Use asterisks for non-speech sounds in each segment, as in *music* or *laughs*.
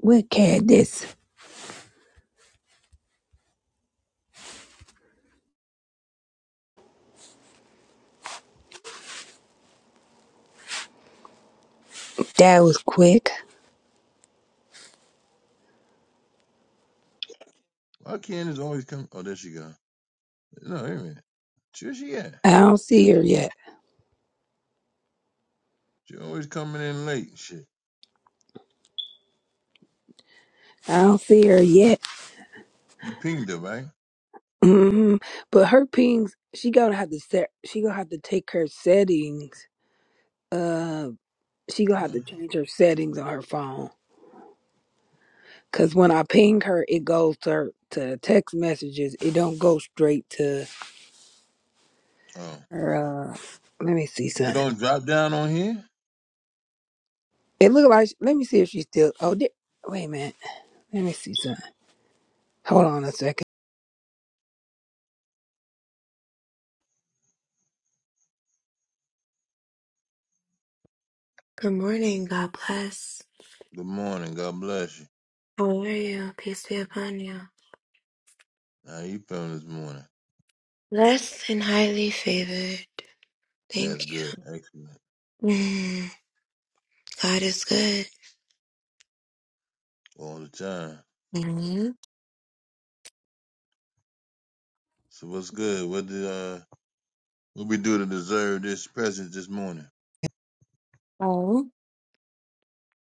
What cat this? That was quick. Why Candace always come? Oh, there she go. No, wait a minute. Where she at? I don't see her yet. She always coming in late. Shit. I don't see her yet. You pinged her, right? hmm But her pings, she gonna have to set. She gonna have to take her settings. Uh, she gonna have Oh, to change her settings on her phone. Cause when I ping her, it goes to her, to text messages. It don't go straight to oh. her. Uh, let me see It something. don't drop down on here? It look like. Let me see if she's still. Oh, there, wait a minute. Let me see something. Hold on a second. Good morning. God bless. Good morning. God bless you. How are you? Peace be upon you. How you feeling this morning? Blessed and highly favored. That's Thank good. Excellent. you. Mm, God is good. All the time. hmm So what's good? What did uh what we do to deserve this presence this morning? Oh.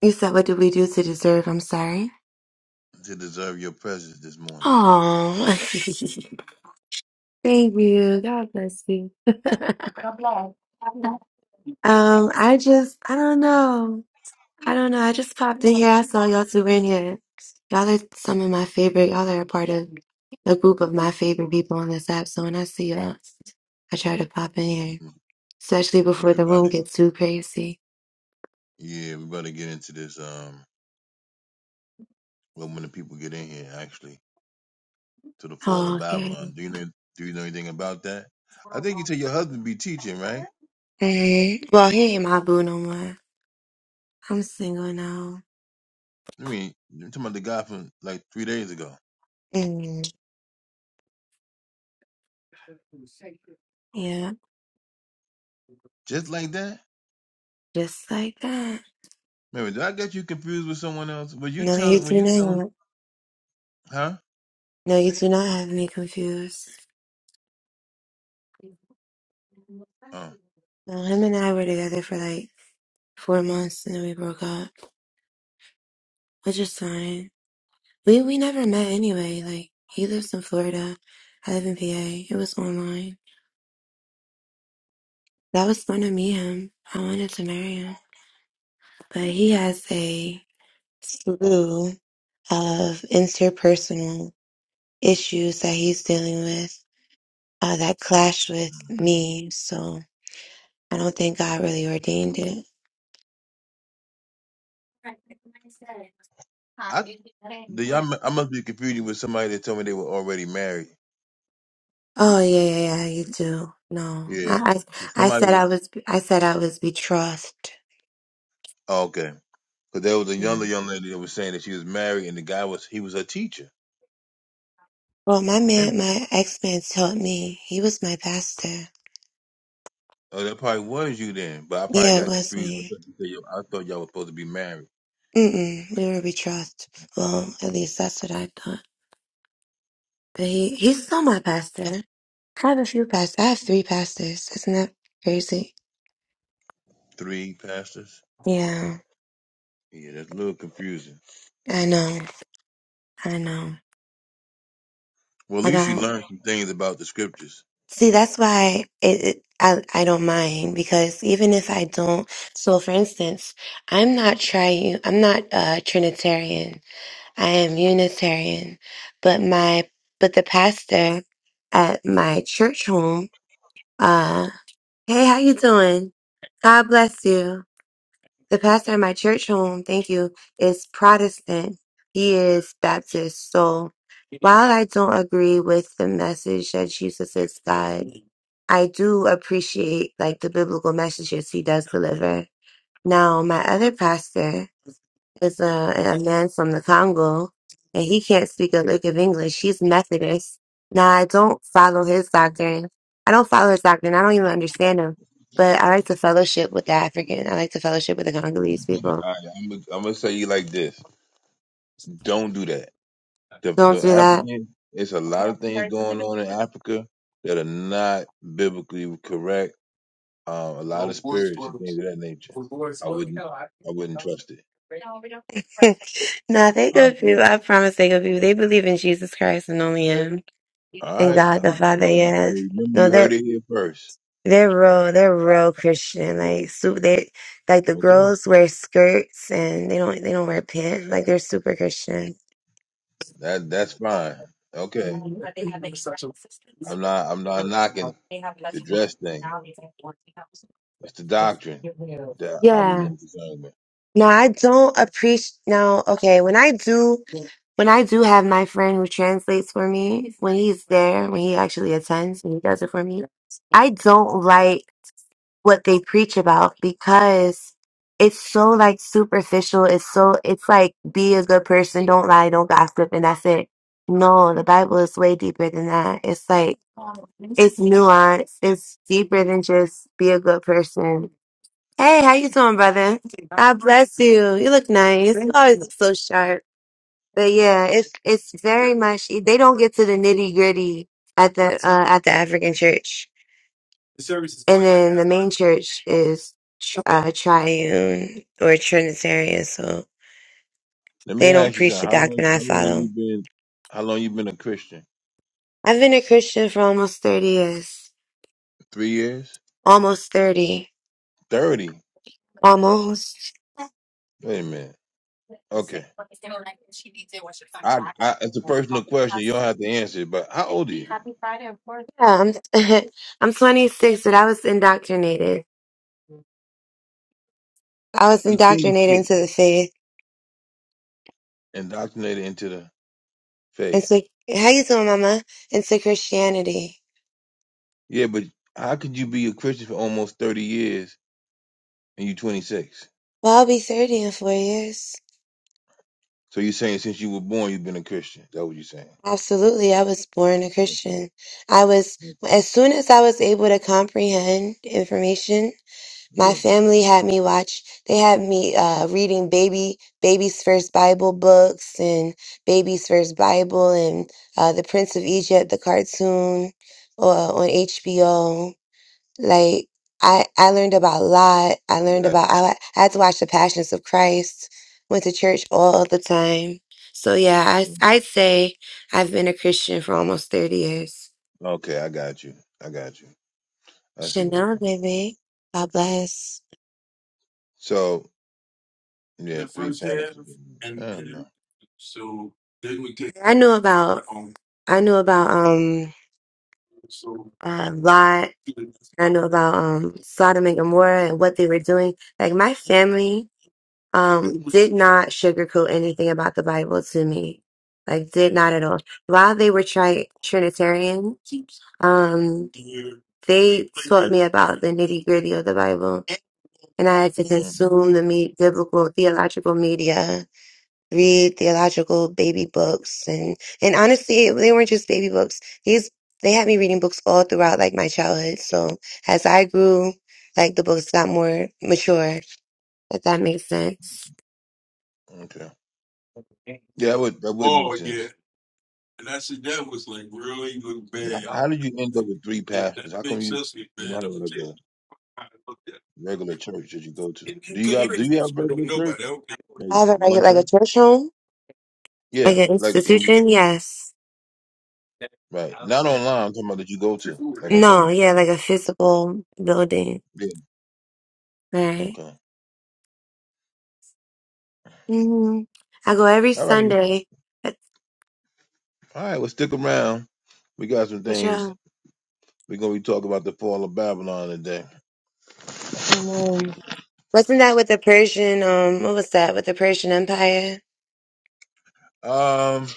You said, what did we do to deserve? I'm sorry. To deserve your presence this morning. Oh. *laughs* Thank you. God bless you. *laughs* God bless. Um, I just, I don't know. I don't know. I just popped in here. I saw y'all two in here. Y'all are some of my favorite. Y'all are a part of a group of my favorite people on this app. So when I see y'all, I try to pop in here, Mhm. especially Yeah, before we the room gets too crazy. yeah, we about to get into this um well when the people get in here actually. to the fall of Oh, okay. Babylon. Do you know do you know anything about that? I think you tell your husband be teaching, right? Hey. Well, he ain't my boo no more. I'm single now. I mean, you're talking about the guy from like three days ago. Mm. Yeah, Just like that? just like that. Remember, did I get you confused with someone else? Were you No, you telling were do you telling not. huh? No, you do not have me confused. Oh. No, him and I were together for like four months and then we broke up, which is fine. We we never met anyway. Like he lives in Florida, I live in PA. It was online. That was fun to meet him. I wanted to marry him, but he has a slew of interpersonal issues that he's dealing with uh, that clash with me. So I don't think God really ordained it. I the y'all mu- I must be confusing with somebody that told me they were already married. Oh yeah, yeah, yeah, you do. No, Yeah. I, I, I Somebody said was I was, I said I was betrothed. oh, okay. But there was a younger Mm. young lady that was saying that she was married and the guy was he was a teacher. Well, my Maybe. man, my ex-man told me he was my pastor. Oh, that probably was you then, but I probably Yeah, it got was confused. I me. thought, you said you, I thought y'all were supposed to be married. Mm-mm, we were betrothed. Well, at least that's what I thought. But he, he's still my pastor. I have a few pastors. I have three pastors. Isn't that crazy? Three pastors? Yeah, Yeah, that's a little confusing. I know. I know. Well, at I least you got. learned some things about the scriptures. See, that's why it, it, I I don't mind because even if I don't, so for instance, I'm not tri I'm not uh, Trinitarian. I am Unitarian, but my but the pastor at my church home, uh, hey, how you doing? God bless you. The pastor of my church home, thank you, is Protestant. He is Baptist. So while I don't agree with the message that Jesus is God, I do appreciate like the biblical messages he does deliver. Now, my other pastor, is a, a man from the Congo, and he can't speak a lick of English. He's Methodist. Now, I don't follow his doctrine. I don't follow his doctrine. I don't even understand him. But I like to fellowship with the African. I like to fellowship with the Congolese people. All right, I'm gonna, I'm gonna say you like this: Don't do that. The Don't the do that. African, it's a lot of things going on in Africa that are not biblically correct. Um, a lot of spirits and things of that nature. I wouldn't, I wouldn't trust it. *laughs* no, they good honestly. people. I promise they good people. They believe in Jesus Christ and only Him All and right, God the um, Father. well, Yes. remember No, you they're heard it here first. They're real. They're real Christian. Like su They like the Okay, girls wear skirts and they don't. They don't wear pants. Like they're super Christian. that that's fine. Okay, I'm not, I'm not knocking the dress thing. It's the doctrine that I'll be Yeah. more concerned with. Now I don't appreciate. Now, okay. When I do, when I do have my friend who translates for me, when he's there, when he actually attends and he does it for me, I don't like. what they preach about because it's so like superficial. It's so it's like be a good person, don't lie, don't gossip, and that's it. No, the Bible is way deeper than that. It's like it's nuanced. It's deeper than just be a good person. Hey, how you doing, brother? God bless you. You look nice. You always look so sharp. But yeah, it's it's very much they don't get to the nitty gritty at the uh, at the African church. And then the main church is tr- uh, triune or Trinitarian, so Let me they don't ask you preach something. the How long? doctrine I How long you follow. been? How long you been a Christian? I've been a Christian for almost 30 years. Three years? Almost 30. Thirty? Almost. Wait a minute. Okay. I, I it's a personal question. You don't have to answer it. But how old are you? Yeah, I'm, *laughs* I'm 26, but I was indoctrinated. I was You're indoctrinated 26, into the faith. indoctrinated into the faith. Into, how you doing, Mama? Into Christianity. Yeah, but how could you be a Christian for almost 30 years and you 26? Well, I'll be 30 in four years. So you're saying since you were born you've been a Christian? Is that what you're saying? Absolutely. I was born a Okay. Christian. I was, okay. as soon as I was able to comprehend information, my Yeah, family had me watch, they had me uh, reading baby, baby's first Bible books and baby's first Bible and uh, The Prince of Egypt, the cartoon uh, on HBO. Like I, I learned about Lot. I I learned got about I, I had to watch The Passions of Christ. Went to church all the time. So yeah, I you. I'd say I've been a Christian for almost thirty years. Okay, I got you. I got you. I see where you're Chanel, going. baby, God bless. So yeah, three patterns. I don't know. I knew about I knew about um uh, Lot. I knew about um Sodom and Gomorrah and what they were doing. Like my family. um did not sugarcoat anything about the Bible to me. Like did not at all. While they were tri- Trinitarian, um they taught me about the nitty gritty of the Bible, and I had to hmm consume the me- biblical theological media, read theological baby books, and and honestly, they weren't just baby books. These they had me reading books all throughout like my childhood. So as I grew, like the books got more mature. If that makes sense. Okay. Yeah, that would that would make sense. But h- how did you end up with three pastors? How come you you not have like a regular church that you go to? Do you got do you have a regular church? Like I have a one regular, like a church? church home, like Yeah, an like in, institution. Yes. right. Not online. I'm talking about that you go to like on No. Sunday. Yeah, like a physical building. Yeah. Right. Okay. hmm I go every All right. All Sunday. That's right. Well, stick around. We got some for things. sure. We're gonna be talking about the fall of Babylon today. Mhm. Wasn't that with the Persian? Um, what was that with the Persian Empire Um.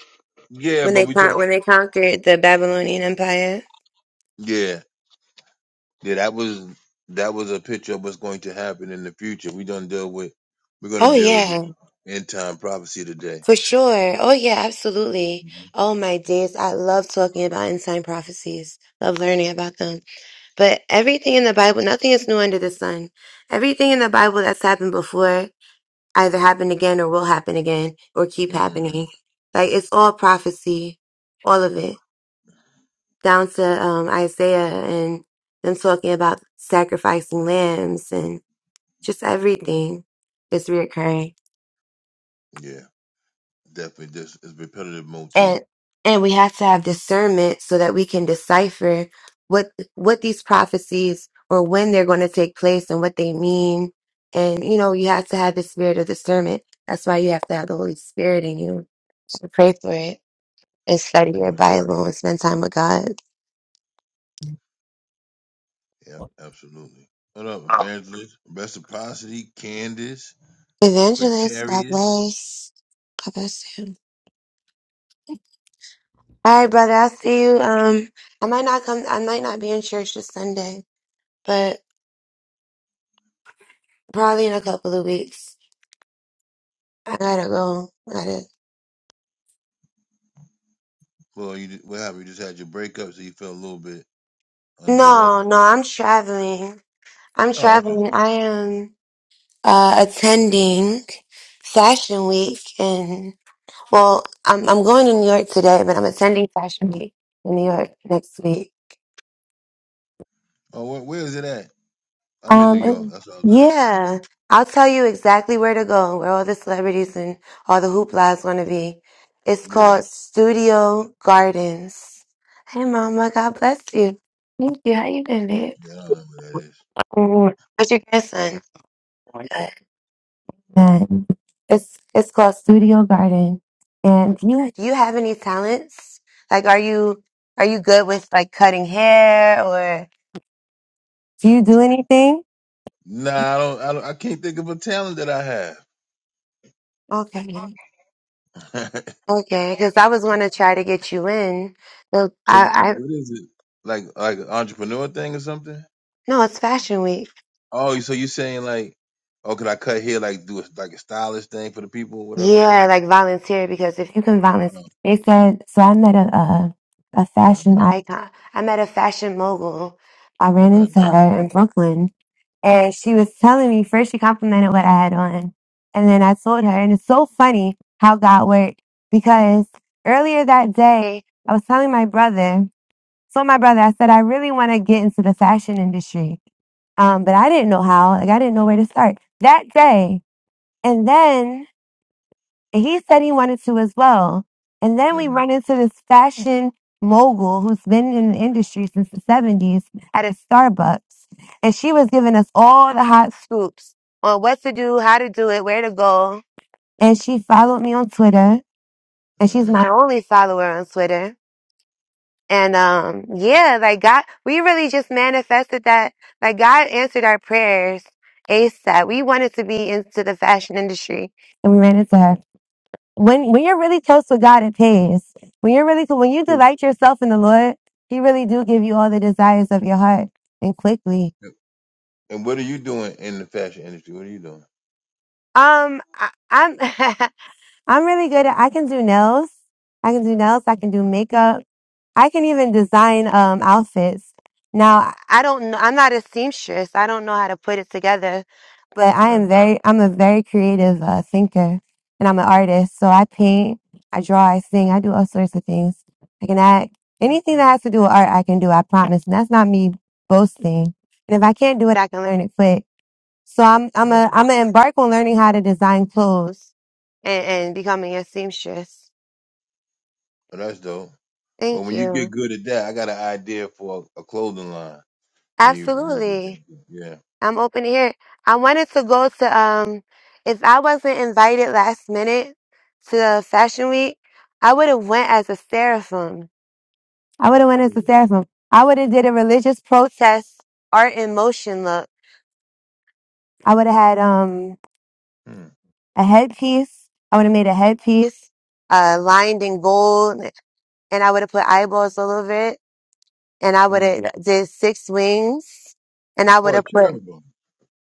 Yeah, when but they we con- talk. when they conquered the Babylonian Empire? Yeah. Yeah, that was that was a picture of what's going to happen in the future. We don't deal with we're going Oh to deal with the yeah, end time prophecy today. for sure. Oh yeah, absolutely. hmm Oh my days, I love talking about end time prophecies. Love learning about them. But everything in the Bible, nothing is new under the sun. Everything in the Bible that's happened before either happened again or will happen again or keep hmm happening. Like it's all prophecy, all of it, down to um, Isaiah and them talking about sacrificing lambs and just everything is reoccurring. Yeah, definitely. This is repetitive motif. and and we have to have discernment so that we can decipher what what these prophecies or when they're going to take place and what they mean and you know you have to have the spirit of discernment that's why you have to have the holy spirit in you so pray for it and study your Yeah, bible and spend time with god yep, absolutely. What up, Evangelist? Reciprocity, Candace, evangelist god Quintarius. bless god bless you all right brother i'll see you um i might not come i might not be in church this sunday but probably in a couple of weeks i gotta go I gotta Well, you what happened? You just had your breakup, so you felt a little bit under the weather. No, no, I'm traveling. I'm Oh, okay. traveling. I am uh, attending Fashion Week, and well, I'm I'm going to New York today, but I'm attending Fashion Week in New York next week. Oh, where, where is it at? I'm in New Um, York. and- That's what I was asking. yeah, I'll tell you exactly where to go, where all the celebrities and all the hoopla is going to be. It's Yeah, called Studio Gardens. Hey, Mama, God bless you. Thank you. How you been, babe? yeah, I don't know where that is. Mm, How's your grandson? And it's it's called Studio Garden. And do you do you have any talents? Like, are you are you good with like cutting hair or do you do anything? Nah, I don't, I don't. I can't think of a talent that I have. Okay, *laughs* okay. Because I was gonna try to get you in. So so I I what is it? Like like an entrepreneur thing or something? no, it's Fashion Week. Oh, so you're saying like, oh, could I cut hair like do a, like a stylish thing for the people, whatever the case? Yeah, like volunteer because if you can volunteer, No, they said. So I met a a, a no, fashion no. icon. I met a fashion mogul. I ran no. into her in Brooklyn And she was telling me, first she complimented what I had on. And then I told her, and it's so funny how God worked because earlier that day, I was telling my brother, so my brother, I said, I really want to get into the fashion industry. Um, but I didn't know how, like I didn't know where to start that day. And then and he said he wanted to as well. And then we run Mm-hmm, into this fashion mogul who's been in the industry since the 70s at a Starbucks. And she was giving us all the hot scoops on what to do, how to do it, where to go. And she followed me on Twitter. And she's mm-hmm. my only follower on Twitter. And um, yeah, like God, we really just manifested that. Like God answered our prayers ASAP. We wanted to be into the fashion industry. And we ran into her when when you're really close with God, it pays. When you're really when you So, delight yourself in the Lord, He really do give you all the desires of your heart and quickly. and what are you doing in the fashion industry? What are you doing? Um, I, I'm *laughs* I'm really good at I can do nails. I can do nails. I can do makeup. I can even design um outfits. Now, I don't know, I'm not a seamstress. I don't know how to put it together, but I Right. am very I'm a very creative uh, thinker and I'm an artist. So I paint, I draw, I sing, I do all sorts of things. I can act. right. Anything that has to do with art, I can do, I promise. And that's not me boasting. And if I can't do it, I can learn it quick. So I'm I'm a Okay. I'm gonna embark on learning how to design clothes and, and becoming a seamstress. Well, that's dope. Well, Thank when you get you. good at that, I got an idea for a, clothing line. When you when you get Absolutely. that, I'm open to hear. I wanted to go to um if I wasn't invited last minute to Fashion Week, I would have went as a seraphim. I would have went yeah. as a seraphim. I would have did a religious protest art in motion look. I would have had um Hmm. a headpiece. I would have made a headpiece uh lined in gold and I would have put eyeballs all over it and I would hmm have did six wings and I would Oh, a have put charitable.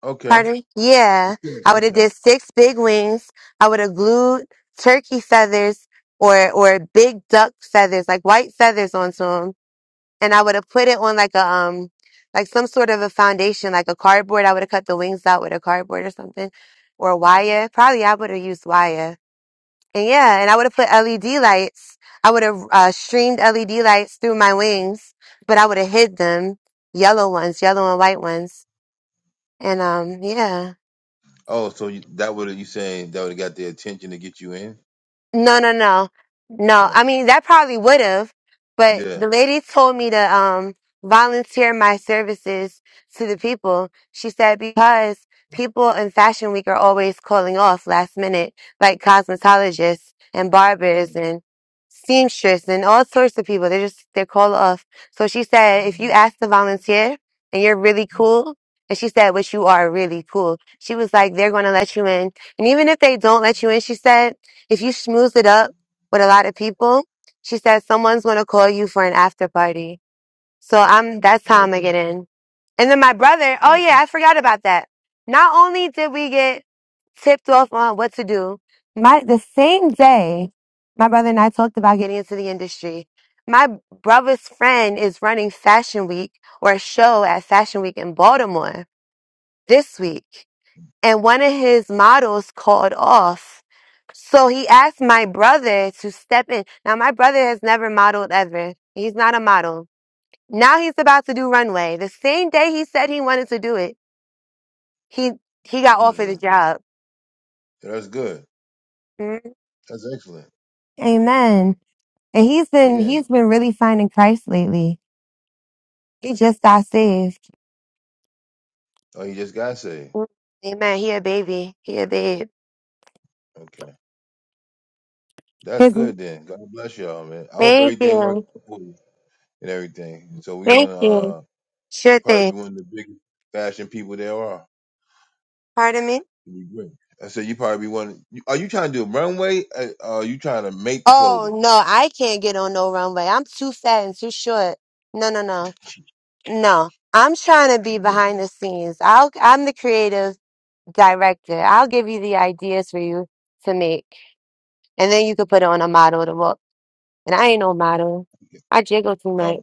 Okay. Pardon? Yeah. I Okay. would have Okay. did six big wings. I would have glued turkey feathers or or big duck feathers, like white feathers onto them. And I would have put it on like a um like some sort of a foundation, like a cardboard. I would have cut the wings out with a cardboard or something. Or Mhm. wire. Probably I would have used wire. And yeah, and I would have put LED lights. I would have uh, streamed LED lights through my wings, but I would have hid them, yellow ones, yellow and white ones. And um, yeah. Oh, so you, that would you saying that would have got their attention to get you in? No, no, no, no. Right. I mean, that probably would have, but Yeah. the lady told me to um volunteer my services to the people. She said because people in Fashion Week are always calling off last minute, like cosmetologists and barbers Mhm. and seamstresses and all sorts of people. They're just they're called off. So she said if you Mhm. ask to volunteer and you're really cool. And she said, which you are really cool. She was like, they're going to let you in. And even if they don't let you in, she said, if you schmooze it up with a lot of people, she said someone's going to call you for an after party. So I'm, that's how I'm going to Okay. get in. And then my brother, oh yeah, Okay. I forgot about that. Not only did we get tipped off on what to do, my the same day my brother and I talked about getting into the industry. My brother's friend is running Fashion Week or a show at Fashion Week in Baltimore this week and one of his models called off. So he asked my brother to step in. Now, my brother has never modeled ever. He's not a model. Now he's about to do runway. The same day he said he wanted to do it, he he got That's, offered the uh, job. that's good. Mm. That's excellent. Amen. And he's been Yeah. he's been really finding Christ lately. He just got saved. Oh, you just got saved. Mm. Amen. He a baby. He a babe. Okay. That's His- good then. God bless y'all, man. I hope thank everything works you. out for you and everything. So we're Thank gonna you. uh Sure probably thing. be one of the biggest fashion people there are. Pardon me. It'll be great. I said you probably be one. you- Are you trying to do a runway? Uh, are you trying to make the Oh clothing? no, I can't get on no runway. I'm too fat and too short. No, no, no, no. I'm trying to be behind the scenes. I'll, I'm the creative director. I'll give you the ideas for you to make, and then you could put on a model to look. And I ain't no model. Yeah. I jiggle too Oh, much.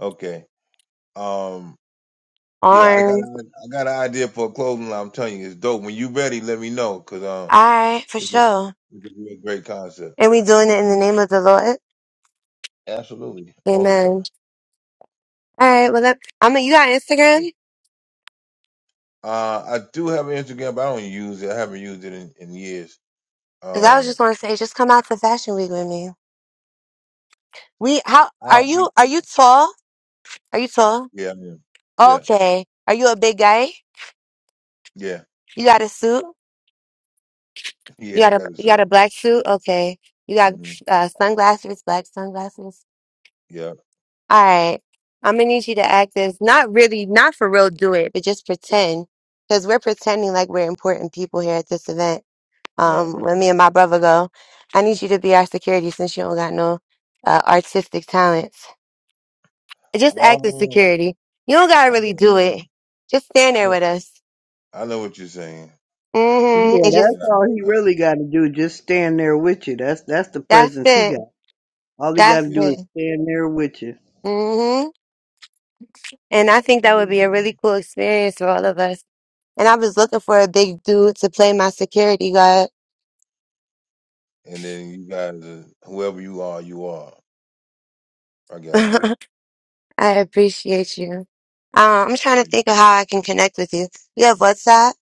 okay. Um, yeah, I got Arms. a, I got an idea for a clothing line. I'm telling you, it's dope. When you ready, let me know because um, All right, for it's a, sure. it's a real great concept. And we doing it in the name of the Lord. Absolutely, all the Amen. time. All right. Well, that, I mean, you got Instagram? Uh, I do have an Instagram, but I don't use it. I haven't used it in, in years. Because I was Um, just going to say, just come out for Fashion Week with me. We, how, I are you, don't- are you tall? Are you tall? yeah, yeah, Okay. Are you a big guy? yeah, yeah, You got a suit? *laughs* yeah. You got I a got it. you so, got a black suit? Okay. You got Mm-hmm. uh, sunglasses, black sunglasses. Yeah, All right. I'm gonna need you to act as not really, not for real, do it, but just pretend, because we're pretending like we're important people here at this event. right, Um, right. when me and my brother go, I need you to be our security since you don't got no uh, artistic talents. Just act as Oh, security. You don't gotta I got really what do you're saying. it. Just stand there with I, us. I know what you're saying. Mm-hmm. Yeah, And just that's Yeah, all he I, I, really got to do. Just stand there with you. That's that's the That's presence he it. got. All he got to That's yeah, do is it. stand there with you. hmm And I think I do. that would what be a you're really saying. cool experience for all of us. And I was looking for a big dude to play my security guard. And then you guys, are, whoever you are, you are. I *laughs* got you. I appreciate you. Um, I'm trying to Yeah. think of how I can connect with you. You have WhatsApp?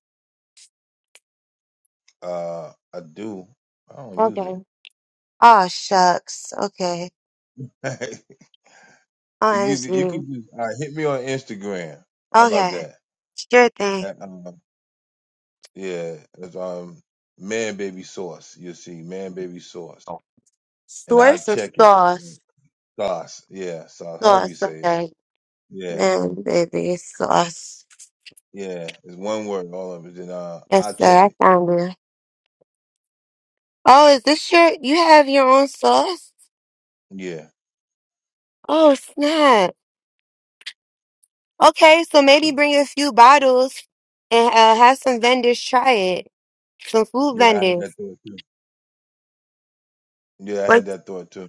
Uh, I do. I don't use it. Okay. Oh, shucks. Okay. *laughs* you you could OMG. just uh, hit me on Instagram. How about Okay. that? Sure thing. At, um, yeah, it's um man baby sauce. You will see man baby sauce, and I Source or check it. sauce? Sauce, yeah, sauce. However you Sauce. say it, Okay. yeah, Man, baby, sauce. yeah. It's one word, all of it. Then uh, I Yes, check sir. I it. found you. Oh, is this your, you have your own sauce? Yeah, Oh, snap. Okay, so maybe bring a few bottles and uh, have some vendors try it. Some food yeah. I had vendors. that thought too. Yeah, I Like, had that thought too.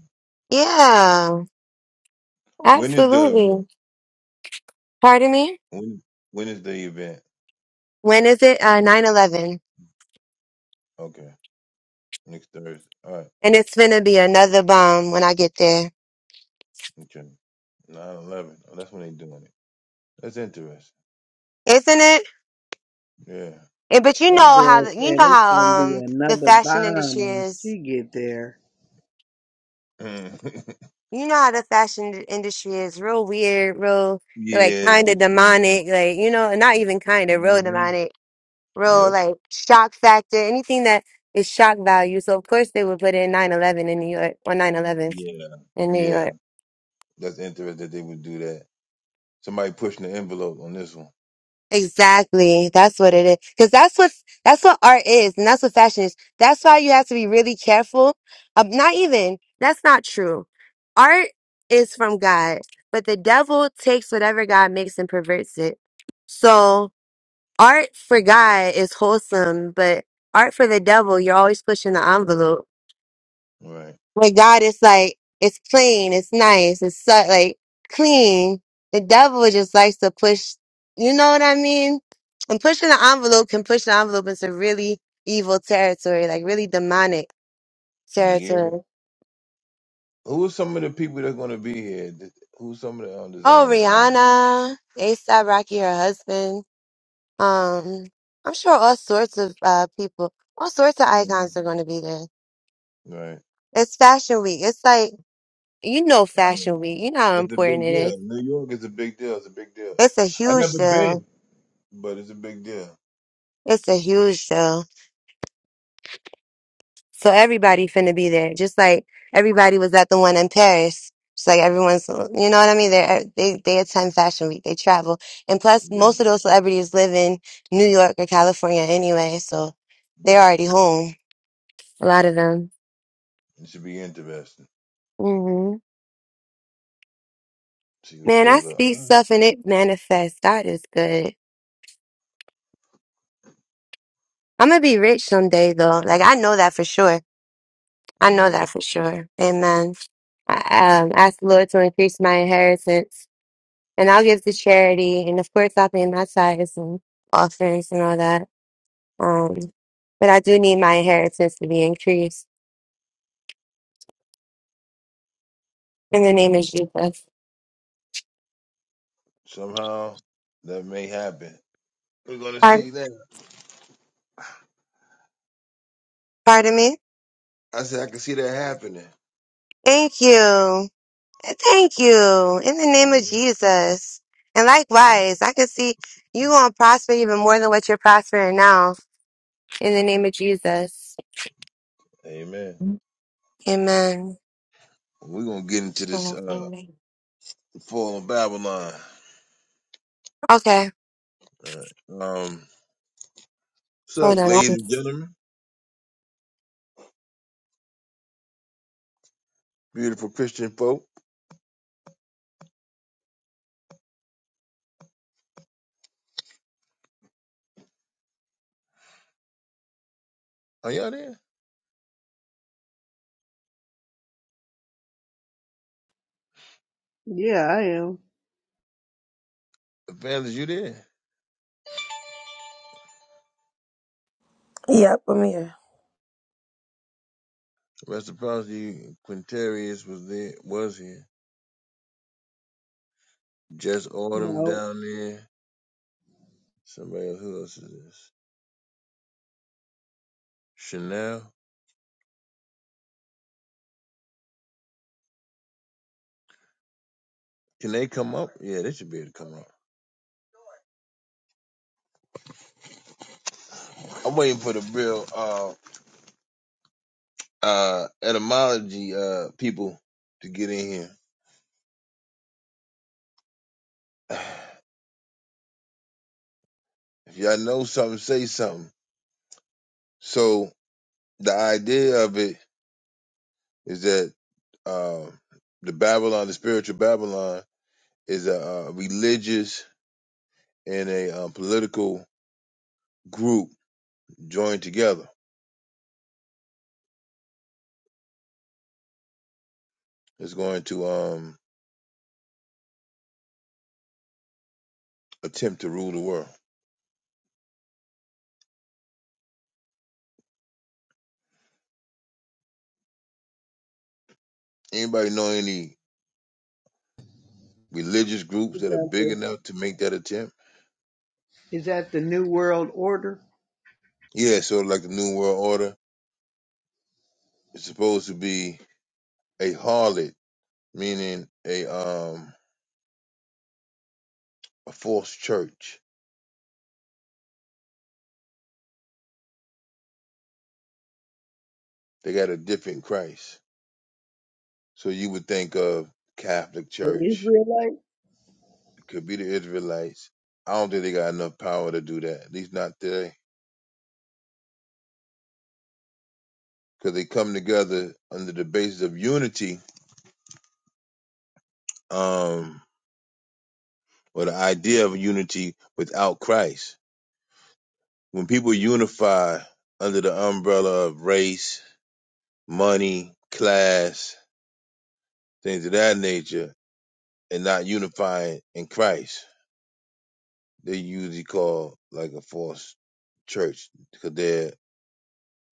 yeah, When is the event? absolutely. Pardon me? When when is the event? When is it? Uh, nine eleven, Okay, next Thursday. All right, And it's gonna be another bomb when I get there, okay. Nine eleven. Oh, that's when they doing it. That's interesting. isn't it? Yeah. And, but you know That how, girl the, you said know it's gonna how, be um, the another fashion bomb industry when is. she get there. *laughs* You know how the fashion d- industry is real weird, real like yeah. It's kind of interesting. demonic, like you know, not even kind of real hmm demonic, real Yep. like shock factor, anything that is shock value. So of course they would put in nine eleven in New York or 9/11 Yeah. in New Yeah. York. That's interesting that they would do that. Somebody pushing the envelope on this one. Exactly. That's what it is. Cause that's what, that's what art is and that's what fashion is. That's why you have to be really careful. Um, not even, that's not true. Art is from God, but the devil takes whatever God makes and perverts it. So art for God is wholesome, but art for the devil, you're always pushing the envelope. Right. With God, it's like it's clean, it's nice, it's so, like clean. The devil just likes to push. You know what I mean? And pushing the envelope can push the envelope into really evil territory, like really demonic Yeah. territory. Who are some of the people that are going to be here? Th- Who's some of the um, Oh, designers? Rihanna, ASAP Rocky, her husband. Um, I'm sure all sorts of uh people, all sorts of hmm icons are going to be there. Right. It's Fashion Week. It's like you know Fashion Week. You know how It's a important big it deal. is. New York is a big deal. It's a big deal. It's a I huge never deal. been, but it's a big deal. It's a huge show. So everybody finna be there. Just like everybody was at the one in Paris. Just like everyone's, you know what I mean? They they they attend Fashion Week. They travel, and plus Yeah, most of those celebrities live in New York or California anyway, so they're yeah. already home. A lot of them. It should be interesting. hmm See who Man, I shows up. speak All stuff and it manifests. God is good. I'm gonna be rich someday, though. Like I know that for sure. right. I know that Amen. for sure. Amen. I um, ask the Lord to increase my inheritance and I'll give to charity. And of course, I'll pay my tithes and offerings and all that. Um, but I do need my inheritance to be increased. In the name of Jesus. Somehow that may happen. We're gonna Pardon, see that. pardon me? I said I can see that happening. Thank you. Thank you. In the name of Mhm, Jesus. And mhm. likewise, I can see you going to prosper even more than what you're prospering now. In the name of Jesus. Amen. Amen. We're gonna get into this uh fall of Babylon. Okay. All right. Um so Hold on. ladies and gentlemen, beautiful Christian folk. Are y'all there? Yeah, I am. Evangelist, you there? Yep, I'm here. Reciprocity Quintarius was there was here. Jess Autumn No, down there. Somebody else who else is this? Chanel. Can they come up? Yeah, they should be able to come up. I'm waiting for the real uh uh etymology uh people to get in here. *sighs* If y'all know something, say something. So the idea of it is that um, the Babylon, the spiritual Babylon, is a, uh religious and a um, political group Join together is going to um attempt to rule the world. Anybody know any religious groups is that are that big the enough to make that attempt? is that the New World Order, Yeah, sort of like the New World Order It's supposed to be a harlot, meaning a um a false church. They got a different Christ. So you would think of Catholic the Church, Israelite? it could be the Israelites. I don't think they got enough power to do that, at least not today. Because they come together under the basis of unity. Um or the idea of unity without Christ. When people unify under the umbrella of race, money, class, things of that nature, and not unifying in Christ, they usually call like a false church because they're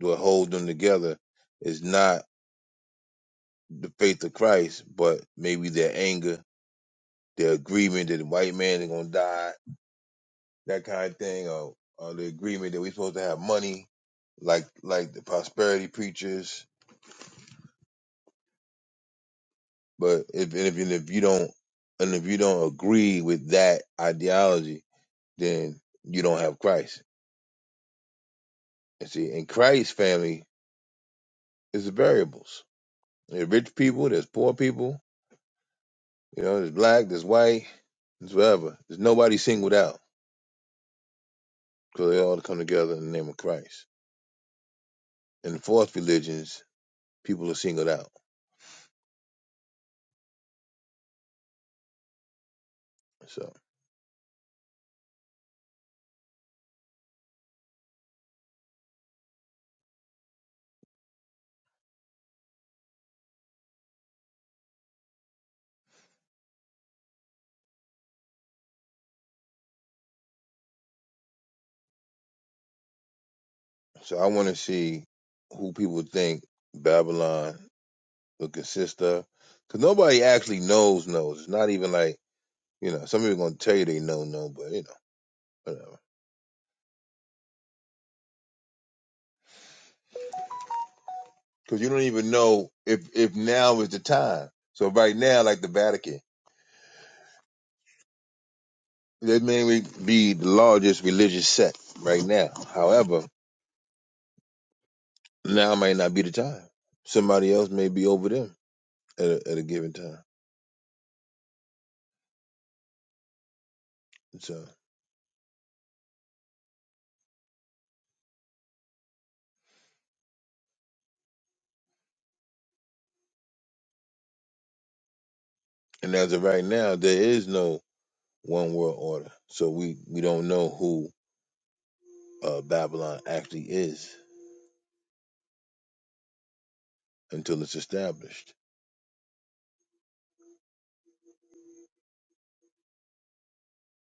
what holds them together is not the faith of Christ, but maybe their anger, their agreement that the white man is gonna die that kind of thing, or, or the agreement that we're supposed to have money, like like the prosperity preachers. But if and if, and if you don't and if you don't agree with that ideology, then you don't have Christ. And see, in Christ's family is the variables. There's rich people, there's poor people, you know, there's black, there's white, there's whatever. There's nobody singled out because they all come together in the name of Christ. In the false religions, people are singled out. So. So I want to see who people think Babylon would consist of, because nobody actually knows knows. It's not even like you know some people gonna tell you they know know, but you know whatever. Because you don't even know if if now is the time. So right now, like the Vatican, they may be the largest religious sect right now. However, now might not be the time. Somebody else may be over them at a, at a given time. So and as of right now, there is no one world order. So we, we don't know who uh, Babylon actually is until it's established.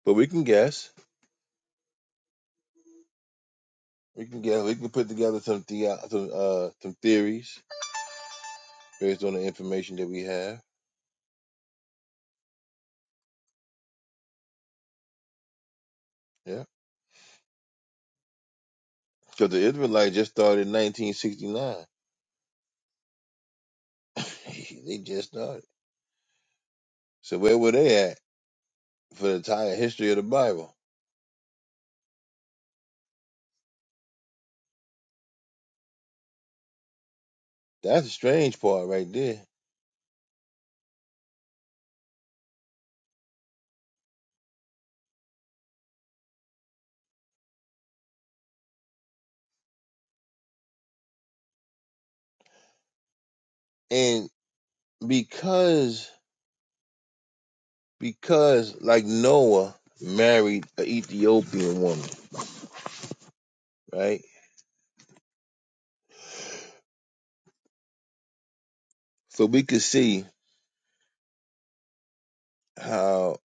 But we can guess. We can guess. We can put together some the, uh, some, uh, some theories based on the information that we have. Yeah. Because the Israelites just started in 1969. *laughs* they just started. So where were they at for the entire history of the Bible? That's the strange part right there. And because because like Noah married an Ethiopian woman right? So we could see how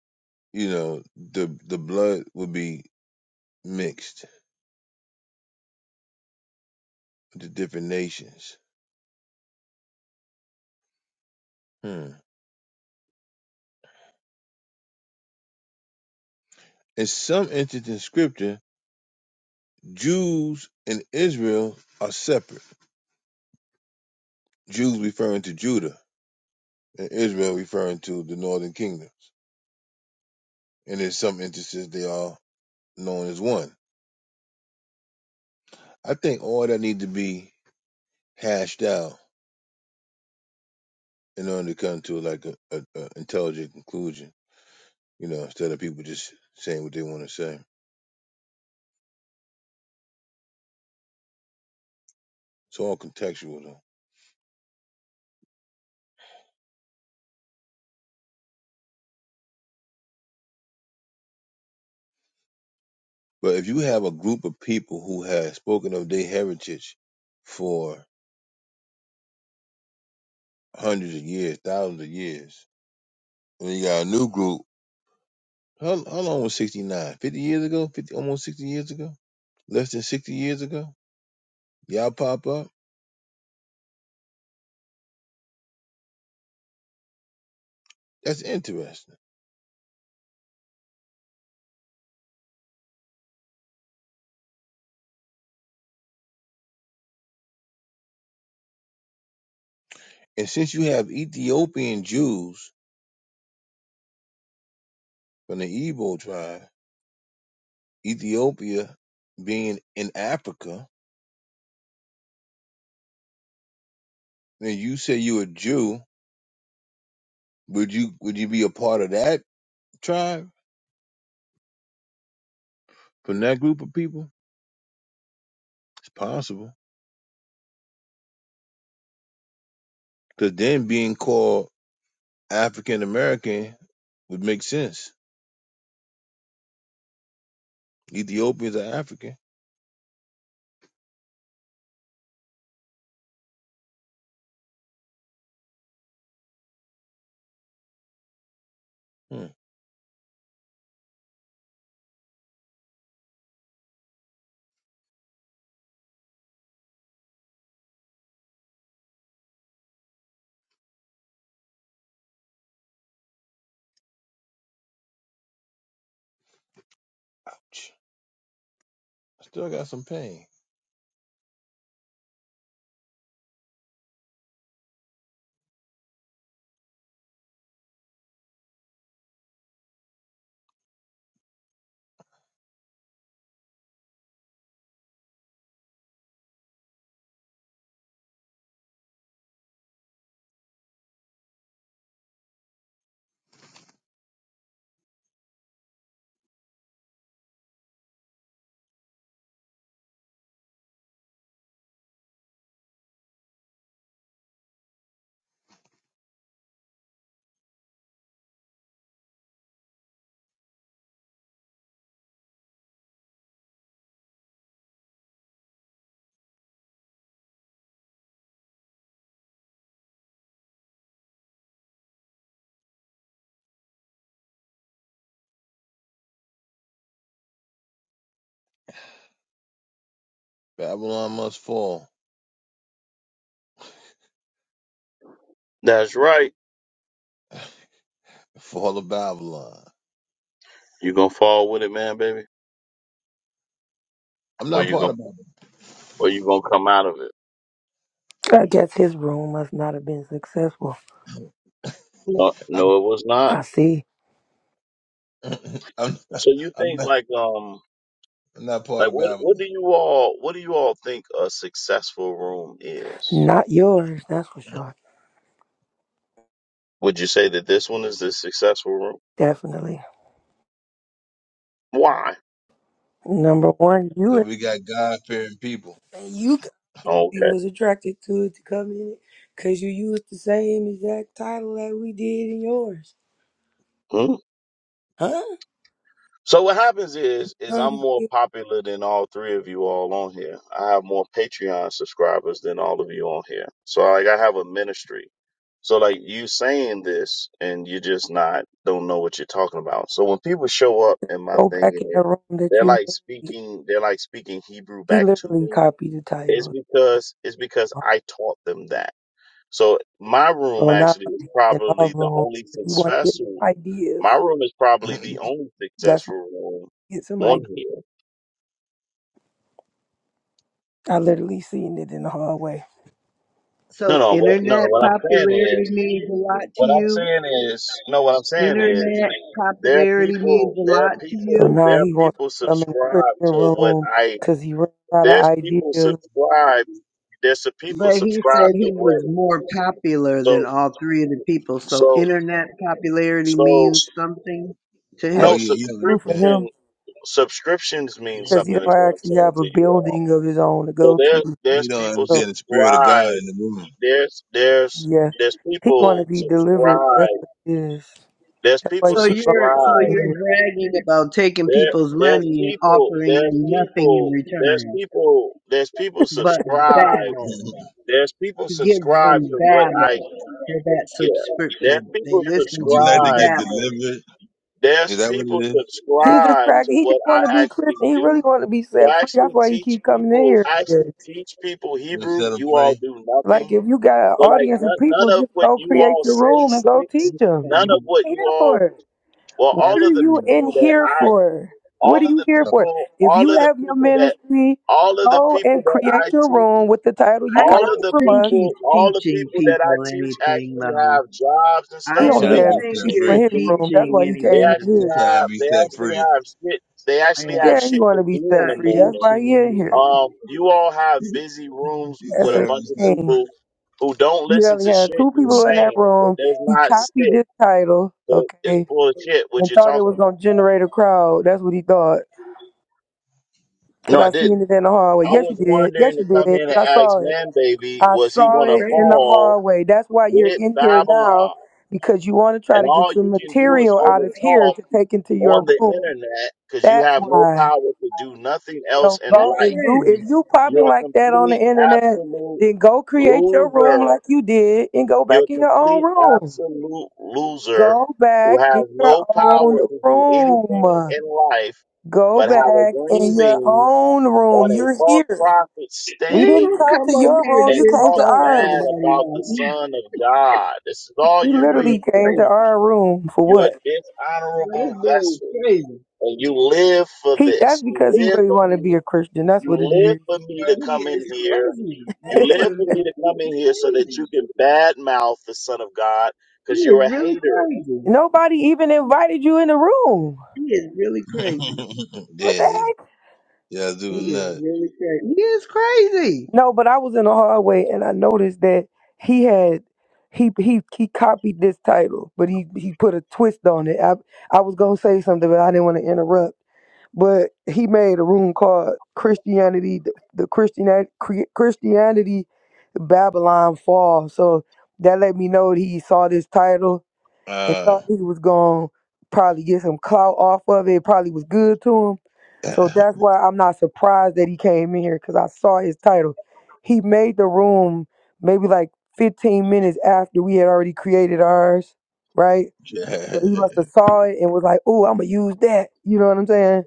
you know the the blood would be mixed with the different nations. Hmm. In some instances in Scripture, Jews and Israel are separate. Jews referring to Judah, and Israel referring to the northern kingdoms. And in some instances, they are known as one. I think all that need to be hashed out in order to come to like a, a, a intelligent conclusion. You know, instead of people just saying what they want to say. It's all contextual though. But if you have a group of people who have spoken of their heritage for hundreds of years, thousands of years, and you got a new group, how, how long was 69? 50 years ago? 50, almost 60 years ago? Less than 60 years ago? Y'all pop up? That's interesting. And since you have Ethiopian Jews from the Igbo tribe, Ethiopia being in Africa, then you say you're a Jew, would you would you be a part of that tribe? from that group of people? It's possible. Because then being called African American would make sense. Ethiopians are African. Hmm. Ouch. I still got some pain. Babylon must fall. That's right. Fall of Babylon. You gonna fall with it, man, baby, I'm or not you part gonna of Babylon. or you gonna come out of it? I guess his room must not have been successful. No, no, it was not. I see. I'm, *laughs* *clears throat* I'm, not, So you I'm, think not, like um I'm not part like of what what Babylon. do you all what do you all think a successful room is? Not yours, that's for sure. Would you say that this one is the successful room? Definitely. Why? Number one, you Because we got God fearing people. you you Okay. was attracted to it to come in it because you used the same exact title that we did in yours. Mm-hmm. Huh? So what happens is is Huh, I'm you more did. popular than all three of you all on here. I have more Patreon subscribers than all of you on here. So like I have a ministry. So like you saying this and you just not don't know what you're talking about. So when people show up in my Go thing back and in the they're room that they're, you like made. speaking they're like speaking Hebrew He back to literally me, copied the it's title. because it's because I taught them that. So my room So now actually is he's in our probably the room. only If you want to get successful ideas, my room is *laughs* probably the only that's why successful room you get some on ideas. here. I literally seen it in the hallway. No, So no, what, no, no. internet What I'm saying popularity is, means a lot to what I'm you. saying is, no, what I'm saying is, Internet there are popularity people, means a there are lot to So people, you. now there are he wants people to come in the subscribe prison to what room I. because he ran out of There's people ideas. subscribe. There's some people But he subscribe said to he what. was more popular than So, all three of the people. So so, internet popularity so. means something to I oh, yeah, guess him. No you don't too for understand. subscription. him Subscriptions mean because he something. don't Is what I'm actually saying have a to you all. building of his own to So go there, to. You there's don't people So understand the spirit of subscribe. God in the room. there's there's yeah, there's he want to people be delivered. That's subscribe. what it is. There's That's why he people So keep you're on so subscribe. in you're here. bragging about taking There people's there's money and people offering there's them nothing in people there's return, people there's people but subscribe. *laughs* babble. you There's people You give subscribe them to what I babble for that yeah. There's subscription. They people listen to like to you subscribe. get babble. delivered? Is There's that what people it is? He's subscribe attracted. to He just what I want to be Christian. actually He really do. want to be So set I free. That's actually why he teach keep coming in people. I actually here. teach people You Hebrew. set them You all free? do Like nothing. if you got an But like audience of none, people, none of just what go you create all your say room and go sticks teach It's them. none You what of funny. what you you here all for Well, What That's all are of the you funny. in people that here I, for? all What are of you the here for? people, If all you of the have your people that, ministry, all of the go people and that I create your teach, room with the title you I don't all copied of the from think us. people, he's all the teaching people that I people teach anything actually though. have jobs and I He You stuff, so only they trying don't to had be have two think set shit people you're to in free. his do. room. That's teaching why he They came in actually You anyone. here. trying to have, be they set actually free. have shit, they actually Yeah, have Yeah, he shit want to to do be it's in set not the free. That's morning. why teaching he in here. anyone. Um, you all have *laughs* busy rooms You with That's a a trying to bunch of be set shame. people free. who don't You listen only to had shit two you're people in that saying. It room. does He not copied stick, this title, but it's okay, full of shit what and you're thought it talking was gonna about. generate a crowd. That's what he thought. Cause No, I I didn't. seen it in the hallway. I Yes, you was did. wondering Yes, to you come did. in and Cause I ask saw it. Man Baby, I was he saw going to it in the Crazy. fall hallway. That's why you're with in here now Babylon? because you want to try And to get all some you can do is material out of here overtalk to take into on your the room. internet because you That's have no why. power to do nothing else So in go That's if life. you crazy. if you popping You're a like that on the complete, internet, absolute then go create your loser. room like you did and go back You're a in your own complete, room. absolute loser Go who back in has your no own power to do anything room. in life Go but have back a in green your bean own room. on a You're false here. prophet We Where didn't stage you come come to up your here room. and You and came to talk insult ours. bad somebody about the like that? Son of God. This is all He this you're boy good literally is came to for. crazy. our room for You're a what? But this dishonorable boy is vessel, crazy. and you live for He that's this. You because he live really for wanted to be me. a Christian. That's You what it live is. for me to Yo, he come in is here. crazy. You That's what live it for is. me to come He in is here so that crazy. you can badmouth the Son of God He because is you're a really hater. *laughs* crazy. Nobody even invited you in the room. He is really crazy. *laughs* What the yeah, heck? y'all do He is enough. really crazy. He is crazy. No, but I was in the hallway and I noticed that he had he he he copied this title, but he he put a twist on it. I I was gonna say something, but I didn't want to interrupt. but he made a room called Christianity, the, the Christianity, Christianity, Babylon Fall. So that let me know that he saw this title and Uh, thought he was gonna probably get some clout off of it. Probably was good to him. So *laughs* yeah, that's why I'm not surprised that he came in here because I saw his title. He made the room maybe like 15 minutes after we had already created ours, right? So he must have saw it and was like, "Oh, I'm gonna use that." You know what I'm saying?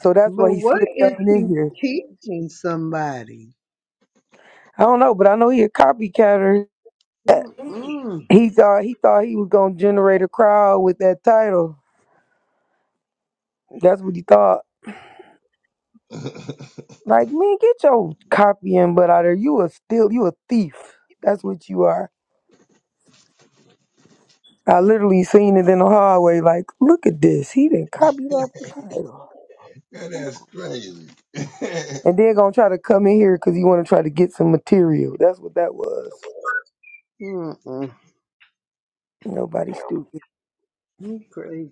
So that's why But he what slipped is down in he here. teaching somebody? I don't know, but I know he a copycatter. Mm-mm. He thought he thought he was gonna generate a crowd with that title. That's what he thought. Like, man, get your copying butt out of there. You a still you a thief. That's what you are. I literally seen it in the hallway. Like, look at this. He didn't copy off the title, that's crazy. *laughs* yeah, and then gonna try to come in here because he want to try to get some material. That's what that was. Mm-mm. Nobody stupid. You crazy.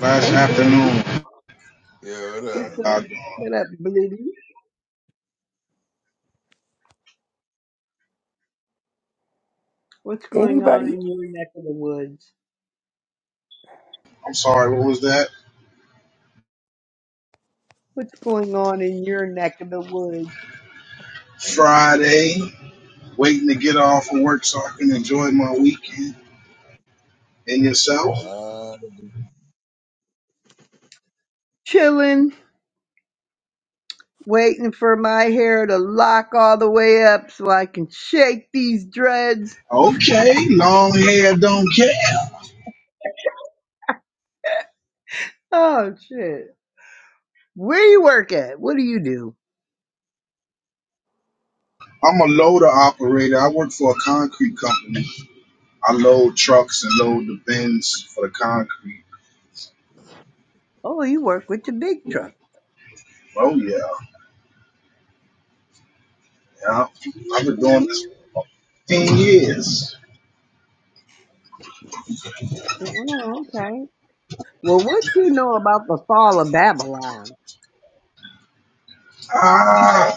last Hey, Blitty. afternoon. what What's up? Uh, up? What up, Blitty? What's going on Anybody in your neck of the woods? I'm sorry, what was that? What's going on in your neck of the woods? Friday, waiting to get off of work so I can enjoy my weekend and yourself. Uh, Chilling, waiting for my hair to lock all the way up so I can shake these dreads. Okay, long hair don't care. Oh, shit. Where you work at? What do you do? I'm a loader operator. I work for a concrete company. I load trucks and load the bins for the concrete. Oh, you work with the big truck. Oh yeah, yeah. I've been doing this 15 years. Oh, okay. Well, what do you know about the fall of Babylon? Ah,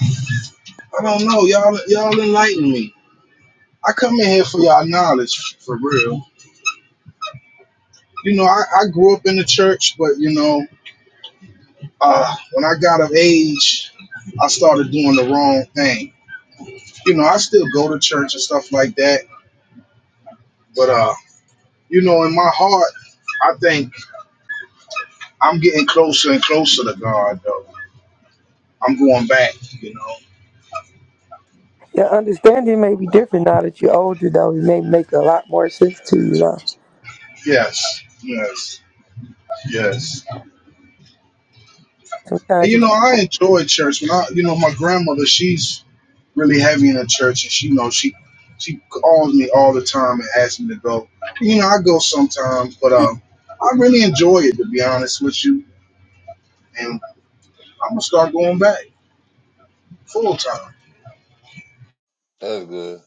I don't know. Y'all, y'all enlighten me. I come in here for y'all knowledge, for real. You know, I, I grew up in the church, but you know, uh, when I got of age, I started doing the wrong thing. You know, I still go to church and stuff like that, but uh, you know, in my heart, I think I'm getting closer and closer to God. Though I'm going back. You know, Your understanding may be different now that you're older, though. It may make a lot more sense to you, though. yes, yes, yes. And Sometimes you you know, just, I enjoy church. When I, you know, my grandmother, she's really heavy in the church, and she you know she she calls me all the time and asks me to go. You know, I go sometimes, but um, I really enjoy it to be honest with you, and I'm gonna start going back full time. that's good.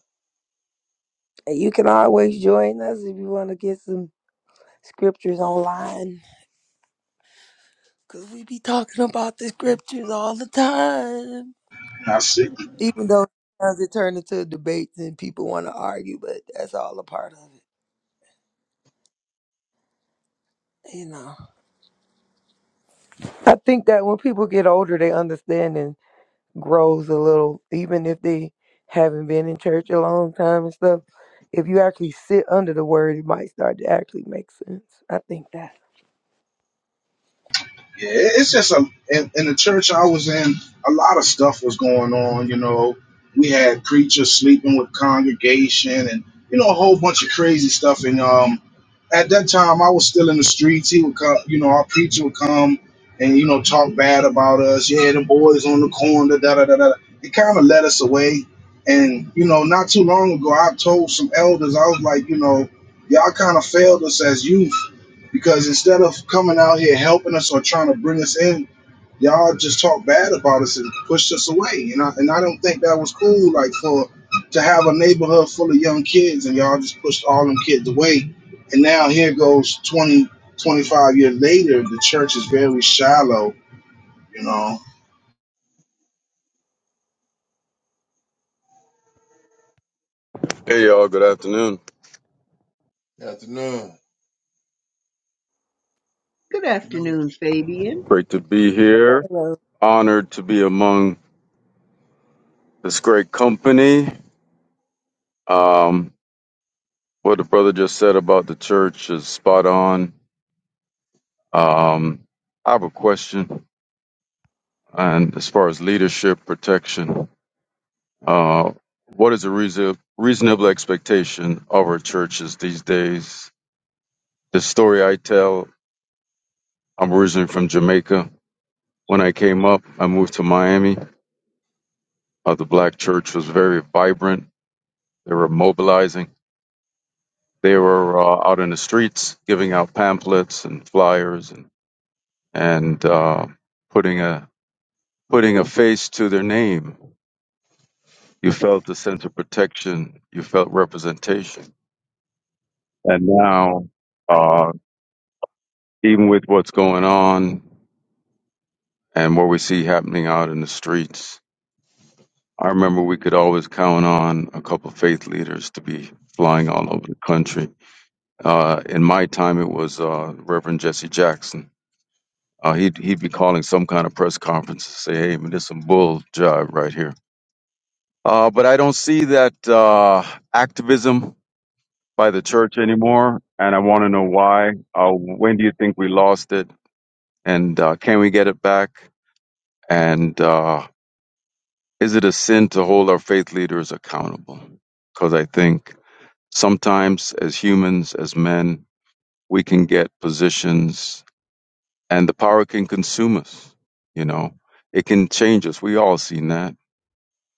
you can always join us if you want to get some scriptures online, cause we be talking about the scriptures all the time. And I see, Even though sometimes it turns into debates and people want to argue, but that's all a part of it, you know. I think that when people get older, they understand grows a little, even if they haven't been in church a long time and stuff. If you actually sit under the word, it might start to actually make sense. I think that. yeah, it's just a in, in the church I was in, a lot of stuff was going on. You know, we had preachers sleeping with congregation, and you know a whole bunch of crazy stuff, and um. at that time I was still in the streets. He would come, you know, our preacher would come and you know talk bad about us. Yeah, the boys on the corner, da da da da. It kind of led us away. And you know, not too long ago, I told some elders, I was like, you know, y'all kind of failed us as youth because instead of coming out here helping us or trying to bring us in, y'all just talked bad about us and pushed us away. And I and I don't think that was cool. Like for to have a neighborhood full of young kids and y'all just pushed all them kids away. And now here goes 20 25 years later, the church is very shallow. You know, Hey y'all, good afternoon. Afternoon. Good You know afternoon, Fabian. Great to be here. Hello. Honored to be among this great company. Um, what the brother just said about the church is spot on. Um, I have a question, and as far as leadership protection, uh, what is a reason, reasonable expectation of our churches these days? The story I tell, I'm originally from Jamaica. When I came up, I moved to Miami. Uh, the black church was very vibrant. They were mobilizing They were uh, out in the streets giving out pamphlets and flyers and and uh, putting a putting a face to their name. You felt a sense of protection. You felt representation. And now, uh, even with what's going on and what we see happening out in the streets, I remember we could always count on a couple of faith leaders to be flying all over the country. Uh, in my time, it was uh, Reverend Jesse Jackson Uh, he'd he'd be calling some kind of press conference to say, "Hey, man, there's some bull jive right here." Uh, but I don't see that uh, activism by the church anymore, and I want to know why. Uh, when do you think we lost it, and uh, can we get it back? And uh, is it a sin to hold our faith leaders accountable? Because I think sometimes, as humans, as men, we can get positions, and the power can consume us. You know, it can change us. We all seen that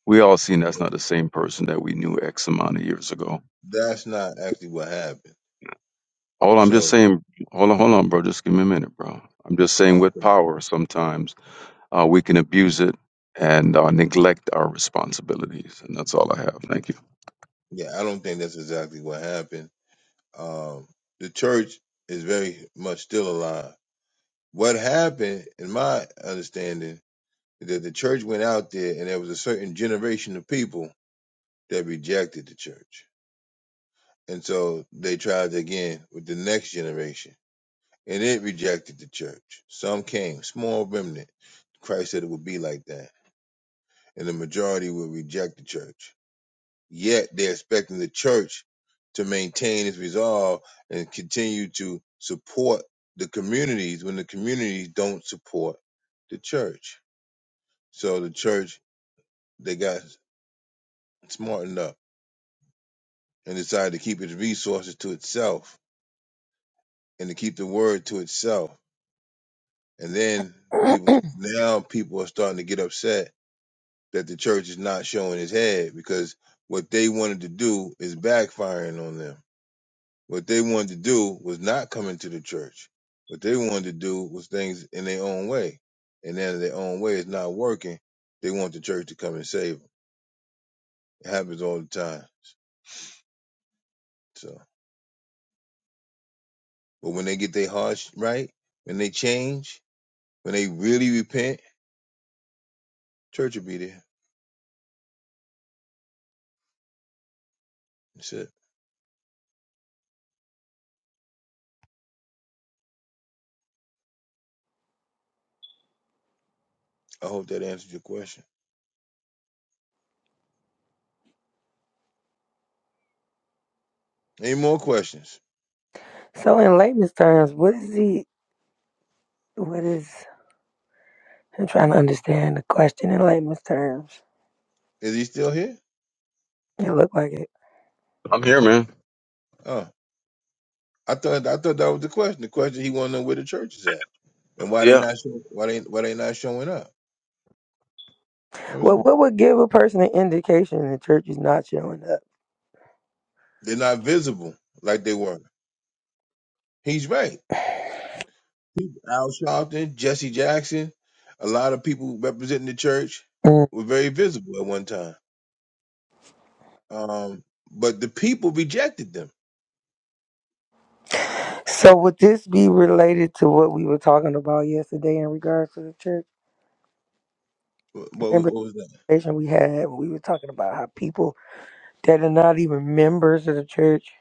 We all seen that's what? not the same person that we knew X amount of years ago. That's not actually what happened. Hold on, I'm just So, saying, hold on, hold on, bro. Just give me a minute, bro. I'm just saying um, with power, sometimes uh, we can abuse it and uh, neglect our responsibilities. And that's all I have. Thank you. yeah, I don't think that's exactly what happened. Um, the church is very much still alive. What happened, in my understanding, is that the church went out there and there was a certain generation of people that rejected the church. And so they tried again with the next generation and it rejected the church. Some came, small remnant. Christ said it would be like that. And the majority will reject the church. Yet they're expecting the church to maintain its resolve and continue to support the communities when the communities don't support the church So the church, they got smart enough and decided to keep its resources to itself and to keep the word to itself. And then *clears throat* people, now people are starting to get upset that the church is not showing its head because what they wanted to do is backfiring on them. What they wanted to do was not coming to the church. What they wanted to do was things in their own way. And then their own way is not working. They want the church to come and save them. It happens all the time. So. But when they get their hearts right, when they change, when they really repent, church will be there. That's it. I hope that answers your question. Any more questions? So in layman's terms, what is he? What is? I'm trying to understand the question in layman's terms. Is he still here? It looked like it. I'm here, man. Oh, I thought I thought that was the question. The question he wanted to know where the church is at and why they Yeah. not show, why they why they not showing up. That was Well, it. what would give a person an indication the church is not showing up? They're not visible like they were. He's right. Al Sharpton, Jesse Jackson, a lot of people representing the church Mm. were very visible at one time. Um, but the people rejected them So would this be related to what we were talking about yesterday in regards to the church? What, what Remember was that? the conversation we had when we were talking about how people that are not even members of the church.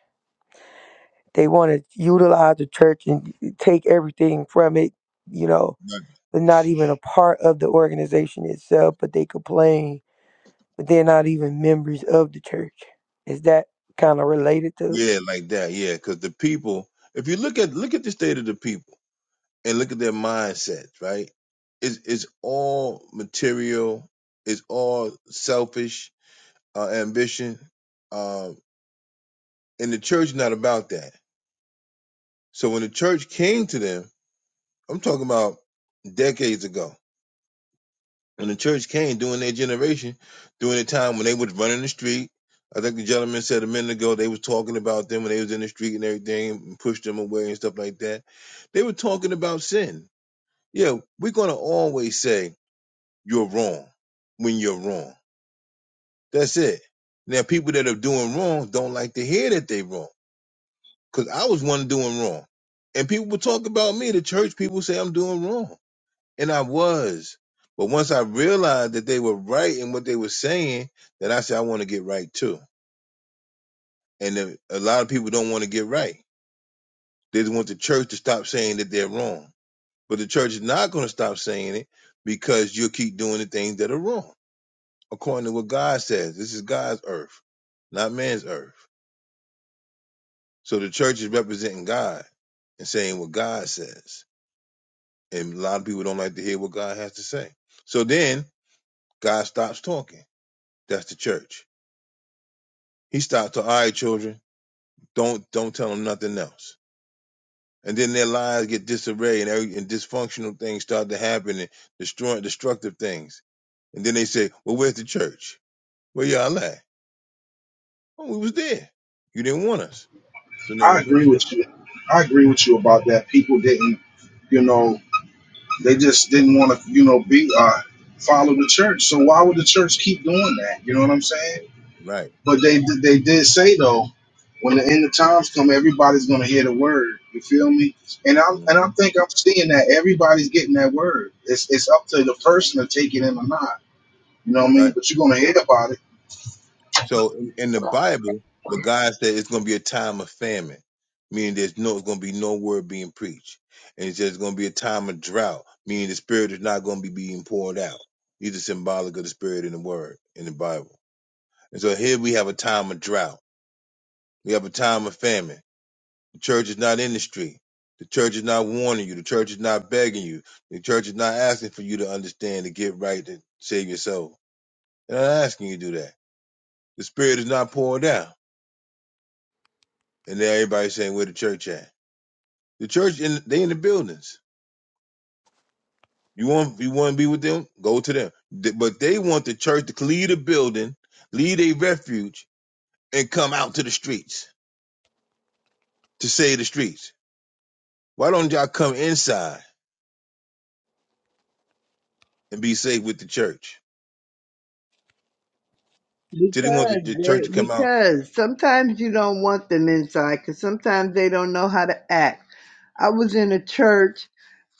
They want to utilize the church and take everything from it, you know. Like, They're not even a part of the organization itself, but they complain, but they're not even members of the church. Is that kind of related to yeah, like that. Yeah, because the people, if you look at look at the state of the people and look at their mindsets, right? It's it's all material. It's all selfish uh, ambition. Um, and the church not about that. So when the church came to them, I'm talking about decades ago. When the church came during their generation, during the time when they was running the street, I think the gentleman said a minute ago they was talking about them when they was in the street and everything, and pushed them away and stuff like that. They were talking about sin. Yeah, we're gonna always say you're wrong when you're wrong. That's it. Now people that are doing wrong don't like to hear that they wrong, cause I was one doing wrong, and people would talk about me. The church people say I'm doing wrong and I was. But once I realized that they were right in what they were saying, then I said I want to get right too. And then a lot of people don't want to get right. They just want the church to stop saying that they're wrong. But the church is not going to stop saying it because you'll keep doing the things that are wrong, according to what God says. This is God's earth, not man's earth. So the church is representing God and saying what God says. And a lot of people don't like to hear what God has to say. So then God stops talking. That's the church. He stopped to all right, children, don't don't tell them nothing else. And then their lives get disarray and, every, and dysfunctional things start to happen and destroying destructive things. And then they say, Well, where's the church? Where y'all at? Oh, we was there. You didn't want us. So now I we're going. agree with you. I agree with you about that. People didn't, you know, they just didn't want to, you know, be uh, follow the church. So why would the church keep doing that? You know what I'm saying? Right. But they they did say though, when the end of times come, everybody's gonna hear the word. You feel me? And I and I Mhm. think I'm seeing that everybody's getting that word. It's it's up to the person to take it in or not. You know what I mean? But you're gonna hear about it. So in, in the Bible, but God said it's going to be a time of famine, meaning there's no, it's going to be no word being preached. And it's just going to be a time of drought, meaning the Spirit is not going to be being poured out. These are symbolic of the Spirit in the Word in the Bible. And so here we have a time of drought. We have a time of famine. The church is not in the street. The church is not warning you. The church is not begging you. The church is not asking for you to understand to get right to save your soul. They're not asking you to do that. The Spirit is not poured out. And now everybody's saying where the church at? The church in they in the buildings. You want you want to be with them? Go to them. Th- But they want the church to leave the building, leave a refuge, and come out to the streets to save the streets. Why don't y'all come inside and be safe with the church? So they want the, Because the church to they, come out. because sometimes you don't want them inside because sometimes they don't know how to act. I was in a church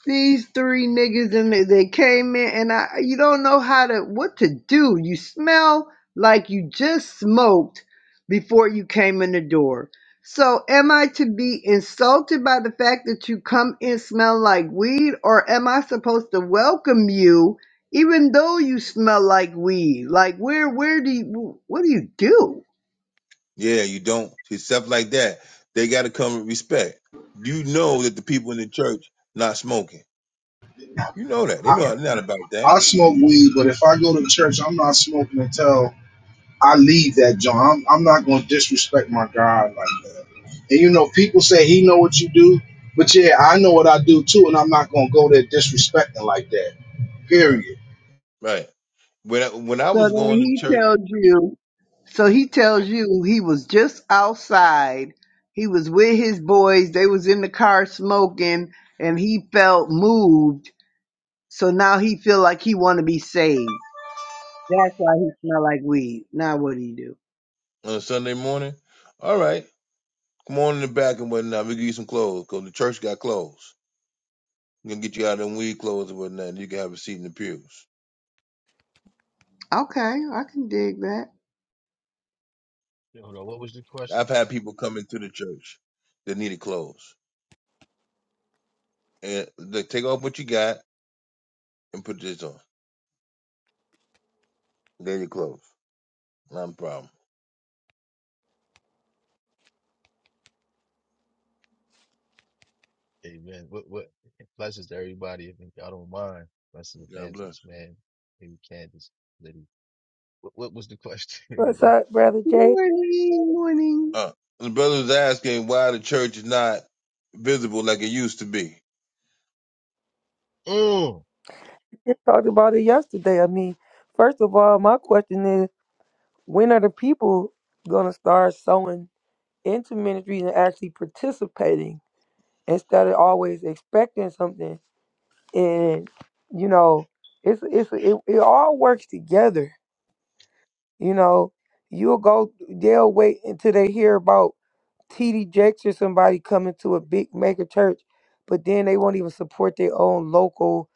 these three niggas and they, they came in and I you don't know how to what to do. You smell like you just smoked before you came in the door. So am I to be insulted by the fact that you come in smell like weed or am I supposed to welcome you even though you smell like weed? Like where where do you what do you do? Yeah, you don't. It's Stuff like that. They got to come with respect. You know that the people in the church not smoking. You know that. They I, know they're not about that. I smoke weed, but if I go to church, I'm not smoking until I leave that joint. I'm, I'm not gonna disrespect my God like that. And you know, people say he know what you do, but yeah, I know what I do too, and I'm not gonna go there disrespecting like that. Period. Right. Right. When I, when I So was then going to he church. tells you, so he tells you he was just outside. He was with his boys. They was in the car smoking and he felt moved. So now he feel like he want to be saved. That's why he smell like weed. Now what do you do? on a Sunday morning. All right, come on in the back and whatnot. We give you some clothes because the church got clothes. We're gonna get you out of them weed clothes and whatnot. And you can have a seat in the pews. Okay, I can dig that. Yeah, Hold on. What was the question? I've had people come into the church that needed clothes, and they take off what you got and put this on. They're your clothes. Not a problem. Amen. What what blessings to everybody. If y'all don't mind, blessings God bless. evangelist man, maybe Candace, Liddy. What what was the question? *laughs* because what's I, up, Brother Jay? Morning, morning. Uh, the brother was asking why the church is not visible like it used to be, mm, We talked about it yesterday. I mean, first of all, my question is when are the people going to start sowing into ministries and actually participating instead of always expecting something? and you know it's it's it, it all works together you know you'll go they'll wait until they hear about td jakes or somebody coming to a big mega church but then they won't even support their own local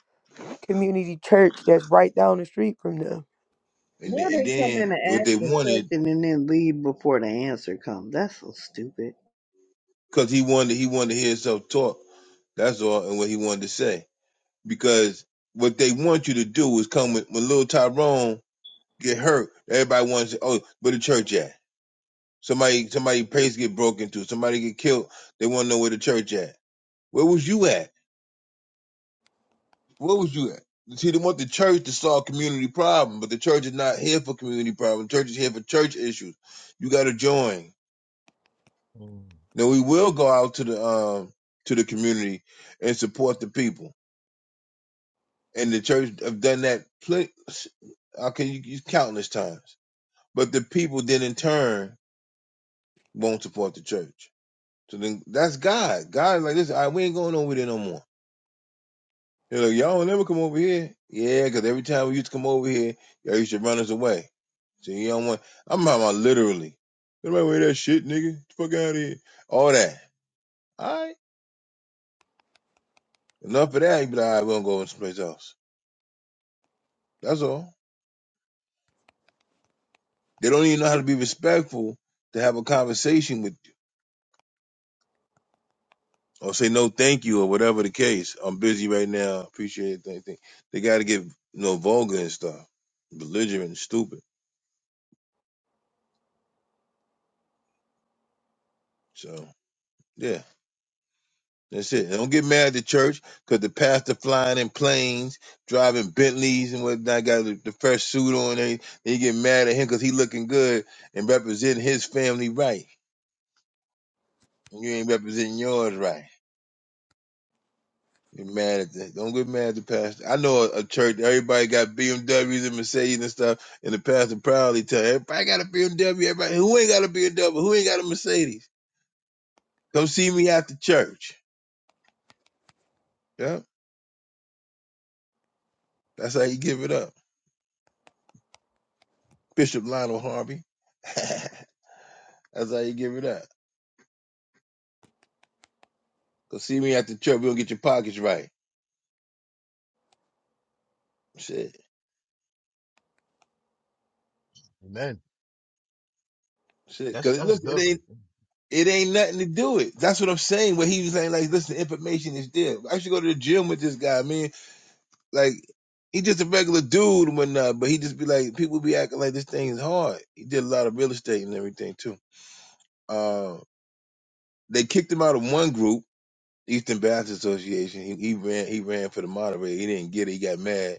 community church that's right down the street from them and Why then, and they come in then and what ask they a wanted question and then leave before the answer comes? That's so stupid. because he wanted he wanted to hear himself talk. That's all, and what he wanted to say. because what they want you to do is come with when little Tyrone get hurt. Everybody wants to, oh, where the church at? Somebody somebody place get broken to, somebody get killed. They want to know where the church at. Where was you at? Where was you at? See, they want the church to solve community problem, but the church is not here for community problem. The church is here for church issues. You got to join. mm, Now we will go out to the um to the community and support the people. And the church have done that plenty. How can you, you countless times? But the people then in turn won't support the church. So then that's God. God is like, listen, all right, we ain't going over there no more. They're like, y'all don't ever come over here. Yeah, because every time we used to come over here, y'all used to run us away. So you don't want, I'm talking about literally. Get away with that shit, nigga. Get the fuck out of here. All that. All right. Enough of that. You be like, all right, we're going to go someplace else. That's all. They don't even know how to be respectful to have a conversation with or say no thank you or whatever the case. I'm busy right now. Appreciate it. They, they got to get you know vulgar and stuff, belligerent, and stupid. So yeah, that's it. don't get mad at the church because the pastor flying in planes, driving Bentleys and whatnot, got the, the fresh suit on. They they get mad at him because he looking good and representing his family right. and You ain't representing yours right. Get mad at that. Don't get mad at the pastor. I know a, a church. Everybody got BMWs and Mercedes and stuff, and the pastor proudly tell everybody got a BMW. Everybody who ain't got a BMW, who ain't got a Mercedes, come see me after church. Yeah, that's how you give it up, Bishop Lionel Harvey. *laughs* that's how you give it up. Come see me after church. We gonna get your pockets right. Shit, amen. shit. That's Cause that's listen, it good right ain't. there. It ain't nothing to do it. That's what I'm saying. What he was saying, like, listen, information is there. I should go to the gym with this guy, man Like he just a regular dude and whatnot, but he just be like people be acting like this thing is hard. He did a lot of real estate and everything too. Uh, they kicked him out of one group, Eastern Baptist Association. He, he ran he ran for the moderator. He didn't get it. He got mad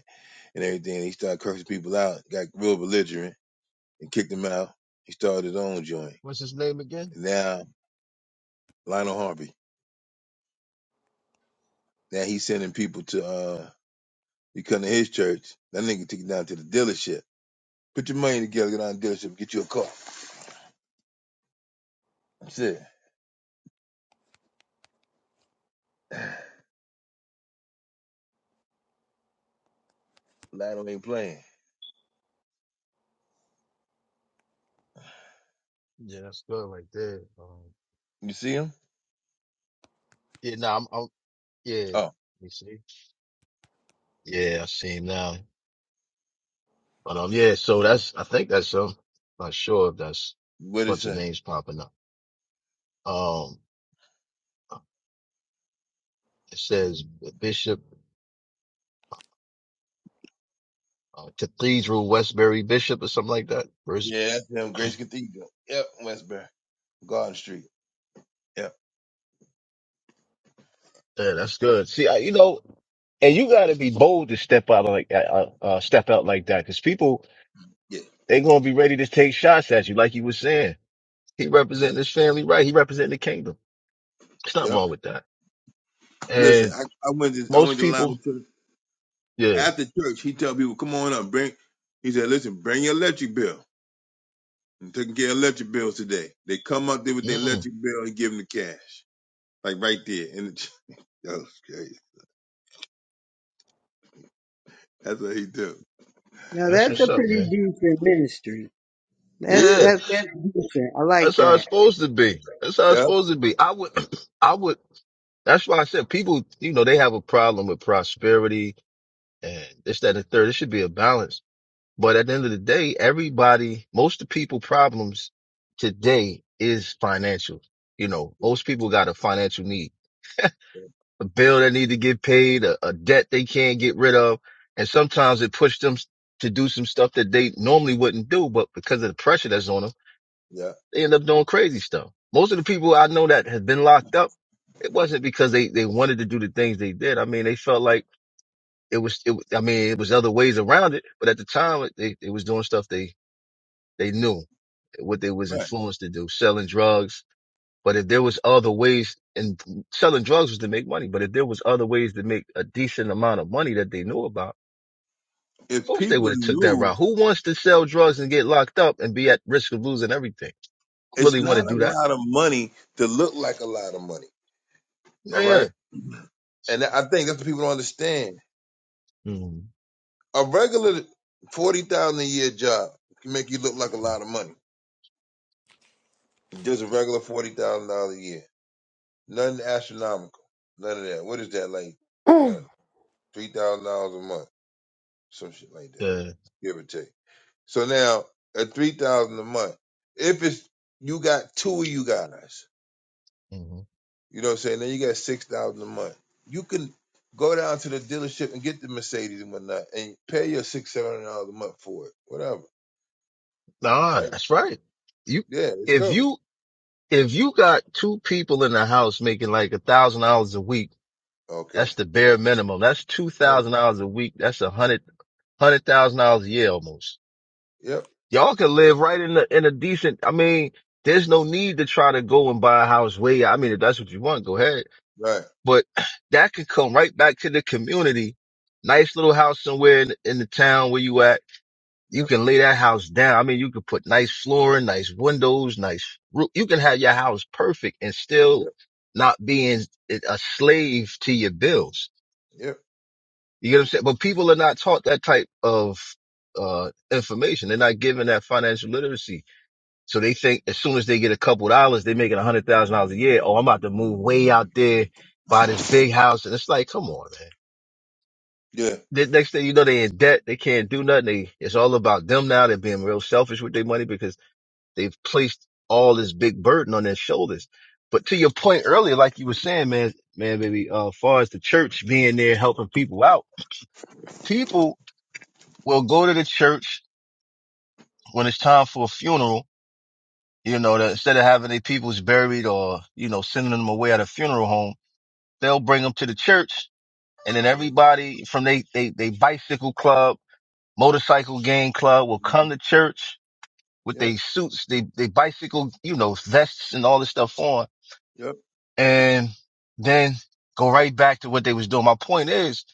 and everything. And he started cursing people out. Got real belligerent and kicked him out. He started his own joint. What's his name again? And Now Lionel Harvey. Now he's sending people to uh he come to his church. That nigga took it down to the dealership. Put your money together, get on the dealership, get you a car. That's it. Lotto ain't playing. Yeah, that's good right there. Um, You see him? yeah, no, I'm, I'm yeah. Oh, Let me see. Yeah, I see him now. But um, yeah. So that's I think that's um. Not sure if that's what a it bunch of say? names popping up. Um, it says Bishop. uh, Cathedral Westbury Bishop or something like that. Verse, Yeah, that's him. Grace Cathedral. Yep, Westbury, Garden Street. Yep, yeah, that's good. See, I, you know, and you got to be bold to step out like uh, uh, uh, step out like that because people yeah, they gonna be ready to take shots at you, like you were saying. He representing yep, his family, right? He representing the kingdom. It's not yep. wrong with that. Listen, And I, I went to I most went to Lionel people, Church yeah, after church. He tell people, "Come on up, bring." He said, "Listen, bring your electric bill. I'm taking care of electric bills today." They come up there with their mm, electric bill and give them the cash, like right there. And the, ch- *laughs* that was crazy. That's what he do. Now that's That's that's what's a up, it. pretty man. decent ministry. That's Yeah, Yeah, that's that's different. I that's like how it's that. supposed to be. That's how it's yep, supposed to be. I would, *clears throat* I would. That's why I said people, you know, they have a problem with prosperity and this, that, and the third. It should be a balance. But at the end of the day, everybody, most of the people problems today is financial. You know, yep, most people got a financial need, yep. a bill they need to get paid, a, a debt they can't get rid of. And sometimes it pushed them to do some stuff that they normally wouldn't do. But because of the pressure that's on them, yep. they end up doing crazy stuff. Most of the people I know that have been locked up, it wasn't because they, they wanted to do the things they did. I mean, they felt like it was it, was- I mean it was other ways around it, but at the time they, they was doing stuff they they knew what they was Right. influenced to do, selling drugs. But if there was other ways and selling drugs was to make money, but if there was other ways to make a decent amount of money that they knew about, of If course they people would have took that knew route. Who wants to sell drugs and get locked up and be at risk of losing everything? it's Really want to not a do that? lot of money to look like a lot of money. All Yeah. right. So, And I think that's what people don't understand. mm, A regular 40000 a year job can make you look like a lot of money. Just a regular $40,000 a year. Nothing astronomical. None of that. What is that like? I Mm. don't know, $3,000 a month. Some shit like that. uh, Give or take. So now at 3000 a month, if it's, you got two of you guys. mhm. You know what I'm saying? Then you got six thousand a month. You can go down to the dealership and get the Mercedes and whatnot and pay your six, seven hundred dollars a month for it. Whatever. Nah, Right? that's right. You Yeah, it's if covered. you if you got two people in the house making like a thousand dollars a week, Okay. that's the bare minimum. That's two Right. thousand dollars a week. That's a hundred hundred thousand dollars a year almost. Yep. Y'all can live right in the in a decent. I mean, there's no need to try to go and buy a house way. I mean, if that's what you want, go ahead. Right. But that could come right back to the community. Nice little house somewhere in, in the town where you at you Yep. can lay that house down. I mean, you could put nice flooring, nice windows, nice roof. You can have your house perfect and still Yep. not being a slave to your bills. Yep. You get what I'm saying? But people are not taught that type of, uh, information. They're not given that financial literacy. So they think as soon as they get a couple dollars, they're making a hundred thousand dollars a year. Oh, I'm about to move way out there, buy this big house. And it's like, come on, man Yeah. the next thing you know, they in debt. They can't do nothing. They, it's all about them now. They're being real selfish with their money because They've placed all this big burden on their shoulders. But to your point earlier, like you were saying, man, man, baby, uh, as far as the church being there helping people out, people will go to the church when it's time for a funeral. You know, that instead of having their peoples buried or, you know, sending them away at a funeral home, they'll bring them to the church and then hmm everybody from they, they, they bicycle club, motorcycle gang club will hmm come to church with Yep. their suits, they, they bicycle, you know, vests and all this stuff on Yep. and then go right back to what they was doing. My point is,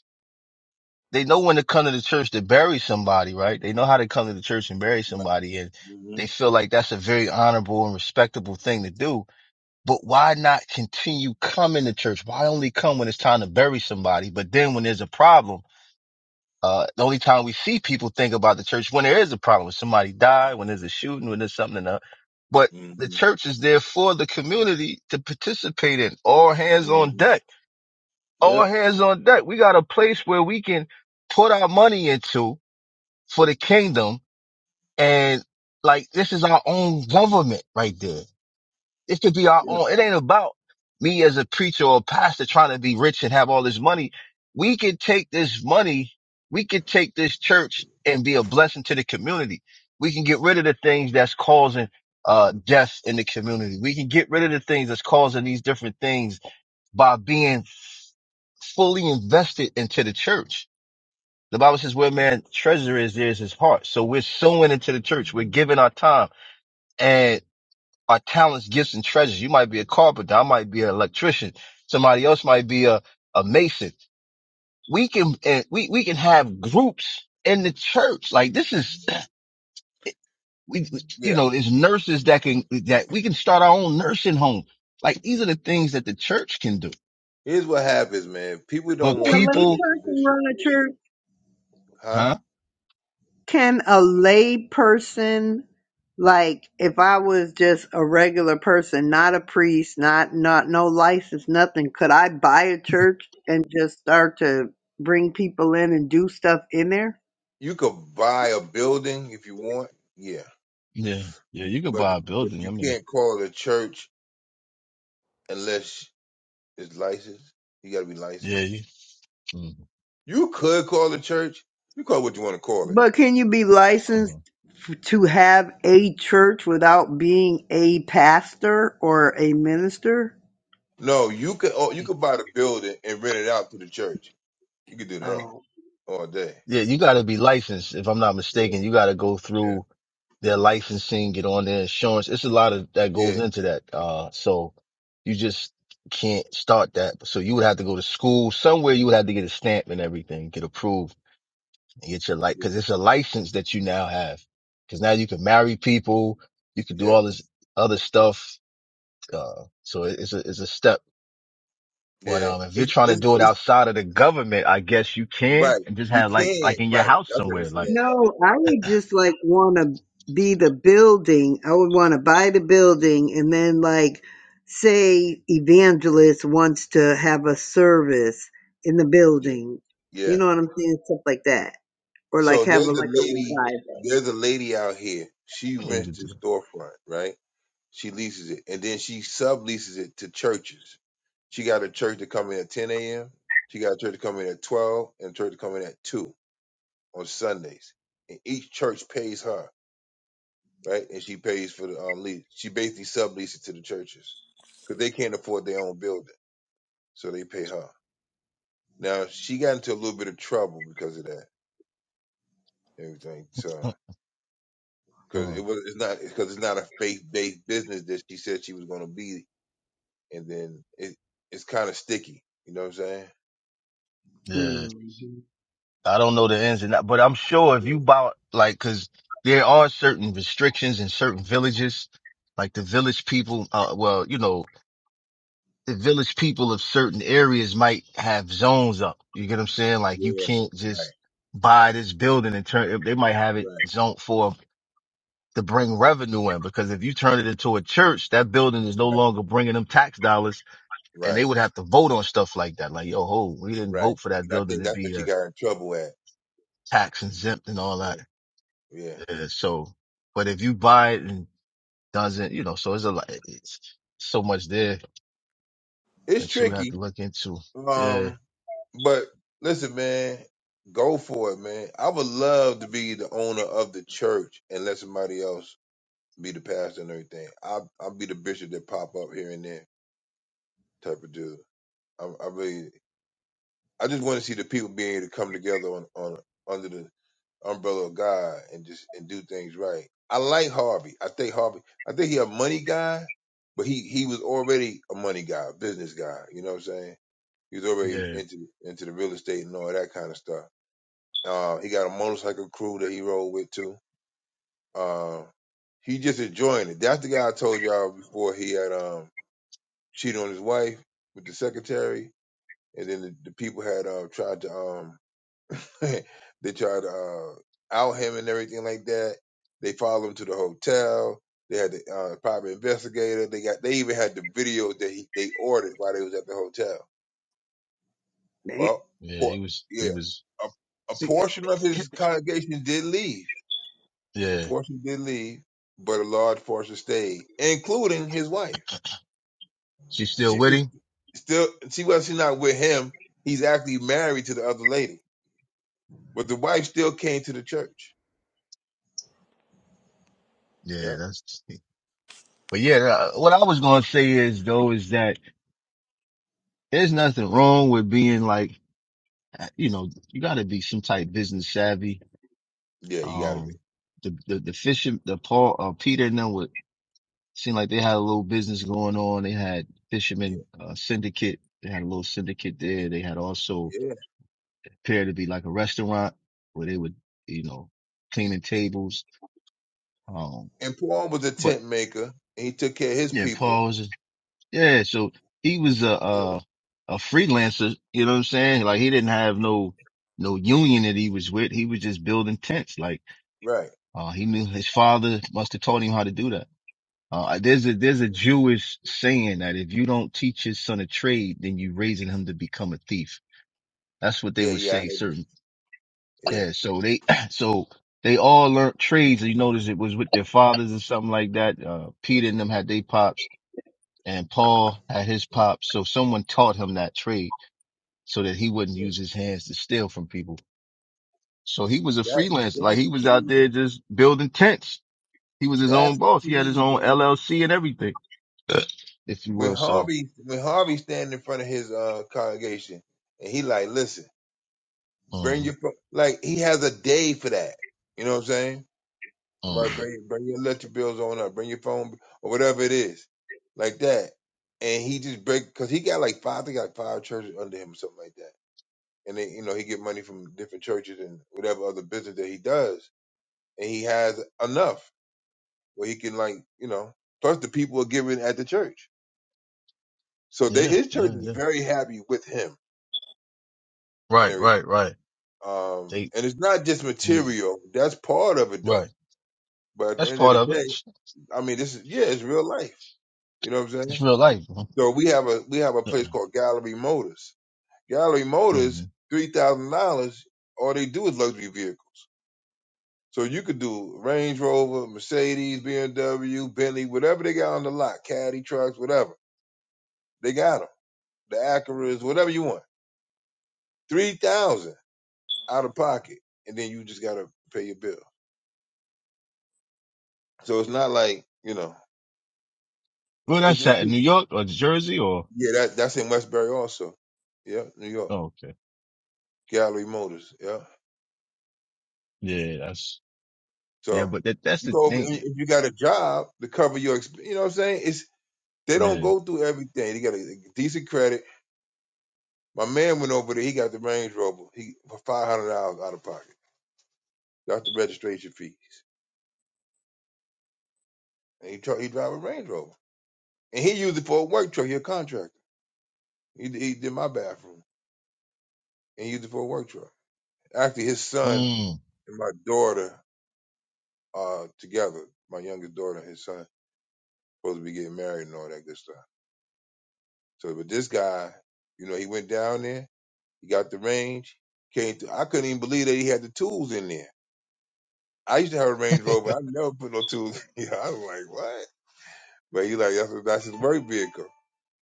they know when to come to the church to bury somebody, right? They know how to come to the church and bury Right. somebody, and hmm they feel like that's a very honorable and respectable thing to do. But why not continue coming to church? Why only come when it's time to bury somebody? But then when there's a problem, uh, the only time we see people think about the church when there is a problem, when somebody died, when there's a shooting, when there's something in the, but hmm the church is there for the community to participate in all hands on hmm deck all Yep. hands on deck. We got a place where we can put our money into for the kingdom. And like, this is our own government right there. It could be our Yeah. own. It ain't about me as a preacher or a pastor trying to be rich and have all this money. We could take this money. We could take this church and be a blessing to the community. We can get rid of the things that's causing, uh, death in the community. We can get rid of the things that's causing these different things by being fully invested into the church. The Bible says where man treasure is, there is his heart. So we're sowing into the church. We're giving our time and our talents, gifts and treasures. You might be a carpenter. I might be an electrician. Somebody else might be a, a mason. We can, and we, we can have groups in the church. Like this is, *clears throat* we, you Yeah. know, there's nurses that can, that we can start our own nursing home. Like these are the things that the church can do, Here's what happens, man. People don't but Can a want to lay play people, their person position. run a church? Huh? huh? Can a lay person like if I was just a regular person, not a priest, not not no license, nothing, could I buy a church and just start to bring people in and do stuff in there? You could buy a building if you want. Yeah. Yeah, yeah, you could But the, buy a but building. you I mean, can't call it a church unless it's licensed. You got to be yeah, licensed. you, mm You could call the church. You call it what you want to call it. But can you be licensed mhm. f- to have a church without being a pastor or a minister? No, you could oh, you could buy the building and rent it out to the church. You could do that Oh. all day. yeah, you got to be licensed. If I'm not Yeah, mistaken, you got to go yeah, through their licensing, get on their insurance. It's a lot of that goes yeah, into that. Uh, so you just can't start that. So you would have to go to school somewhere. You would have to get a stamp and everything, get approved, and get your like, because it's a license that you now have. Because now you can marry people, you can yeah, do yeah. all this other stuff. Uh, so it- it's a it's a step. But yeah. um, if you're It's, trying to it's, do it it's outside of the government, I guess you can, right. and just You have like can like in your right. house That's what I'm somewhere, like saying. No, I would just like want to be the building. I would want to buy the building and then like say evangelist wants to have a service in the Yeah, building. You yeah. know what I'm saying? Stuff like that. Or So like have there's a, a like lady. a There's a lady out here. She *laughs* you rents could the do. storefront, right? She leases it, and then she subleases it to churches. She got a church to come in at 10 a.m. She got a church to come in at 12, and a church to come in at two on Sundays. And each church pays her, right? And she pays for the um lease. She basically subleases it to the churches because they can't afford their own building, so they pay her. Now she got into a little bit of trouble because of that and everything. So that. because mm it was it's not because it's not a faith based business that she said she was going to be, and then it it's kind of sticky. You know what I'm saying? Yeah, revival. hmm I don't know the ins and outs, but I'm sure if Yeah, you bought like, because there are certain restrictions in certain villages, like the village people. Uh, well, you know, the village people of certain areas might have zones up. You get what I'm saying? Like you yeah, can't right, just buy this building and turn. They might have it right, zoned for to bring revenue in because if you turn it into a church, that building is no right, longer bringing them tax dollars and they right, would have to vote on stuff like that. Like, yo, ho, we didn't right. vote for that And I building think to that's what be she a got in trouble at. tax exempt and all that. Right. Yeah, Uh, so, but if you buy it and doesn't, you know, so it's a lot, it's so much there it's that you would have tricky. to look into. Yeah. Um, but listen, man, go for it, man. I would love to be the owner of the church and let somebody else be the pastor and everything. I I'll be the bishop that pop up here and there type of dude. I, I really, I just want to see the people being able to come together on on under the umbrella of God and just and do things right. I like Harvey. I think Harvey. I think he a money guy, but he he was already a money guy, a business guy. You know what I'm saying? He was already Yeah. into into the real estate and all that kind of stuff. Uh, he got a motorcycle crew that he rode with too. Uh, he just enjoying it. That's the guy I told y'all before. He had um cheated on his wife with the secretary, and then the, the people had uh, tried to um *laughs* they tried to uh, out him and everything like that. They followed him to the hotel. They had the uh, private investigator. They got they even had the video that he, they ordered while they was at the hotel. Well, Yeah. He por- was, yeah, he was, a, a see, portion of his congregation did leave. *clears throat* A yeah. portion did leave, but a large portion stayed, including his wife. She's still She with was him. still she was she's not with him. He's actually married to the other lady, but the wife still came to the church. Yeah. Yeah, That's, but yeah, uh, what I was going to say is though, is that There's nothing wrong with being like, you know, you got to be some type business savvy. yeah, you got to be. Um, the the the fisher, the Paul, uh, Peter and them would seem like they had a little business going on. They had Yeah. fishermen uh, syndicate. They had a little syndicate there. They had also yeah. appeared to be like a restaurant where they would, you know, cleaning tables. Um, And Paul was a but tent maker, and he took care of his yeah, people. Paul was Yeah, so he was a, Yeah, a a freelancer, you know what I'm saying? Like he didn't have no no union that he was with. He was just building tents. Like right. uh he knew his father must have taught him how to do that. Uh there's a there's a Jewish saying that if you don't teach your son a trade, then you raising him to become a thief. That's what they Yeah, would yeah, I say heard. certain Yeah, yeah, so they *clears throat* so they all learned trades. You notice it was with their fathers or something like that. Uh Peter and them had they pops and Paul had his pops, so someone taught him that trade so that he wouldn't yeah, use his hands to steal from people. So he was a yeah. That freelancer, like that's he was out key. there just building tents. He was his own That's boss. He had his key, own man. LLC and everything, *clears throat* if you When will. So, Harvey when Harvey standing in front of his uh congregation and he like, listen, bring um, your pro-" like he has a day for that. You know what I'm saying? All um, right, bring bring your electric bills on up, bring your phone or whatever it is, like that. And he just break because he got like five, I think like five churches under him, or something like that and then, you know he get money from different churches and whatever other business that he does, and he has enough where he can like you know. Plus, the people are giving at the church, so they, yeah, his church yeah, is yeah. very happy with him and Right, everything. right, right. Um, They, and it's not just mm, material; that's part of it though. right. But at That's the end of part the of it. day, It's, I mean, this is yeah, it's real life. You know what I'm it's saying? real life. So we have a we have a place called Gallery Motors. Gallery Mm-hmm. Motors, three thousand dollars. All they do is luxury vehicles. So you could do Range Rover, Mercedes, BMW, Bentley, whatever they got on the lot, caddy trucks, whatever. They got them. The Acuras, whatever you want. 3000 out of pocket. And then you just got to pay your bill. So it's not like, you know, Well, it's that's just, at in New York or Jersey or, yeah, that that's in Westbury also. Yeah, New York. oh, okay. Gallery Motors. Yeah. Yeah, that's, yeah, So but that, that's you the go over, if thing. you got a job to cover your, exp- you know what I'm saying? It's, they don't Yeah. go through everything. They got a decent credit My man went over there. He got the Range Rover. He for five hundred dollars out of pocket. That's the registration fees. And he tra- he drive a Range Rover. And he used it for a work truck. He a contractor. He, he did my bathroom and used it for a work truck. Actually, his son Mm. and my daughter are together. My youngest daughter and his son supposed to be getting married and all that good stuff. So, but this guy, you know, he went down there. He got the range. Came through. I couldn't even believe that he had the tools in there. I used to have a Range *laughs* Rover. I never put no tools. *laughs* Yeah, I was like, what? But he like that's that's his work vehicle.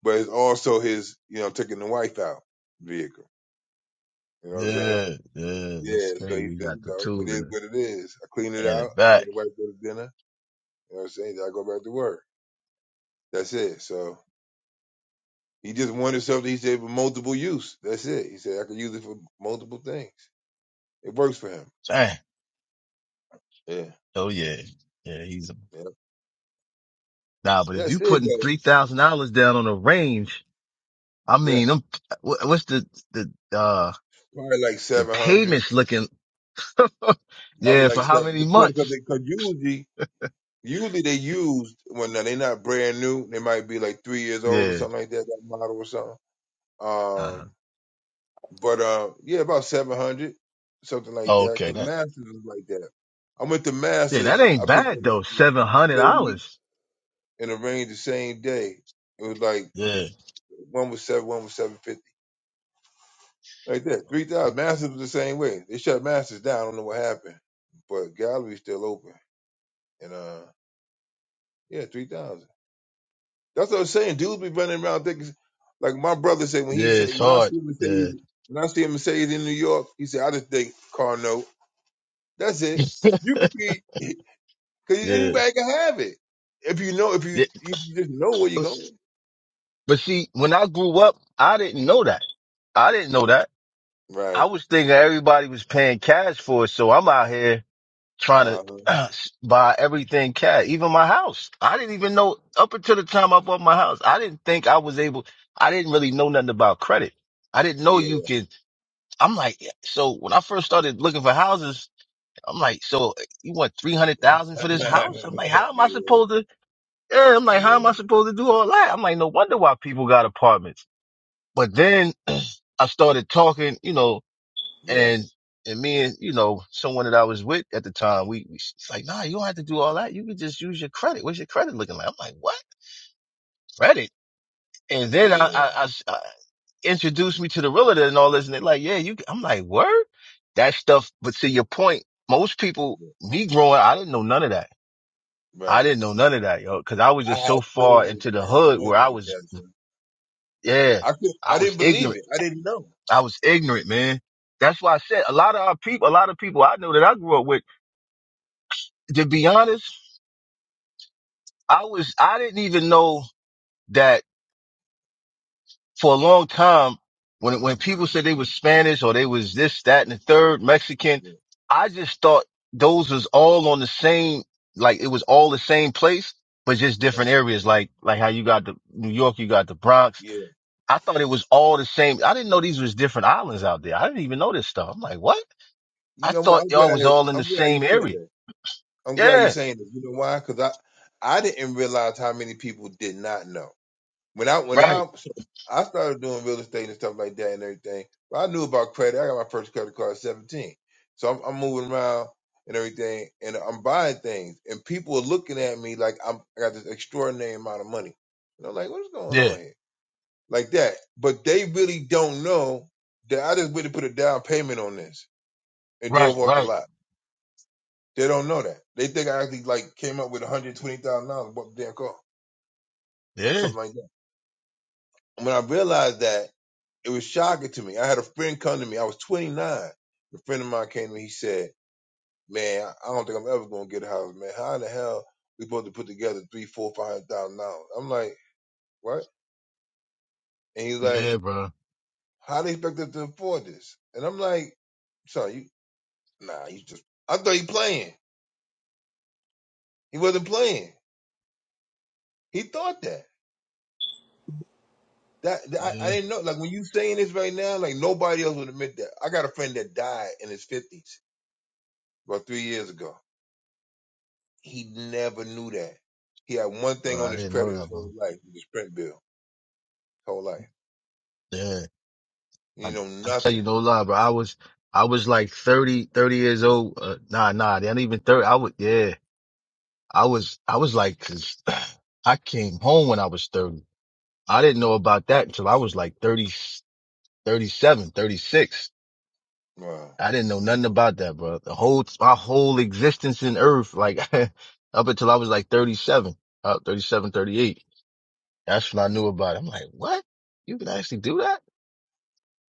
But it's also his, you know, taking the wife out vehicle. You know what I'm saying? Yeah, yeah, that's Yeah. So crazy. he We said, got you the know, it tools in is it what it is. I clean it and out. it I get back. the wife go to dinner. You know what I'm saying? Then I go back to work. That's it. So he just wanted something he said for multiple use. That's it. He said I could use it for multiple things. It works for him. Dang. Yeah. Oh yeah, yeah. He's a Yeah. nah. But if you That's it putting though. three thousand dollars down on a range, I Yeah. mean, I'm, wha- what's the the uh Probably like the seven hundred. payments looking? *laughs* Probably yeah, for like how seven many depending because months? cause usually Usually they used when they're not brand new. They might be like three years old or Yeah. something like that, that model or something. Uh-huh. Um, but uh, yeah, about seven hundred, something like that. Okay. Because That Masters is like that. I went to yeah, that Masters. ain't I picked up bad though. a Seven hundred Mercedes dollars. and a Range the same day. It was like Yeah, one was seven, one was seven fifty, like that. Three thousand Masters was the same way. They shut Masters down. I don't know what happened, but gallery's still open. And uh, yeah, three thousand. That's what I'm saying. Dudes be running around thinking, like my brother said when yeah. he said It's when I hard. see Yeah, Mercedes when I see Mercedes in New York, he said I just think car note. That's it. You could *laughs* be *laughs* because yeah. anybody can have it if you know if you yeah. if you just know where you're going. But see, when I grew up, I didn't know that. I didn't know Yeah. that. I Right. was thinking everybody was paying cash for it, so I'm out here trying Uh huh. to *clears throat* buy everything cash, even my house. I didn't even know up until the time I bought my house. I didn't think I was able. I didn't really know nothing about credit. I didn't know Yeah. you could. I'm like, eh, so when I first started looking for houses, I'm like, so eh, you want three hundred thousand for *laughs* this yeah. house? I'm like, how am I supposed to? Yeah, I'm like, how am Yeah. I supposed to do all that? I'm like, no wonder why people got apartments. But then *clears throat* I started talking, you know, Yeah. and and me and you know someone that I was with at the time, we, we she's like, nah, you don't have to do all that. You could just use your credit. What's your credit looking like? I'm like, what credit? And then I I, Yeah. I s- I introduced me to the realtor and all this, and they're like, yeah, you. I'm like, word, that stuff. But to your point, most people, me growing, I didn't know none of that. I Right. didn't know none of that, yo, because I was I just so had far friends. into I the had hood friends where I like was, that. So yeah, I could. I I was didn't ignorant. believe it. I didn't know. I was ignorant, man. That's why I said a lot of our people, a lot of people I know that I grew up with, to be honest, I was, I didn't even know that for a long time when, when people said they was Spanish or they was this, that, and the third Mexican, Yeah. I just thought those was all on the same, like it was all the same place, but just Right. different areas. Like, like how you got the New York, you got the Bronx. Yeah. I thought it was all the same. I didn't know these was different islands out there. I didn't even know this stuff. I'm like, what? You I know what? thought I'm y'all was glad. all in I'm the glad you same said area. that. I'm glad you're Yeah, saying this. You know why? Because I I didn't realize how many people did not know when I when right. I so I started doing real estate and stuff like that and everything. But I knew about credit. I got my first credit card at 17, so I'm, I'm moving around and everything, and I'm buying things, and people are looking at me like I'm I got this extraordinary amount of money, and I'm like, what's going Yeah, on here? Like that, but they really don't know that I just really put a down payment on this and right, drove off the right. lot. They don't know that. They think I actually like came up with one hundred twenty thousand dollars bought the damn car, Yeah, something like that. And when I realized that, it was shocking to me. I had a friend come to me. I was twenty nine. A friend of mine came to me. He said, "Man, I don't think I'm ever gonna get a house, man. How in the hell we supposed to put together three, four, five hundred thousand dollars?" I'm like, "What?" And he's like, yeah, bro. "How do they expect us to afford this?" And I'm like, "Son, you nah, you just." I thought he playing. He wasn't playing. He thought that. That, that- I, I Yeah, didn't know. Like when you saying this right now, like nobody else would admit that. I got a friend that died in his fifties about three years ago. He never knew that. He had one bro. thing on I his didn't know credit that, his whole bro. life, his print bill, his whole life. Yeah, I, You know I tell you nothing. no lie, bro. I was, I was like 30, 30 years old. Uh, nah, nah, they ain't even 30. I would, yeah, I was, I was like, cause *sighs* *clears throat* I came home when I was 30. I didn't know about that until I was like 30, 37, thirty-six. Wow. I didn't know nothing Okay. about that, bro. The whole, my whole existence in earth, like *laughs* up until I was like 37, uh, 37, That's when I knew about it. I'm like, what? You can actually do that?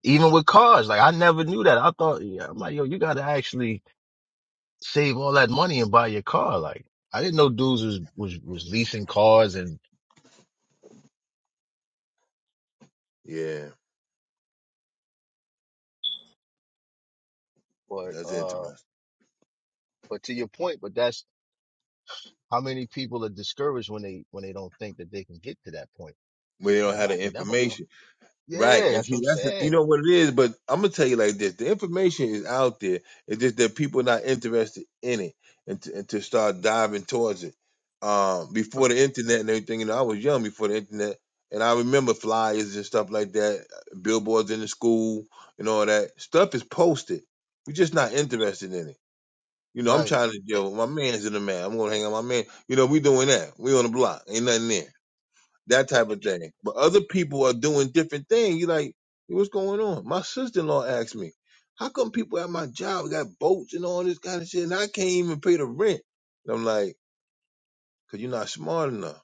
Even with cars. Like I never knew that. I thought, yeah, I'm like, yo, you gotta actually save all that money and buy your car. Like I didn't know dudes was, was, was leasing cars and, Yeah, but, that's uh, interesting. but to your point, but that's how many people are discouraged when they, when they don't think that they can get to that point. We don't Like, have man, I the could never own. information. Right. Yeah, And that's what see, I'm that's the, you saying. know what it is, but I'm gonna tell you like this: the information is out there. It's just that people are not interested in it, and to, and to start diving towards it. Um, before the internet and everything, you know, I was young before the internet, and I remember flyers and stuff like that, billboards in the school and all that stuff is posted. We're just not interested in it. You know, I'm Right. trying to, Eh, yo, my man's in the man. I'm gonna hang out with my man. You know, we doing that. We on the block. Ain't nothing there that type of thing. But other people are doing different things. You like, "Hey, what's going on? My sister in law asked me, how come people at my job got boats and all this kind of shit, and I can't even pay the rent? And I'm like, because you're not smart enough.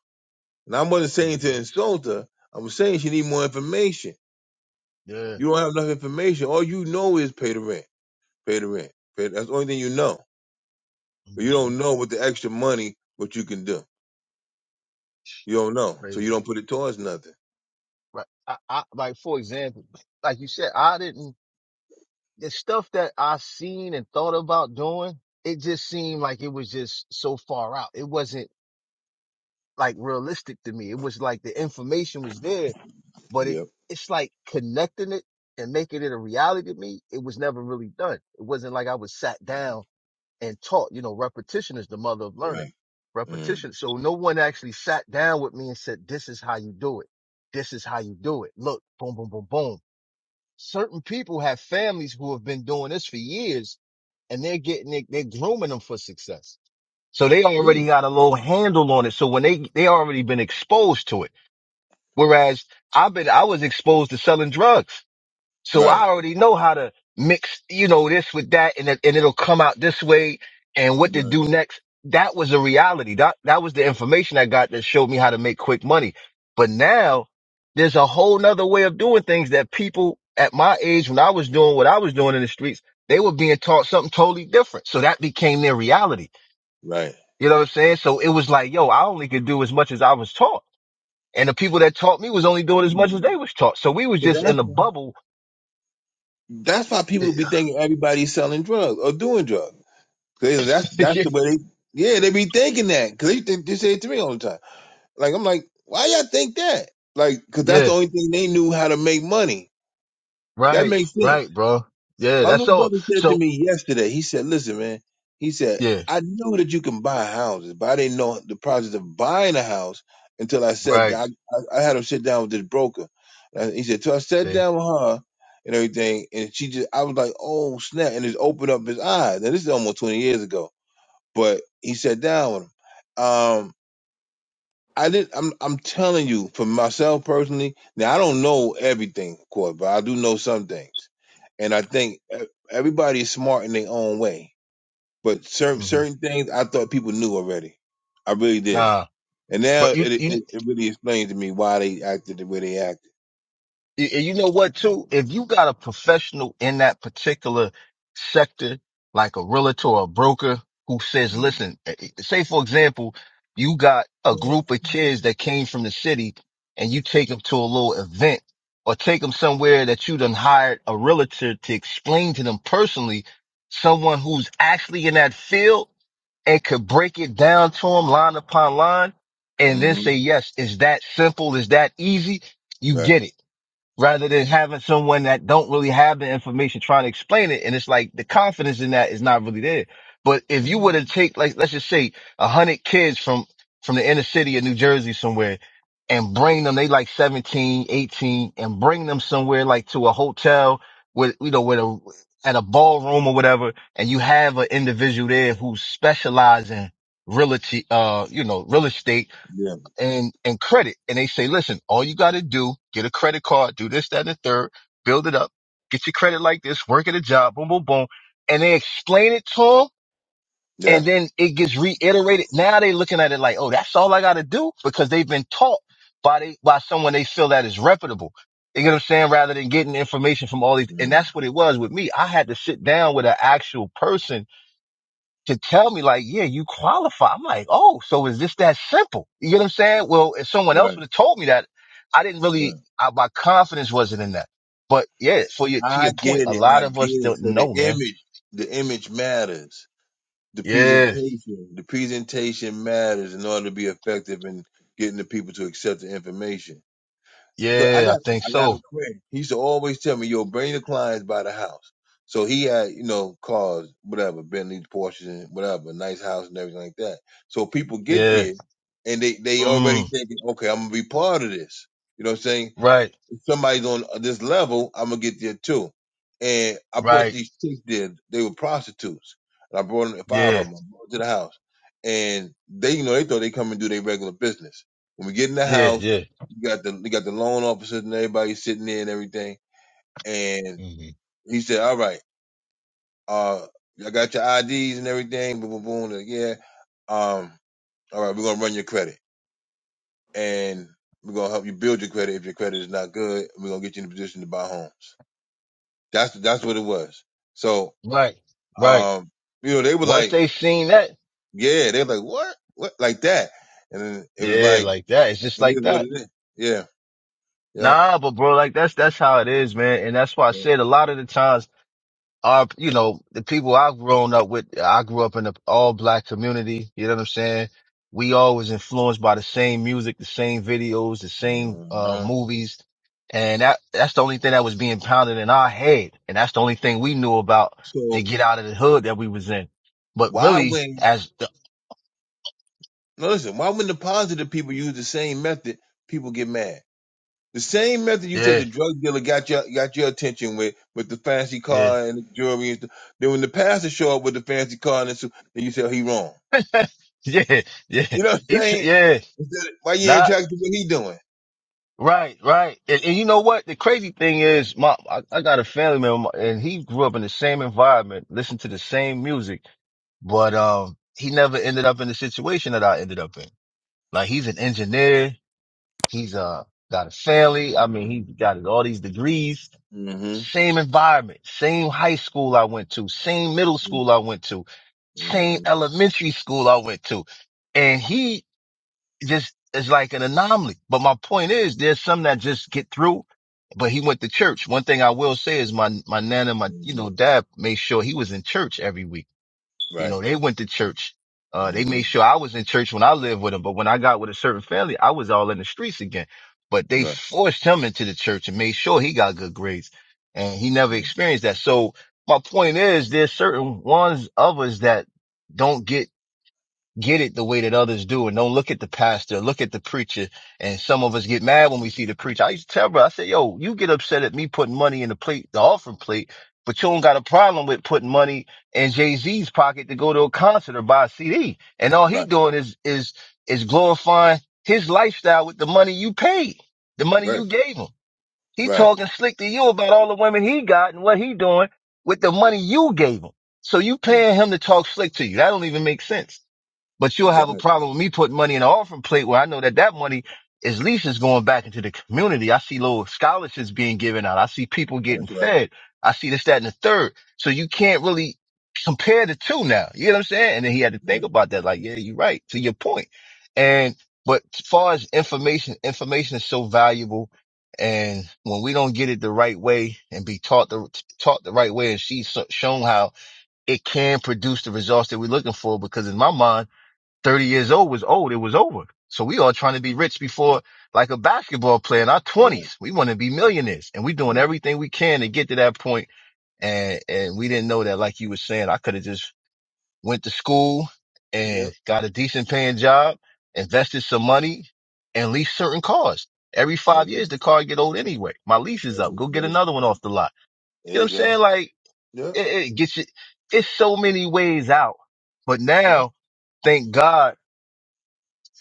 And I wasn't Mm-hmm. saying to insult her. I was saying she need more information. Yeah. You don't have enough information. All you know is pay the rent, pay the rent. Pay, that's the only thing you know. But you hmm don't know what the extra money what you can do. You don't know, so you Crazy. don't put it towards nothing. Right. I, I, like, for example, like you said, I didn't, the stuff that I seen and thought about doing, it just seemed like it was just so far out. It wasn't like realistic to me. It was like the information was there, but it Yep. it's like connecting it and making it a reality to me. It was never really done. It wasn't like I was sat down and taught. You know, repetition is the mother of learning. Right. Mm. Repetition. So no one actually sat down with me and said, "This is how you do it. This is how you do it. Look, boom, boom, boom, boom." Certain people have families who have been doing this for years and they're getting it, they're grooming them for success. So they Yeah. already got a little handle on it. So when they they already been exposed to it. Whereas I've been I was exposed to selling drugs. So Right. I already know how to mix, you know, this with that and, it, and it'll come out this way and what to Right. do next. That was the reality. That, that was the information I got that showed me how to make quick money. But now there's a whole nother way of doing things that people at my age, when I was doing what I was doing in the streets, they were being taught something totally different. So that became their reality. Right. You know what I'm saying? So it was like, yo, I only could do as much as I was taught. And the people that taught me was only doing as much as Mm. they was taught. So we was But just in that's a why, bubble. that's why people be *laughs* thinking everybody's selling drugs or doing drugs. 'Cause they- that's that's the way they yeah they be thinking that because they think they say it to me all the time. Like I'm like, why y'all think that? Like, 'cause that's yeah. the only thing they knew how to make money. That Right, makes sense. right, bro. Yeah, My that's little so. brother said to So me yesterday, he said, listen, man, he said, yeah, I knew that you can buy houses, but I didn't know the process of buying a house until I said, right. I, I, I had him sit down with this broker. And he said, so I sat See, down with her and everything. And she just, I was like, oh, snap. And just opened up his eyes. Now, this is almost 20 years ago, but he sat down with him. Um, I did. I'm. I'm telling you, for myself personally. Now I don't know everything, of course, but I do know some things, and I think e- everybody is smart in their own way. But certain hmm certain things, I thought people knew already. I really did, nah, and now but you, it you, it, it really explains to me why they acted the way they acted. you you know what too? If you got a professional in that particular sector, like a realtor or a broker who says, listen, eh, eh, say for example, you got a Mm-hmm. group of kids that came from the city and you take them to a little event or take them somewhere that you done hired a realtor to explain to them personally, someone who's actually in that field and could break it down to him line upon line and then Mm-hmm. say, yes, is that simple? Is that easy? You Right. get it rather than having someone that don't really have the information trying to explain it. And it's like the confidence in that is not really there. But if you hmm were to take, like, let's just say a hundred kids from, from the inner city of New Jersey somewhere and bring them, they like 17, 18, and bring them somewhere like to a hotel with, you know, with a, at a ballroom or whatever. And you have an individual there who specializes in realty, uh, you know, real estate Yeah. and and credit. And they say, listen, all you got to do, get a credit card, do this, that, and the third, build it up, get your credit like this, work at a job, boom, boom, boom. And they explain it to them. Yeah. And then it gets reiterated. Now they looking at it like, oh, that's all I got to do because they've been taught by they, by someone they feel that is reputable. You get what I'm saying? Rather than getting information from all these. And Mhm. that's what it was with me. I had to sit down with an actual person to tell me like, yeah, you qualify. I'm like, oh, so is this that simple? You get what I'm saying? Well, if someone else Right. would have told me that, I didn't really, Right. I, my confidence wasn't in that. But yeah, for your, to your I get point, a it. lot I get of us it. don't So the know, man. image, the image matters. the Yeah. presentation the presentation matters in order to be effective in getting the people to accept the information. So I Yeah. I got think I got so. a friend. He used to always tell me, "Yo, bring the clients by the house." So he had you know cars, whatever, Bentleys, Porsches, and whatever, nice house and everything like that. So people get Yeah. there and they they already Mm, thinking, "Okay, I'm gonna be part of this." You know what I'm saying? right. somebody's on this level, I'm gonna get there too. And I brought Right. these chicks there. They were prostitutes, and I brought them, five Yeah. of them I brought 'em to the house. And they, you know, they thought they come and do their regular business. When we get in the Yeah. house, Yeah. you got the you got the loan officers and everybody sitting there and everything. And hmm he said, "All right, uh, I got your IDs and everything." Boom, boom, boom. Like, yeah. Um, all right, we're gonna run your credit, and we're gonna help you build your credit. If your credit is not good, we're gonna get you in a position to buy homes. That's that's what it was. So, Right. Right. um, you know, they were Once like, they seen that, yeah, they were like, what, what, like that, and then it was yeah, like, like that. It's just it like is what it that. is. Yeah, yeah. Nah, but bro, like that's, that's how it is, man. And that's why I yeah. said a lot of the times our, you know, the people I've grown up with, I grew up in an all black community. You know what I'm saying? We all was influenced by the same music, the same videos, the same, uh, Uh-huh. movies. And that, that's the only thing that was being pounded in our head. And that's the only thing we knew about to So get out of the hood that we was in. But why really, when as the, no listen, why when the positive people use the same method, people get mad? The same method you said yeah, the drug dealer got your got your attention with with the fancy yeah, car and the jewelry. And stuff. Then when the pastor show up with the fancy car and the suit, then you say he wrong. *laughs* yeah, yeah, You know what He I'm tr- saying? yeah, Instead of- Why you nah, ain't attracted to what Right, right. And, and you know what? The crazy thing is, my I, I got a family member, and he grew up in the same environment, listened to the same music, but um, he never ended up in the situation that I ended up in. Like he's an engineer, he's uh got a family. I mean, he's got all these degrees. he doing? Same environment, same high school I went to, same middle school I went to, same Mm-hmm. elementary school I went to, and he just is like an anomaly. But my point is, there's some that just get through. But he went to church. One thing I will say is my my nana, my you hmm know dad made sure he was in church every week. You Right. know they went to church. Uh, they hmm made sure I was in church when I lived with them. But when I got with a certain family, I was all in the streets again. But they Right. forced him into the church and made sure he got good grades, and he never Right. experienced that. So my point is, there's certain ones of us that don't get get it the way that others do and don't look at the pastor, look at the preacher. And some of us get mad when we see the preacher. I used to tell her, I said, yo, you get upset at me putting money in the plate, the offering plate, but you don't Right. got a problem with putting money in Jay-Z's pocket to go to a concert or buy a CD. And all he Right. doing is, is, is glorifying his lifestyle with the money you paid, the money you Right. gave him. He Right. talking slick to you about all the women he got and what he doing with the money you gave him. So you Right. paying him to talk slick to you. That don't even make sense but you'll have a Exactly. problem with me putting money in the offering plate where I know that that money is at least is going back into the community. I see little scholarships being given out. I see people getting That's right. fed. I see this, that, and the third. So you can't really compare the two now. You know what I'm saying? And then he had to think Right. about that. Like, yeah, you're right to your point. And, but as far as information, information is so valuable. And when we don't get it the right way and be taught the, taught the right way and she's shown how it can produce the results that we're looking for, because in my mind, 30 years old was old. It was over. So we all trying to be rich before like a basketball player in our Right. twenties. We want to be millionaires and we doing Right. everything we can to get to that point. And, and we didn't know that, like you were saying, I could have just went to school and Yep. got a decent paying job, invested some money and leased certain cars. Every That's five years, it. the car get old anyway. My lease is That's up. it. Go get That's it. another one off the lot. You know There what you I'm go. saying? Like Yep. it, it gets you, it's so many ways out, but Yep. now thank God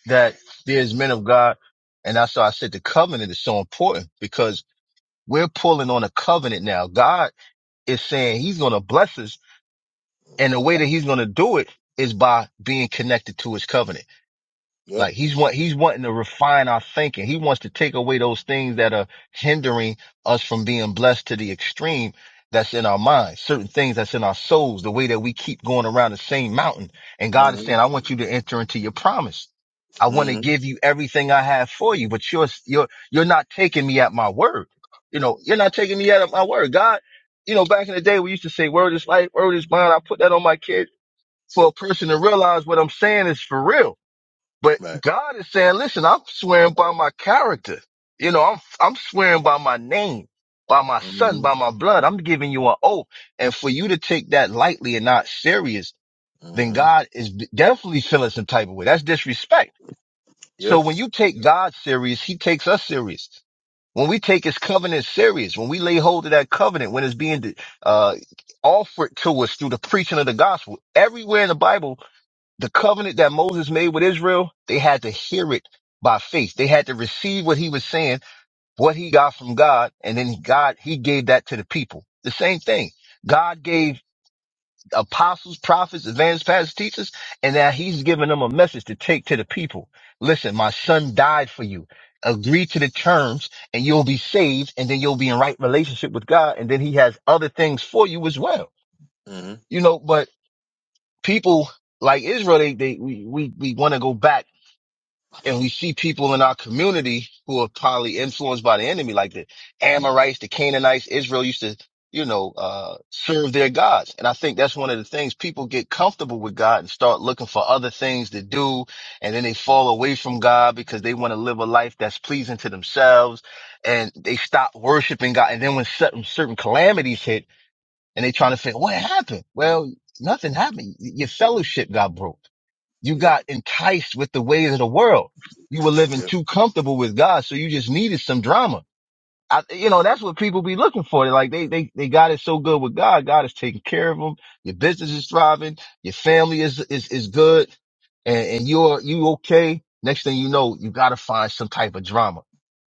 that there's men of God. And that's why I said the covenant is so important because we're pulling on a covenant now. God is saying he's going to bless us. And the way Right. that he's going to do it is by being connected to his covenant. Yep. Like he's want he's wanting to refine our thinking. He wants to take away those things that are hindering us from being blessed to the extreme that's in our minds, certain things that's in our souls, the way that we keep going around the same mountain. And God is saying, Mm-hmm. I want you to enter into your promise. I want to Mm-hmm. give you everything I have for you, but you're you're you're not taking me at my word. You know, you're not taking me at my word. God, you know, back in the day we used to say word is life, word is bond. I put that on my kids for a person to realize what I'm saying is for real but Right. God is saying, listen, I'm swearing by my character. You know, I'm, I'm swearing by my name, by my son, by Mm-hmm. my blood. I'm giving you an oath. And for you to take that lightly and not serious, then Mm-hmm. God is definitely feeling some type of way. That's disrespect. So Yep. when you take God serious, he takes us serious. When we take his covenant serious, when we lay hold of that covenant, when it's being, uh, offered to us through the preaching of the gospel, everywhere in the Bible, the covenant that Moses made with Israel, they had to hear it by faith. They had to receive what he was saying, what he got from God, and then God, he gave that to the people. The same thing. God gave apostles, prophets, advanced pastors, teachers, and now he's giving them a message to take to the people. Listen, my son died for you. Agree to the terms and you'll be saved and then you'll be in right relationship with God. And then he has other things for you as well. Mm-hmm. You know, but people like Israel, they, they, we, we, we want to go back and we see people in our community who are probably influenced by the enemy, like the Amorites, the Canaanites, Israel used to, you know, uh, serve their gods. And I think that's one of the things people get comfortable with God and start looking for other things to do. And then they fall away from God because they want to live a life that's pleasing to themselves and they stop worshiping God. And then when certain, certain calamities hit and they trying to figure, what happened? Well, nothing happened. Your fellowship got broke you Yep. got enticed with the ways of the world. You were living Yep. too comfortable with God, so you just needed some drama. I, you know, that's what people be looking for. Like they, they, they got it so good with God. God is taking care of them. Your business is thriving. Your family is, is, is good and, and you're, you okay. Next thing you know, you got to find some type of drama.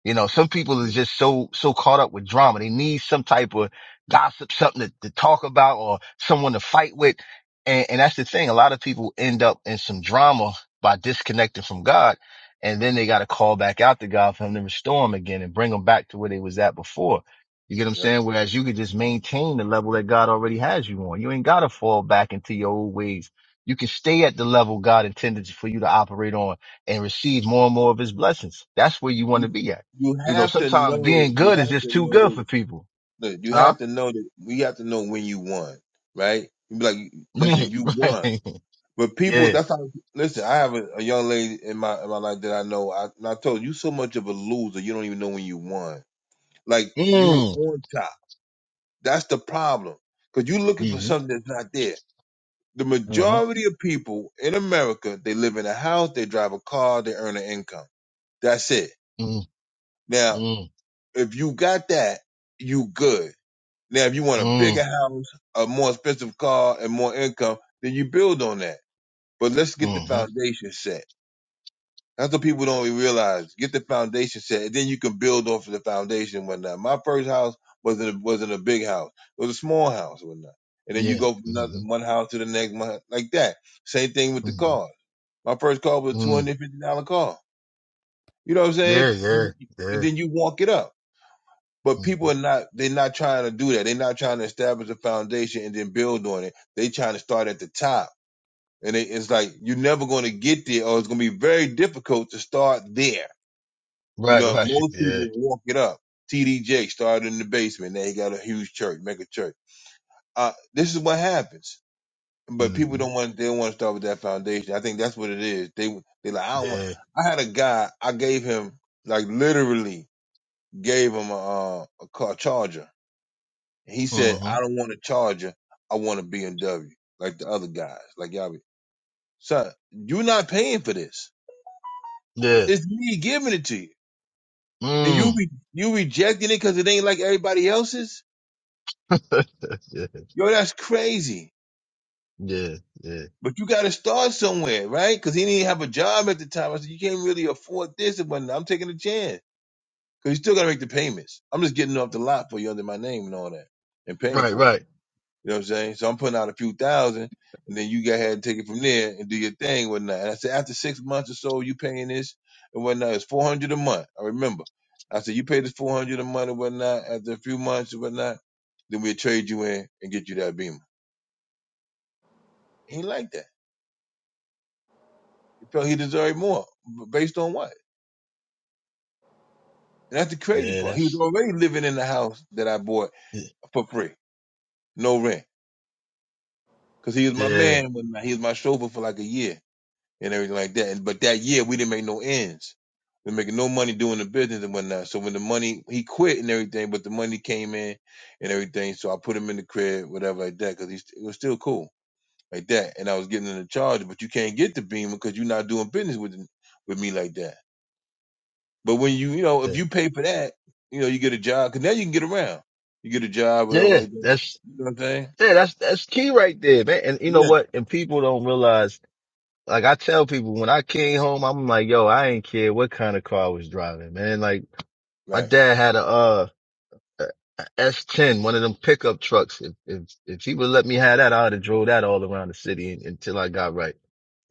You know, some people are just so, so caught up with drama. They need some type of gossip, something to, to talk about or someone to fight with. And, and that's the thing. A lot of people end up in some drama by disconnecting from God and then they got to call back out to God for him to restore them again and bring them back to where they was at before. You get what I'm Yep. saying? Whereas you could just maintain the level that God already has you on. You ain't got to fall back into your old ways. You can stay at the level God intended for you to operate on and receive more and more of his blessings. That's where you want to You be at. you You know, have to sometimes know. being You good is have just to too know good for this. people. Look, you Huh? have *laughs* to know that. We have to know when you won, right? You be like, Right, listen, you won. right. But *laughs* people, Yeah. that's how. Listen, I have a, a young lady in my in my life that I know. I, and I told you, you so much of a loser, you don't even know when you won. Like you Mm. on top. That's the problem, because you're looking for Mm-hmm. something that's not there. The Mm-hmm. majority of people in America, they live in a house, they drive a car, they earn an income. That's it. Mm. Now, Mm. if you got that, you good. Now, if you want a Mm. bigger house, a more expensive car, and more income, then you build on that. But let's get the Mm-hmm. foundation set That's what people don't realize. Get the foundation set, and then you can build off of the foundation and whatnot. My first house wasn't a, wasn't a big house; it was a small house and whatnot. And then you Yeah. go from another- Mm-hmm. one house to the next, one, like that. Same thing with the Mm-hmm. cars. My first car was a two Mm. hundred fifty dollar car. You know what I'm saying? Yeah, yeah, yeah. And then you walk it up. But hmm people are not, they're not trying to do that. They're not trying to establish a foundation and then build on it. They are trying to start at the top. And it, it's like, you're never going to get there or it's going to be very difficult to start there you Right, know, right. *laughs* most Yeah. people walk it up. TD Jake started in the basement. Now he got a huge church, mega church. Uh, this is what happens. But people hmm don't want, they don't want to start with that foundation. I think that's what it is. They, they like, I don't want, Yeah. I had a guy, I gave him, like literally gave him a, uh, a car charger. He said, hmm I don't want a charger. I want a BMW, like the other guys. Like y'all be, son, you're not paying for this. Yeah. It's me giving it to you. And you Mm. be, you rejecting it because it ain't like everybody else's? *laughs* yeah, Yo, that's crazy. yeah, yeah. But you got to start somewhere, right? Because he didn't have a job at the time. I said, you can't really afford this and whatnot. I'm taking a chance because you still got to make the payments. I'm just getting off the lot for you under my name and all that and paying Right, for it. right. You know what I'm saying? So I'm putting out a few thousand and then you go ahead and take it from there and do your thing and whatnot. And I said, after six months or so, you paying this and whatnot. It's 400 a month. I remember. I said, you pay this 400 a month and whatnot after a few months and whatnot. Then we'll trade you in and get you that beamer. He ain't like that. felt he deserved more based on what? And that's the crazy Yeah, part. He was that's, already living in the house that I bought y- for free, no rent, because he was my yeah, man. When he was my chauffeur for like a year and everything like that. And, but that year we didn't make no ends. We were making no money doing the business and whatnot. So when the money he quit and everything, but the money came in and everything. So I put him in the crib, whatever like that, because he was still cool like that. And I was getting in the charge, but you can't get the beam because you're not doing business with with me like that. But when you, you know, if yeah. you pay for that, you know, you get a job because now you can get around. You get a job, whatever Yeah, like that. that's, You know what I'm saying? yeah, that's, that's key right there, man. And you know Yeah. what? And people don't realize, like I tell people when I came home, I'm like, yo, I ain't care what kind of car I was driving, man. Like my Right. dad had a, uh, a S ten, one of them pickup trucks. If if if he would let me have that, I'd have drove that all around the city un- until I got right.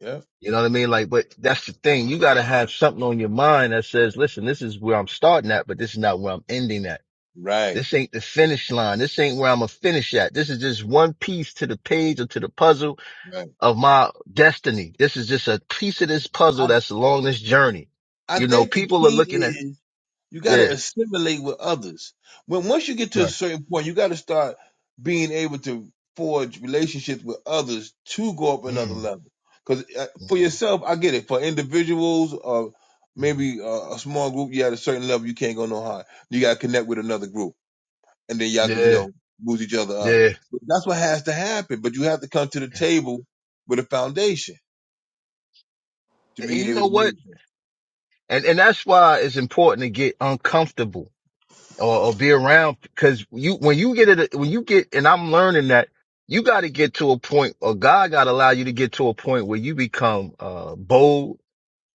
Yeah. You know what I mean? Like, but that's the thing. You gotta have something on your mind that says, listen, this is where I'm starting at, but this is not where I'm ending at. Right. This ain't the finish line. This ain't where I'm gonna finish at. This is just one piece to the page or to the puzzle Right. of my destiny. This is just a piece of this I puzzle that's along this journey. I You know, think the people are looking key at, is you got to yeah, assimilate with others. When once you get to a right. certain point, you got to start being able to forge relationships with others to go up another Mm, level. Because mm, for yourself, I get it. For individuals or mm. maybe uh, a small group, you at a certain level, you can't go no higher. You got to connect with another group. and then y'all can, you yeah, know, boost each other up. yeah. But that's what has to happen. But you have to come to the table with a foundation to And be you able know to what? move. And and that's why it's important to get uncomfortable or, or be around because you when you get it when you get and I'm learning that you got to get to a point or God got to allow you to get to a point where you become uh bold,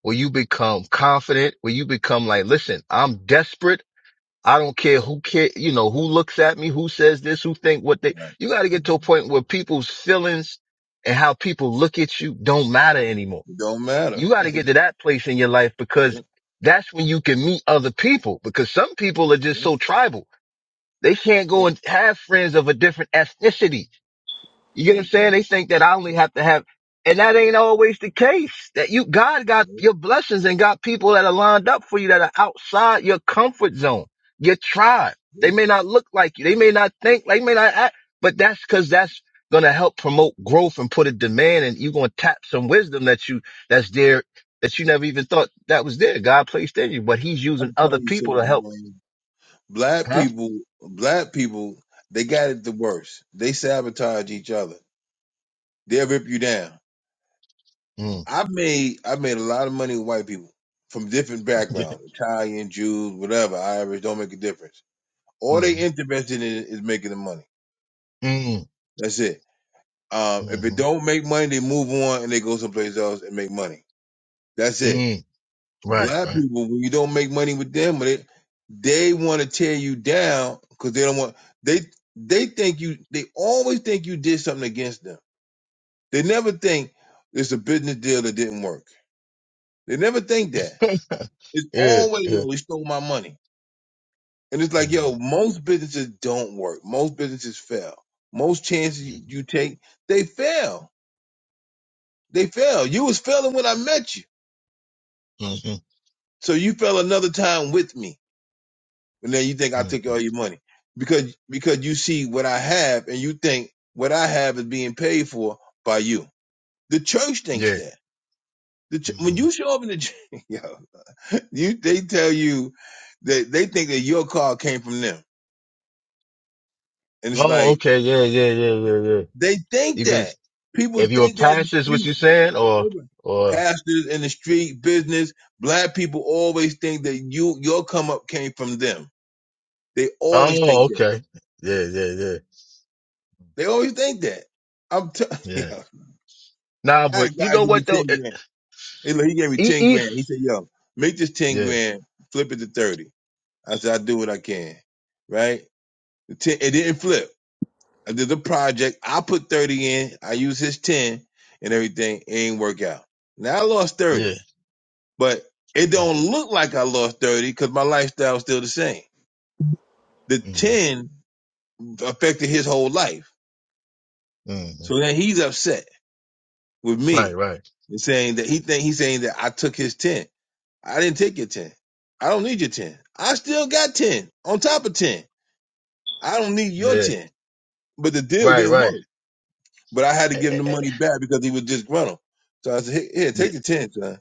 where you become confident, where you become like, listen, I'm desperate. I don't care who care, you know, who looks at me, who says this, who think what they, Right? you got to get to a It point where people's feelings and how people look at you don't matter anymore don't matter. you *laughs* got to yeah, get to that place in your life because that's when you can meet other people because some people are just yeah, so tribal. They can't yeah. go and have friends of a different ethnicity you get No, what I'm they can't. saying? They think that I only have to have, and that ain't always the case. That you, God got Yeah, your blessings and got people that are lined up for you that are outside your comfort zone, your tribe. They yeah. may not look like you. They may not think, they may not act, but that's cause that's going to help promote growth and put a demand and you're going to tap some wisdom that you, that's there, that you never even thought that was there. God placed in you, but he's using I'm other telling you people something, to help. man. Black Huh? people, black people, they got it the worst. They sabotage each other. They'll rip you down. Mm. I made I made a lot of money with white people from different *laughs* mm, backgrounds, Italian, Jews, whatever, Irish, don't make a difference All they mm, interested in is making the money. mm, That's it. Um, if it mm, don't make money, they move on and they go someplace else and make money. That's it. mm. Right, Black right. people, when you don't make money with them, they, they want to tear you down because they don't want they they think you they always think you did something against them. They never think it's a business deal that didn't work. They never think that. *laughs* It's yeah, always yeah. yo, he stole my money. And it's like, yo, Mm, most businesses don't work. Most businesses fail. Most chances you, you take, they fail. They fail. You was failing when I met you. mm, mhm, So you fell another time with me. And then you think I took mhm. all your money because, because you see what I have and you think what I have is being paid for by you. The church thinks Yeah. that. The ch- when mhm. you show up in the church, *laughs* yo, you, they tell you that they think that your car came from them. And it's Oh, like, okay. Yeah, yeah, yeah, yeah, yeah. they think You been, that. People if you were think that in the past is what street. you saying or, or, Pastors in the street, business, black people always think that you your come up came from them. They always think oh, that. okay. Yeah, yeah, yeah, They always think that. I'm telling you, *laughs* yeah. Nah, I had but a you guy know give me what though? 10 It, grand. He look, he gave me e, 10 e, grand. He said, yo, make this 10 yeah, grand, flip it to 30. I said, i do what I can. Right? The 10, it didn't flip. I did the project. I put 30 in. I used his 10 and everything. It ain't work out. Now I lost 30. yeah. but it don't look like I lost 30 because my lifestyle is still the same. The hmm 10 affected his whole life. hmm So then he's upset with Right, me right. and saying that he think he's saying that I took his 10. I didn't take your 10. I don't need your 10. I still got 10 on top of 10. I don't need your Yeah, 10. But the deal right, didn't right. work. But I had to Eh, give eh, him the eh, money back because he was disgruntled. So I said, "Hey, here, Yeah, take the 10, son.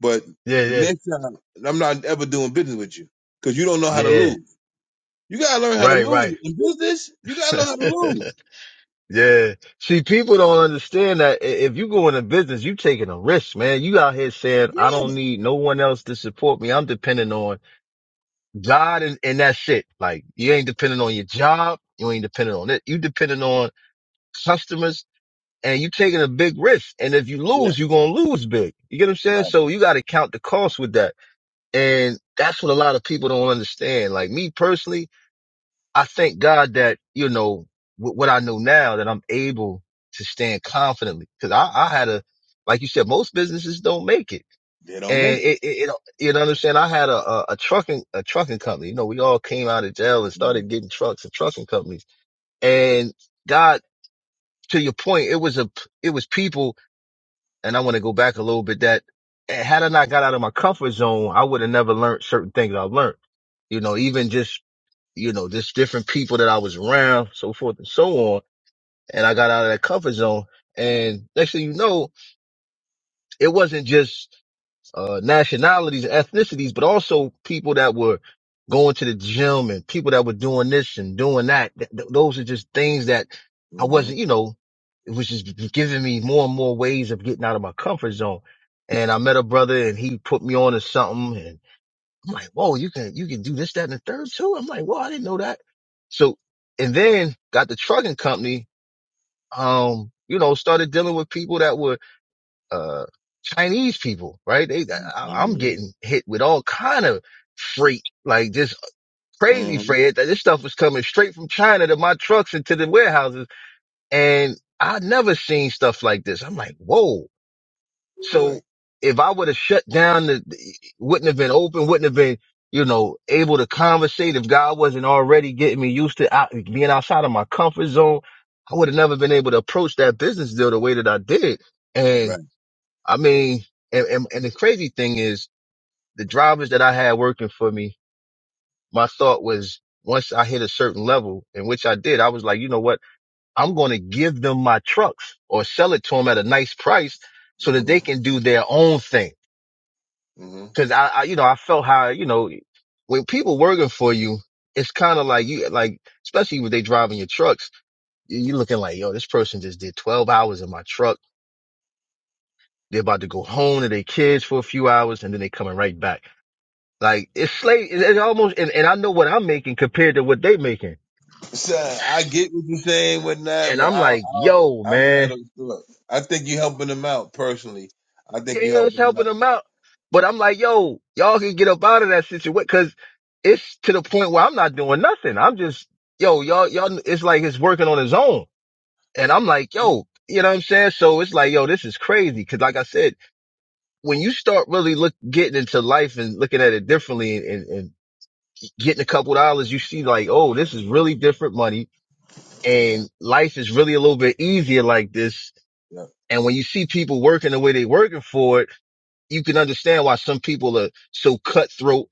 But yeah, next time, I'm not ever doing business with you because you don't know how yeah. to yeah. lose. You gotta learn how to Right, lose. In business, you gotta learn how to right. *laughs* lose. Yeah. See, people don't understand that i- if you go into business, you taking a risk, man. You out here saying, I Yeah. don't need no one else to support me. I'm depending on God and, and that's it. Like you ain't depending on your job. You ain't depending on it. You depending on customers and you taking a big risk. And if you Yeah. lose, you're going to lose big. You get what I'm saying? Right. So you got to count the cost with that. And that's what a lot of people don't understand. Like me personally, I thank God that, you know, with what I know now that I'm able to stand confidently. Cause I, I had a, like you said, most businesses don't make it. They don't And make it. it, it, it you know, understand I had a, a, a trucking, a trucking company. You know, we all came out of jail and Right. started getting trucks and trucking companies. And God, to your point, it was a, it was people. And I want to go back a little bit that eh, had I not got out of my comfort zone, I would have never learned certain things I've learned. You know, even just you know, just different people that I was around, so forth and so on. And I got out of that comfort zone. And next thing you know, it wasn't just uh, nationalities and ethnicities, but also people that were going to the gym and people that were doing this and doing that. Th- th- those are just things that I wasn't, Mm-hmm. you know, it was just giving me more and more ways of getting out of my comfort zone. And I met a brother and he put me on to something and. I'm like, whoa, you can you can do this, that, and the third too. I'm like, whoa, I didn't know that. So and then got the trucking company, um, you know, started dealing with people that were uh Chinese people, right? They I, I'm Mm-hmm. getting hit with all kind of freight, like just crazy Mm-hmm. freight. This stuff was coming straight from China to my trucks and to the warehouses. And I never seen stuff like this. I'm like, whoa. So Right. if I would have shut down, the, wouldn't have been open, wouldn't have been, you know, able to conversate if God wasn't already getting me used to out, being outside of my comfort zone, I would have never been able to approach that business deal the way that I did. And Right. I mean, and, and, and the crazy thing is the drivers that I had working for me, my thought was once I hit a certain level in which I did, I was like, you know what? I'm going to give them my trucks or sell it to them at a nice price so that they Mm-hmm. can do their own thing Mm-hmm. Cause I, I, you know, I felt how, you know, when people working for you, it's kind of like you, like, especially when they driving your trucks, you you looking like, yo, this person just did 12 hours in my truck. They're about to go home to their kids for a few hours and then they coming right back. Like it's slave. It's, it's almost, and, and I know what I'm making compared to what they making. So I get what you're saying, whatnot, And but I'm I don't- like, I don't- yo, I don't have man, those thoughts. I think you're helping them out personally. I yeah, think you're yeah, it's helping them helping out. them out. But I'm like, yo, y'all can get up out of that situation. Cause it's to the point where I'm not doing nothing. I'm just, yo, y'all, y'all, it's like it's working on its own. And I'm like, Right. yo, you know what I'm saying? So it's like, yo, this is crazy. Cause like I said, when you start really look, getting into life and looking at it differently and, and, and getting a couple dollars, you see like, oh, this is really different money Yeah. and life is really a little bit easier like this. Yeah. And when you see people working the way they working for it, you can understand why some people are so cutthroat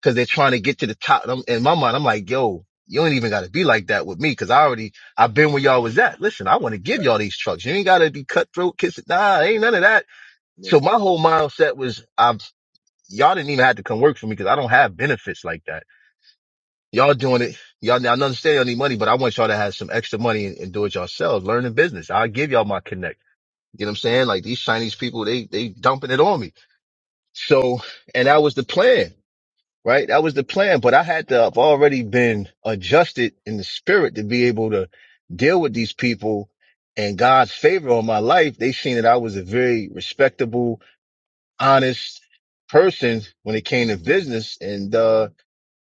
because they're trying to get to the top. And I'm, in my mind, I'm like, yo, you ain't even got to be like that with me because I already, I've been where y'all was at. Listen, I want to give Right. y'all these trucks. You ain't got to be cutthroat kissing. Nah, ain't none of that. So Right. my whole mindset was, I've, y'all didn't even have to come work for me because I don't have benefits like that. Y'all doing it. Y'all, I understand y'all need money, but I want y'all to have some extra money and, and do it yourselves. Learn the business. I'll give y'all my connect. You know what I'm saying? Like these Chinese people, they, they dumping it on me. So, and that was the plan right? That was the plan, but I had to have already been adjusted in the spirit to be able to deal with these people and God's favor on my life. They seen that I was a very respectable, honest person when it came to Mm-hmm. business. And, uh,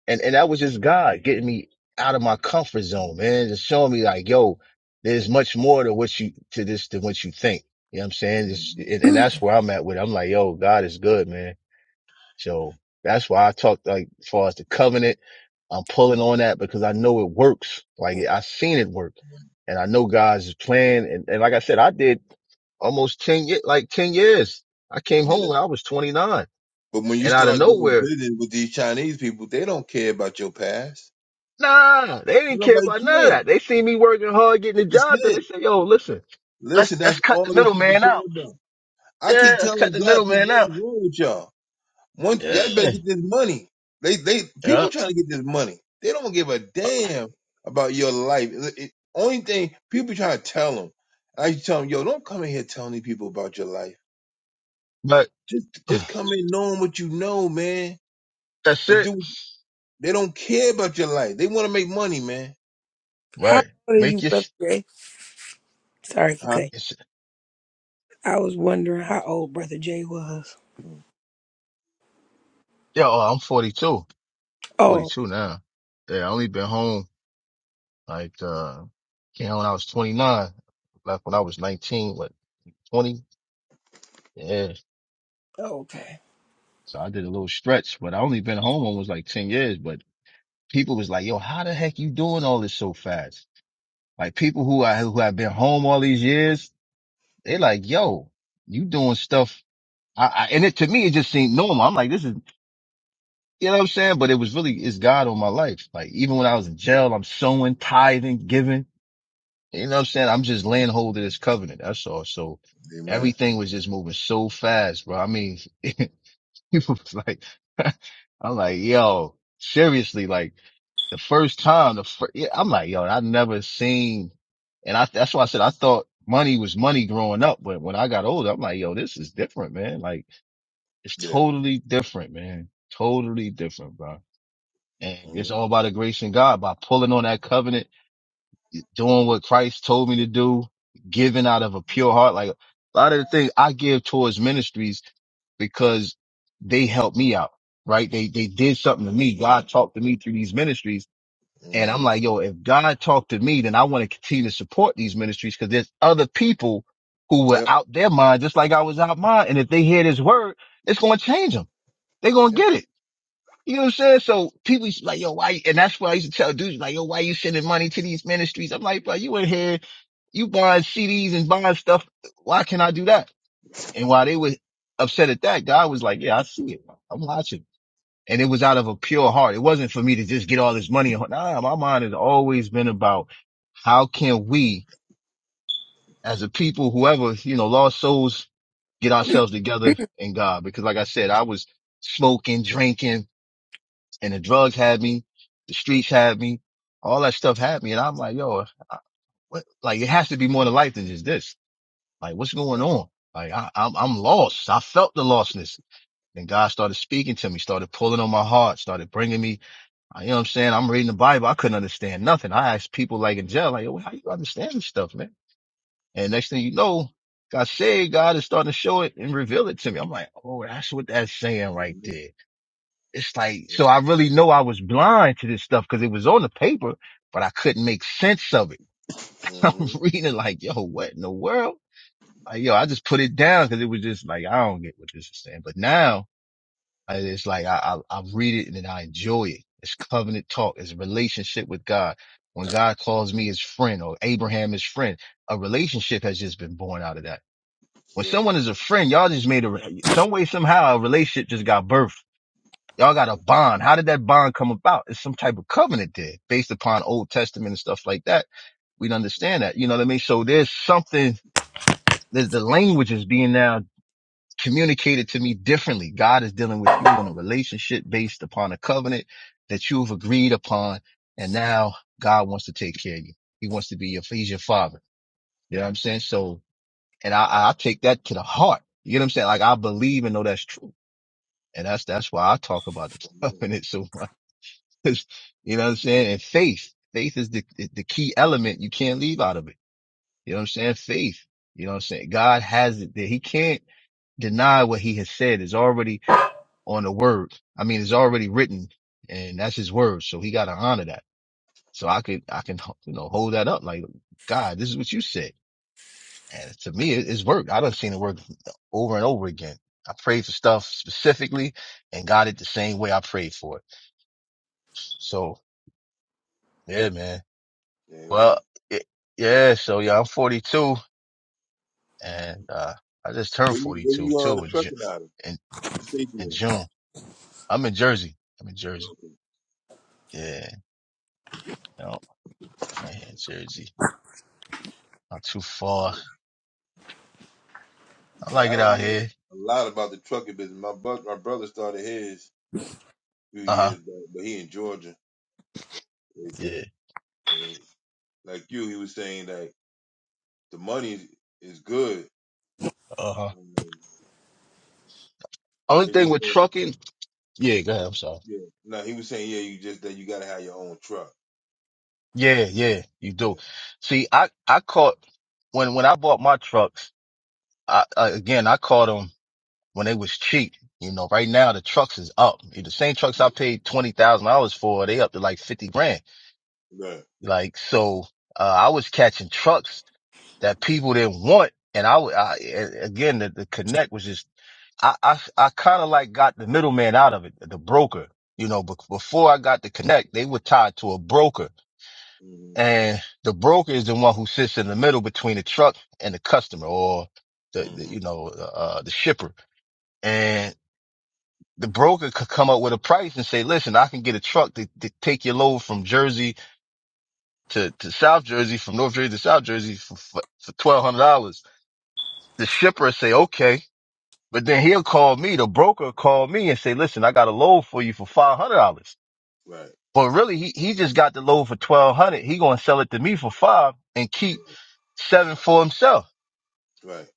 and, and that was just God getting me out of my comfort zone, man, just showing me like, yo, there's much more to what you, to this, than what you think. You know what I'm saying? Just, Mm-hmm. and, and that's where I'm at with it. I'm like, yo, God is good, man so that's why I talked like as far as the covenant, I'm pulling on that because I know it works. Like I seen it work and I know God's plan. And, and like I said, I did almost 10 years, like 10 years. I came Yeah. home when I was 29 But when you and out of start doing nowhere, business with these Chinese people, they don't care about your past. nah, they didn't care Nobody about none of cares. that. They seen me working hard, getting the That's job done. it. They said, yo, listen, let's, Listen, let's that's cut the all these people middleman care out. about. I Yeah. keep Let's cut telling the black people middleman what out. is wrong with y'all. One, Yeah. y'all better get this money. They, they, Yeah. people trying to get this money. They don't give a damn about your life. It- it- only thing people trying to tell them. I used to tell them, yo, don't come in here telling these people about your life. But Just, *sighs* just come in knowing what you know, man, that's and it. do. They don't care about your life. They want to make money, man. How Right. old are Make you, your, Brother Jay? Sorry for Huh? cutting. sh- I was wondering how old Brother Jay was. Mm, Yeah, oh, I'm 42, Oh, 42 now. Yeah, I only been home like, uh, came home when I was 29, left when I was 19, what, 20? Yeah. okay. So I did a little stretch, but I only been home almost like 10 years, but people was like, yo, how the heck you doing all this so fast? Like people who I, who have been home all these years, they like, yo, you doing stuff. I, I, and it to me, it just seemed normal. I'm like, this is, you know what I'm saying? But it was really, it's God on my life. Like even when I was in jail, I'm sowing, tithing, giving. You know what I'm saying? I'm just laying hold of this covenant. That's all. So Amen. everything was just moving so fast, bro. I mean, *laughs* it was like, *laughs* I'm like, yo, seriously, like the first time, the fir- yeah, I'm like, yo, I never seen, and I, that's why I said I thought money was money growing up. But when I got older, I'm like, yo, this is different, man. Like it's Yeah. totally different, man. Totally different, bro. And Yep. it's all by the grace of God by pulling on that covenant doing what Christ told me to do, giving out of a pure heart. Like a lot of the things I give towards ministries because they helped me out, right? They, they did something to me. God talked to me through these ministries. And I'm hmm like, yo, if God talked to me, then I want to continue to support these ministries because there's other people who were Yep. out their mind, just like I was out mine. And if they hear this word, it's going to change them. They're going to Yep. get it. You know what I'm saying? So people used to be like, yo, why? And that's why I used to tell dudes, like, yo, why you sending money to these ministries? I'm like, bro, you in here you buying CDs and buying stuff. Why can't I do that? And while they were upset at that, God was like, yeah, I see it. I'm watching. And it was out of a pure heart. It wasn't for me to just get all this money. Nah, my mind has always been about how can we as a people, whoever, you know, lost souls, get ourselves together in God? Because like I said, I was smoking, drinking and the drugs had me, the streets had me, all that stuff had me. And I'm like, yo, what? like it has to be more to life than just this. Like, what's going on? Like, I, I'm, I'm lost. I felt the lostness. And God started speaking to me, started pulling on my heart, started bringing me, uh, you know what I'm saying? I'm reading the Bible. I couldn't understand nothing. I asked people like in jail, like, "Yo, how you understand this stuff, man? And next thing you know, God said, God is starting to show it and reveal it to me. I'm like, oh, that's what that's saying right there. It's like, so I really know I was blind to this stuff because it was on the paper, but I couldn't make sense of it. *laughs* hmm I'm reading it like, yo, what in the world? like, yo, I just put it down because it was just like, I don't get what this is saying. But now it's like, I, I, I read it and then I enjoy it. It's covenant talk. It's a relationship with God. When God calls me his friend or Abraham his friend, a relationship has just been born out of that. When Yeah. someone is a friend, y'all just made a, some way, somehow a relationship just got birthed. Y'all got a bond. How did that bond come about? It's some type of covenant there based upon Old Testament and stuff like that. We'd understand that. You know what I mean? So there's something, there's the language is being now communicated to me differently. God is dealing with you on a relationship based upon a covenant that you've agreed upon. And now God wants to take care of you. He wants to be your, he's your father. You know what I'm saying? So, and I, I take that to the heart. You know what I'm saying? Like I believe and know that's true. And that's, that's why I talk about the *laughs* covenant so much. *laughs* 'Cause, you know what I'm saying? And faith, faith is the, the key element you can't leave out of it. You know what I'm saying? Faith. You know what I'm saying? God has it there. He can't deny what he has said is already on the word. I mean, it's already written and that's his word. So he got to honor that. So I could, I can, you know, hold that up like, God, this is what you said. And to me, it, it's worked. I done seen it work over and over again. I prayed for stuff specifically and got it the same way I prayed for it. So yeah, man. Well, Amen. it, yeah. So yeah, I'm 42 and, uh, I just turned Where you where 42 you uh too in, Ju- trucking out of? in, What state in You June. I'm in Jersey. I'm in stay there. Jersey. Yeah. You know, right here in Jersey. Not too Okay. far. Ah, I Yeah, like I it don't out know here. a lot about the trucking business. My bu- my brother started his a few Uh huh. years back, but he in Georgia, and Yeah. everything. And like you, he was saying that the money is, is good. Uh huh. I mean, Only it thing just with that trucking. Yeah. Go ahead. I'm sorry. yeah. No, he was saying yeah, you just that you gotta have your own truck. Yeah. Yeah. You Yeah. do. See, I, I caught when, when I bought my trucks, I, I again, I caught them when they was cheap. You know, right now the trucks is up. The same trucks yeah. I paid $20,000 for, they up to like 50 grand. Right. Like, so, uh, I was catching trucks that people didn't want. And I, w- I- a- again, the, the connect was just I I, I kind of like got the middleman out of it, the broker. You know, but before I got to connect, they were tied to a broker, Mhm. and the broker is the one who sits in the middle between the truck and the customer, or the, the Mhm. you know uh, the shipper. And the broker could come up with a price and say, "Listen, I can get a truck to, to take your load from Jersey to, to South Jersey, from North Jersey to South Jersey for for for twelve hundred dollars." The shipper say, "Okay." But then he'll call me, the broker call me and say, listen, I got a load for you for $500. Right. But really, he, he just got the load for 1200. He going to sell it to me for five and keep seven for himself. Right.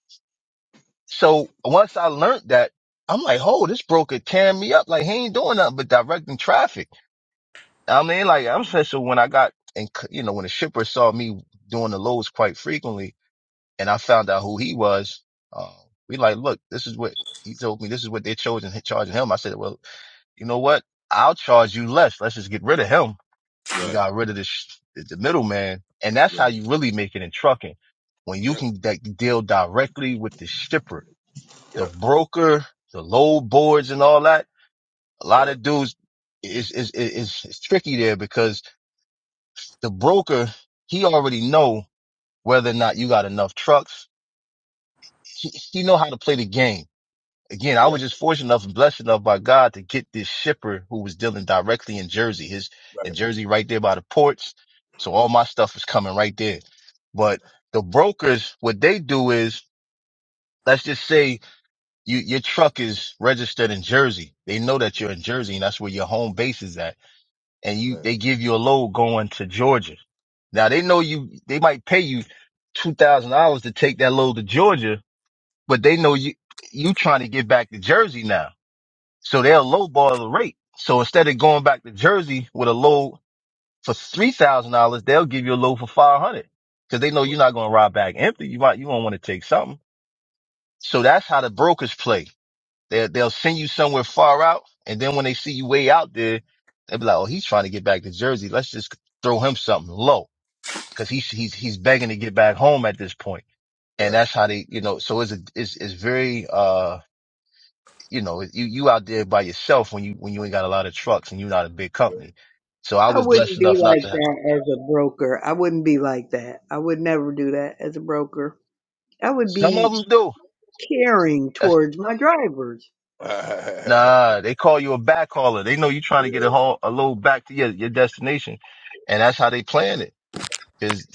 So once I learned that, I'm like, oh, this broker tearing me up. Like he ain't doing nothing but directing traffic. I mean, like I'm Right. saying, so when I got and you know, when the shipper saw me doing the loads quite frequently and I found out who he was, uh, we like, look, this is what he told me. This is what they're charging, charging him. I said, well, You know what? I'll charge you less. Let's just get rid of him. We Right. got rid of the, sh- the middleman. And that's how Right. you really make it in trucking. When you Yep. can de- deal directly with the shipper, the Yep. broker, the load boards and all that. A lot Yep. of dudes is, is, is, is tricky there because the broker, he already know whether or not you got enough trucks. He, he know how to play the game. again, I Yeah. was just fortunate enough and blessed enough by God to get this shipper who was dealing directly in Jersey. His in Right. Jersey, right there by the ports. So all my stuff is coming right there. But the brokers, what they do is, let's just say you, your truck is registered in Jersey. They know that you're in Jersey and that's where your home base is at. And you, Right. they give you a load going to Georgia. Now they know you, they might pay you $2,000 to take that load to Georgia, but they know you, you trying to get back to Jersey now. So they'll lowball the rate. So instead of going back to Jersey with a low for three thousand dollars, they'll give you a low for five hundred because they know Right. you're not going to ride back empty. You might you gonna want to take something. So that's how the brokers play. They they'll send you somewhere far out, and then when they see you way out there, they'll be like, "Oh, he's trying to get back to Jersey. Let's just throw him something low because he's he's he's begging to get back home at this point." And Right. that's how they, you know. So it's a, it's it's very uh you know, you, you out there by yourself when you, when you ain't got a lot of trucks and you're not a big company. So I I was blessed wouldn't be enough not like to have, that as a broker. I wouldn't be like that. I would never do that as a broker. I would some of be them do. caring That's, towards my drivers. *laughs* yeah. nah, they call you a back hauler. They know you're trying to get a haul, a load back to your, your destination. And that's how they plan it. Cause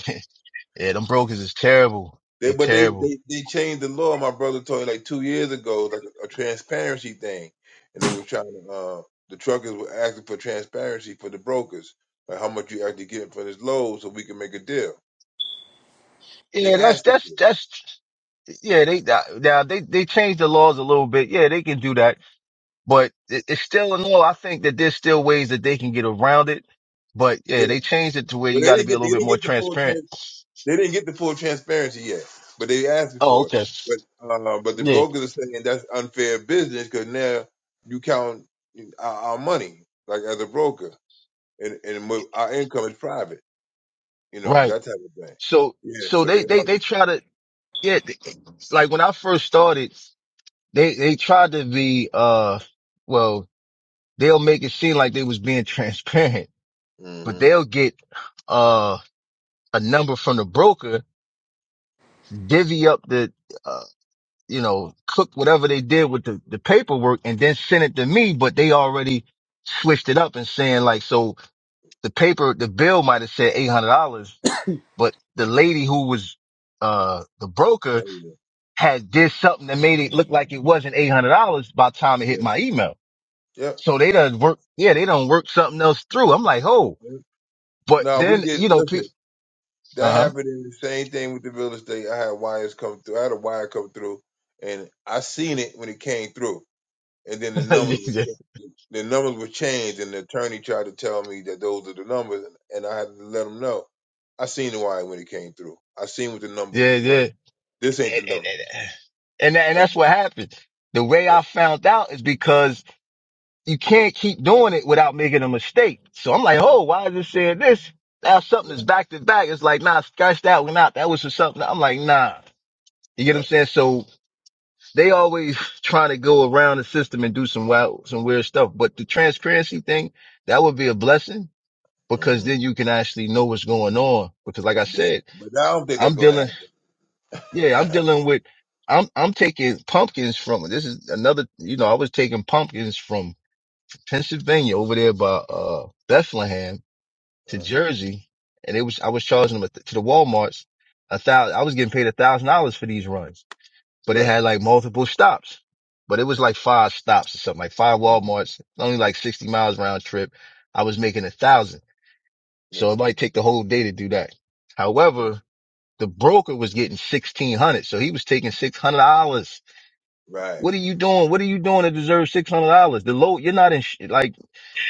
*laughs* yeah, them brokers is terrible. They, They but they, terrible. they they changed the law. My brother told me like two years ago, like a, transparency thing, and they were trying to. Uh, the truckers were asking for transparency for the brokers, like how much you actually getting for this load, so we can make a deal. They Yeah, that's, asked you that's, for that's, yeah, they, now they, they changed the laws a little bit. Yeah, they can do that But it, it's still in all, I think that there's still ways that they can get around it. But yeah, it, yeah, they changed it to where but you they got to didn't be a get they little bit didn't more get the full transparent. trans, they didn't get the full transparency yet, but they asked you Oh, for it. okay. But uh, but the Yeah, brokers are saying that's unfair business because now you count our, our money like as a broker. and and mo- our income is private, you know right. that type of thing. So, Yeah, so so they, they they, they argue. try to, yeah, they- like when I first started, they, they tried to be, uh, well, they'll make it seem like they was being *laughs* transparent, but Mm-hmm. they'll get, uh, a number from the broker, divvy up the, uh, you know, cook whatever they did with the, the paperwork and then sent it to me, but they already switched it up and saying like, so the paper, the bill might have said $800, but the lady who was, uh, the broker Oh, had did something that made it look like it wasn't $800 by the time it Yeah. hit my email. yeah. So they done work, yeah, they done work something else through. I'm like, oh, Yep. but No, we then, did. you know, Listen, that uh happened in the same thing with the real estate. I had wires come through. I had a wire come through, and I seen it when it came through, and then huh. the *laughs* yeah, numbers were changed. the numbers were changed, and the attorney tried to tell me that those are the numbers, and I had to let him know. I seen the wire when it came through. I seen what the number yeah. was. yeah. This ain't the And, and, number. and, and that- and Like that's that. what happened. The way Yeah. I found out is because you can't keep doing it without making a mistake. So I'm like, Right. oh, why is it saying this? Now something is Right. back to back. It's like, nah, scratch that one out. That was just something. I'm like, nah. You get what Yep. I'm saying? So they always *laughs* trying to go around the system and do some wild, some weird stuff. But the transparency thing, that would be a blessing because hmm then you can actually know what's going on. Because like I Yeah, said, but I don't think that's I'm gonna dealing, yeah, I'm happen. dealing with, I'm, I'm taking pumpkins from, this is another, you know, I was taking pumpkins from Pennsylvania over there by uh Bethlehem *laughs* to uh, Jersey, and it was I was charging them a th- to the WalMarts a thousand. I was getting paid a thousand dollars for these runs, but it right. had like multiple stops. But it was like five stops or something, like five Mhm. WalMarts, only like sixty miles round trip. I was making a thousand, so it Yeah. might take the whole day to do that. However, the broker was getting sixteen hundred, so he was taking six hundred dollars. Right. What are you doing? What are you doing to deserve six hundred dollars? The low, you're not in. sh- like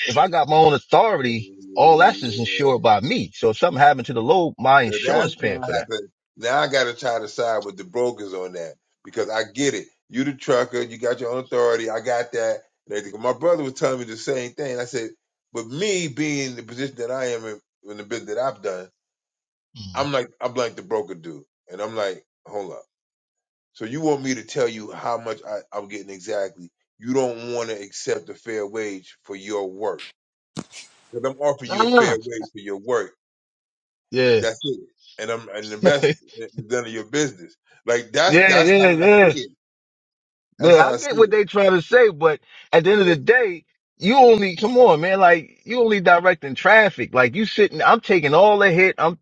if I got my own authority, all that's is insured Yeah. by me. So if something happened to the load, my So that's insurance what paying for that. happened. Now I gotta try to side with the brokers on that because I get it. You the trucker, you got your own authority. I got that. And everything. My brother was telling me the same thing. I said, but me being in the position that I am in, in the business that I've done, Mm. I'm like I'm like the broker dude, and I'm like, hold up. So you want me to tell you how much I, I'm getting exactly. You don't want to accept a fair wage for your work. Because I'm offering you a fair Ah, wage for your work. yeah, That's it. And I'm and the *laughs* yeah, rest is none of your business. Like that's that's yeah, how I yeah, see it. That's yeah. how I I get see what it. they trying to say, but at the end of the And, day, you only come on, man. Like you only directing traffic. Like you sitting, I'm taking all the hit. I'm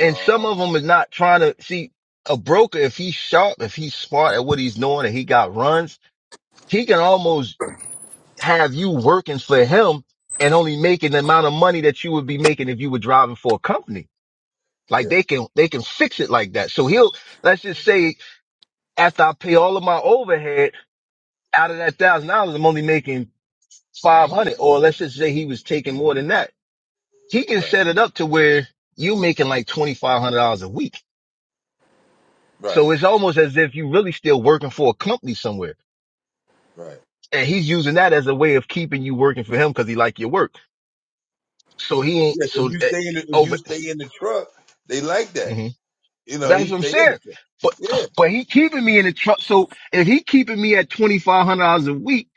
and some uh, of them is not trying to see a broker. If he's sharp, if he's smart at what he's doing, and he got runs, he can almost have you working for him and only making the amount of money that you would be making if you were driving for a company. Like yeah, they can, they can fix it like that. So he'll, let's just say after I pay all of my overhead out of that thousand dollars, I'm only making 500 or let's just say he was taking more than that. He can right, set it up to where you're making like $2,500 a week. right, So it's almost as if you really still working for a company somewhere. right. And he's using that as a way of keeping you working for him because he like your work. So he Yeah, ain't, if so uh, you stay in the if over. you stay in the truck, they like that. mhm. You know, he That's what I'm stay in the saying. truck. But Yeah, but he keeping me in the truck. So if he keeping me at twenty five hundred dollars a week,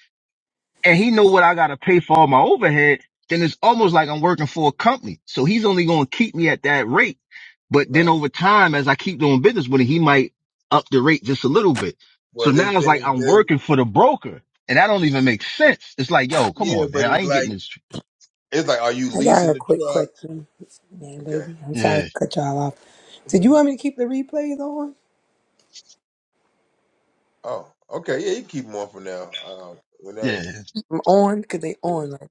and he know what I gotta pay for all my overhead, then it's right, almost like I'm working for a company. So he's only gonna keep me at that rate. But then right. over time, as I keep doing business with him, he might up the rate just a little bit. So Well, this now it's like thing, I'm this, working for the broker, and that don't even make sense. It's like, yo, come yeah, on, but man, I it's ain't getting like this. tr- it's like, are you I got leasing a quick the question. Man, truck? baby, I'm sorry Yeah, to cut y'all off. Did you Okay. want me to keep the replays on? Oh, okay. Yeah, you keep them on for now. Uh, whenever, yeah, I'm on because they on. Like,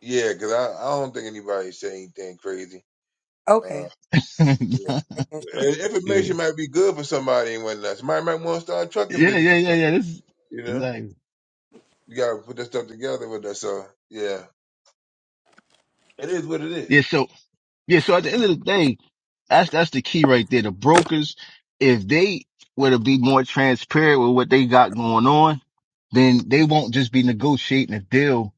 yeah, because I, I don't think anybody said anything crazy. okay, Uh, *laughs* yeah, just yeah. making sure. And yeah, information might be good for somebody and whatnot. Somebody might want to start a trucking yeah, business or yeah, yeah. something. This is You know, exactly. you got to put that stuff together with that. So yeah, it is what it Yeah, is. so Yeah, so at the end of the day, that's that's the key right there. The brokers, if they were to be more transparent with what they got going on, then they won't just be negotiating a deal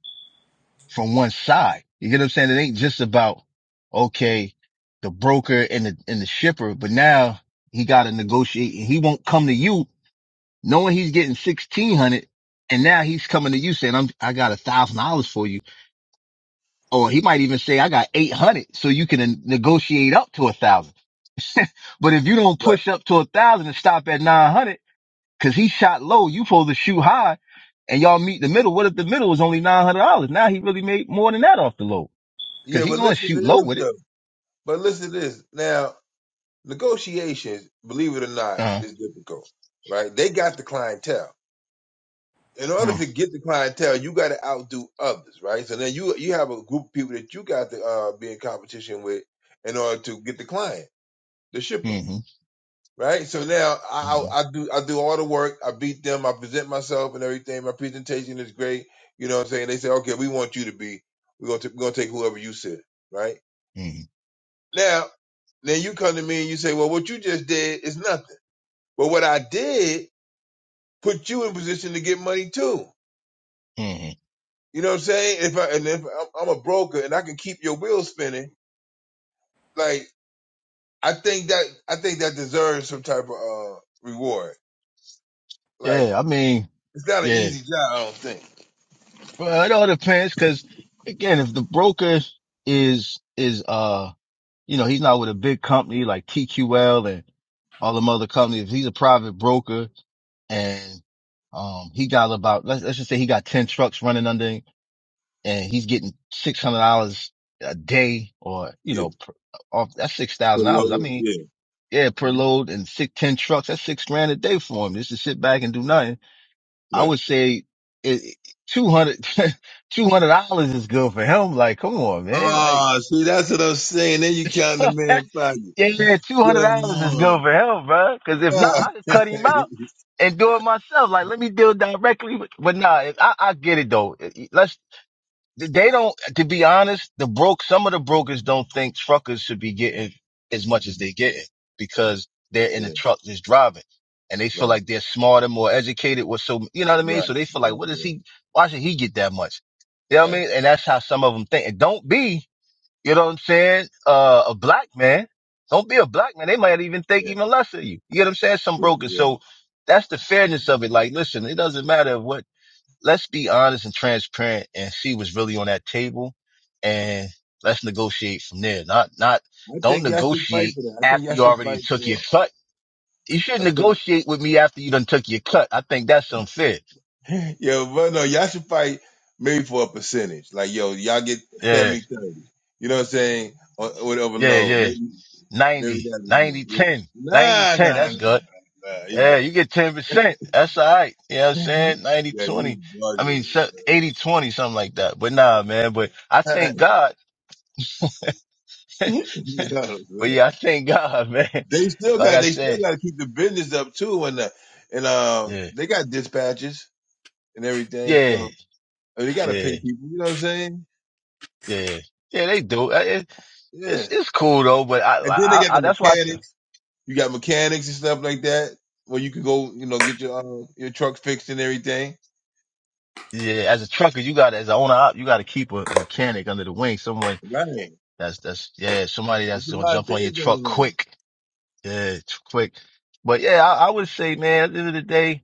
from one side. You get what I'm saying? It ain't just about okay, the broker and the and the shipper, but now he got to negotiate, and he won't come to you knowing he's getting sixteen hundred, and now he's coming to you saying, "I'm I got a thousand dollars for you." or he might even say, I got 800. So you can negotiate up to a thousand. *laughs* But if you don't Right. push up to a thousand and stop at 900, cause he shot low, you supposed to shoot high and y'all meet the middle. What if the middle was only $900? Now he really made more than that off the low cause Yeah, he but going to listen to shoot low this with it. though. But listen to this now. Negotiations, believe it or not, Uh, is difficult. Right? They got the clientele. in order mm, to get the clientele, you got to outdo others, right? So then you you have a group of people that you got to uh, be in competition with in order to get the client, the shipper, mhm, right? So now I, mhm, I I do I do all the work, I beat them, I present myself and everything. My presentation is great, you know what I'm saying? They say, okay, we want you to be, we're gonna t- we're gonna take whoever you said, right? mhm, Now then you come to me and you say, well, what you just did is nothing, but what I did put you in position to get money too. mhm. You know what I'm saying? If I and if I'm a broker and I can keep your wheels spinning, like I think that I think that deserves some type of uh reward. Like Yeah. I mean, it's not an yeah, easy job, I don't think. well, it all depends. Cause again, if the broker is, is, uh, you know, he's not with a big company like TQL and all the other companies. If he's a private broker and um he got about let's let's just say he got ten trucks running under him and he's getting six hundred dollars a day or you Yeah, know per, off that's six thousand put dollars. I low. mean Yeah. yeah per Mhm. load and six ten trucks that's six grand a day for him just to sit back and do nothing. I yeah. would say it, 200 *laughs* dollars is good for him. Like come on man like. Ah, see, that's what I'm saying. Then you count the *laughs* man pocket. Yeah, two Come hundred dollars is good on. for him, bro. Because if not, *laughs* I could cut him out and do it myself. Like, let me deal directly. With, but nah, if- I, I get it though. Let's. They don't. To be honest, the broke. Some of the brokers don't think truckers should be getting as much as they getting because they're in the yeah, truck just driving, and they feel right, like they're smarter, more educated, or so. You know what I mean? right, So they feel like, yeah, what is yeah, he? Why should he get that much? You know what I right, mean? And that's how some of them think. And don't be. You know what I'm saying? Uh, a black man. Don't be a black man. They might even think yeah, even less of you. You get what I'm saying? Some yeah, broken. yeah. So that's the fairness of it. Like, listen, it doesn't matter what, let's be honest and transparent and see what's really on that table and let's negotiate from there. Not, not, I don't think y'all should fight negotiate for that. I think after y'all you should already fight took your for. cut. You shouldn't a certain negotiate with me after you done took your cut. I think that's unfair. *laughs* Yo, but no, y'all should fight maybe for a percentage. Like, yo, y'all get Yeah. 70 30. You know what I'm saying? Or, or whatever Yeah. low. Yeah. Maybe, maybe 90, that'll be it. 90, Yeah. 10, 90, Nah, 10. nah, That's nah, good. nah. You Yeah, you get 10%. That's all right. You know what I'm bugging. *laughs* saying? 90 Yeah, 20. you I mean, bugging. so, 80 20, something like that. But nah, man. But I thank God. *laughs* *laughs* you but know what I'm saying? yeah, I thank God, *laughs* man. They still Like got I they still said, got to keep the business up too, and uh, and uh, yeah, they got dispatches and everything, yeah, so I they got to pay yeah, people. You know what I'm saying? yeah. Yeah, they do. Uh, it- Yeah, It's it's cool though, but I and like, then they I, got I the that's why. I, tr- mechanics. You got mechanics and stuff like that where you can go, you know, get your uh, your truck fixed and everything. yeah, as a trucker, you got to as an owner, op, you got to keep a mechanic under the wing, someone Right. that's that's yeah, somebody There's that's a gonna lot of jump on things your truck going on. quick Yeah, it's quick. But yeah, I, I would say, man, at the end of the day,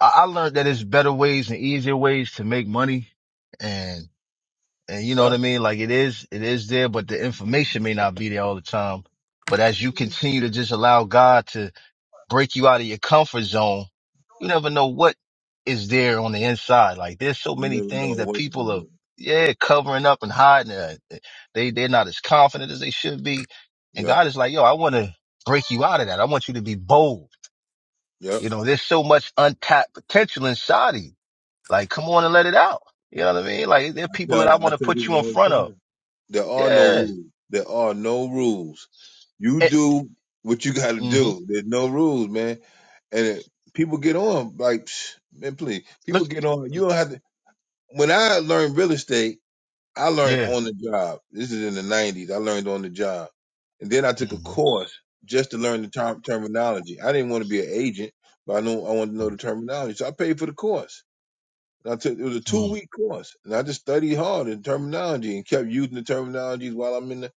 I, I learned that it's better ways and easier ways to make money. And, and you know what Yeah, I mean? Like it is, it is there, but the information may not be there all the time. But as you You continue to just allow God to break you out of your comfort zone. You never know what is there on the inside. Like there's so many never know things that what you people can are, do. yeah, covering up and hiding. Uh, They, they're not as confident as they should be. And Yep. God is like, yo, I want to break you out of that. I want you to be bold. Yep. You know, there's so much untapped potential inside of you. Like, come on and let it out. You know what I mean? Like there are I people tell that I I want to tell put you people in all the front of. time. There are no Yeah. rules. There are no rules. You Eh, do what you got to mhm. do. There's no rules, man. And it, people get on like, psh, man, please. Look, People get on. You don't have to. When I learned real estate. I learned yeah. on the job. This is in the nineties. I learned on the job, and then I took a Mm-hmm. course just to learn the term terminology. I didn't want to be an agent, but I know I wanted to know the terminology, so I paid for the course. And I took it was a two week course, and I just studied hard in terminology and kept using the terminologies while I'm in the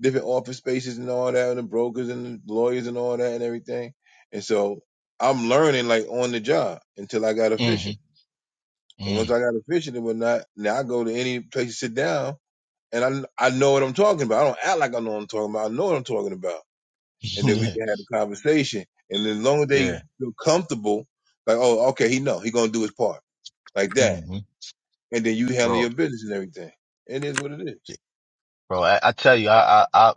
different office spaces and all that, and the brokers and the lawyers and all that and everything. And so I'm learning like on the job until I got Mm-hmm. efficient. And Mm-hmm. once *laughs* I got efficient and whatnot, now I go to any place to sit down and I I know what I'm talking about. I don't act like I know what I'm talking about. I know what I'm talking about, and then we Yeah. can have a conversation. And then as long as Yeah. they feel comfortable, like, oh, okay, he know he gonna do his part, like that, hmm and then you handle your Bro, business and everything. And It is what it is. bro, I, I tell you, I, I, I,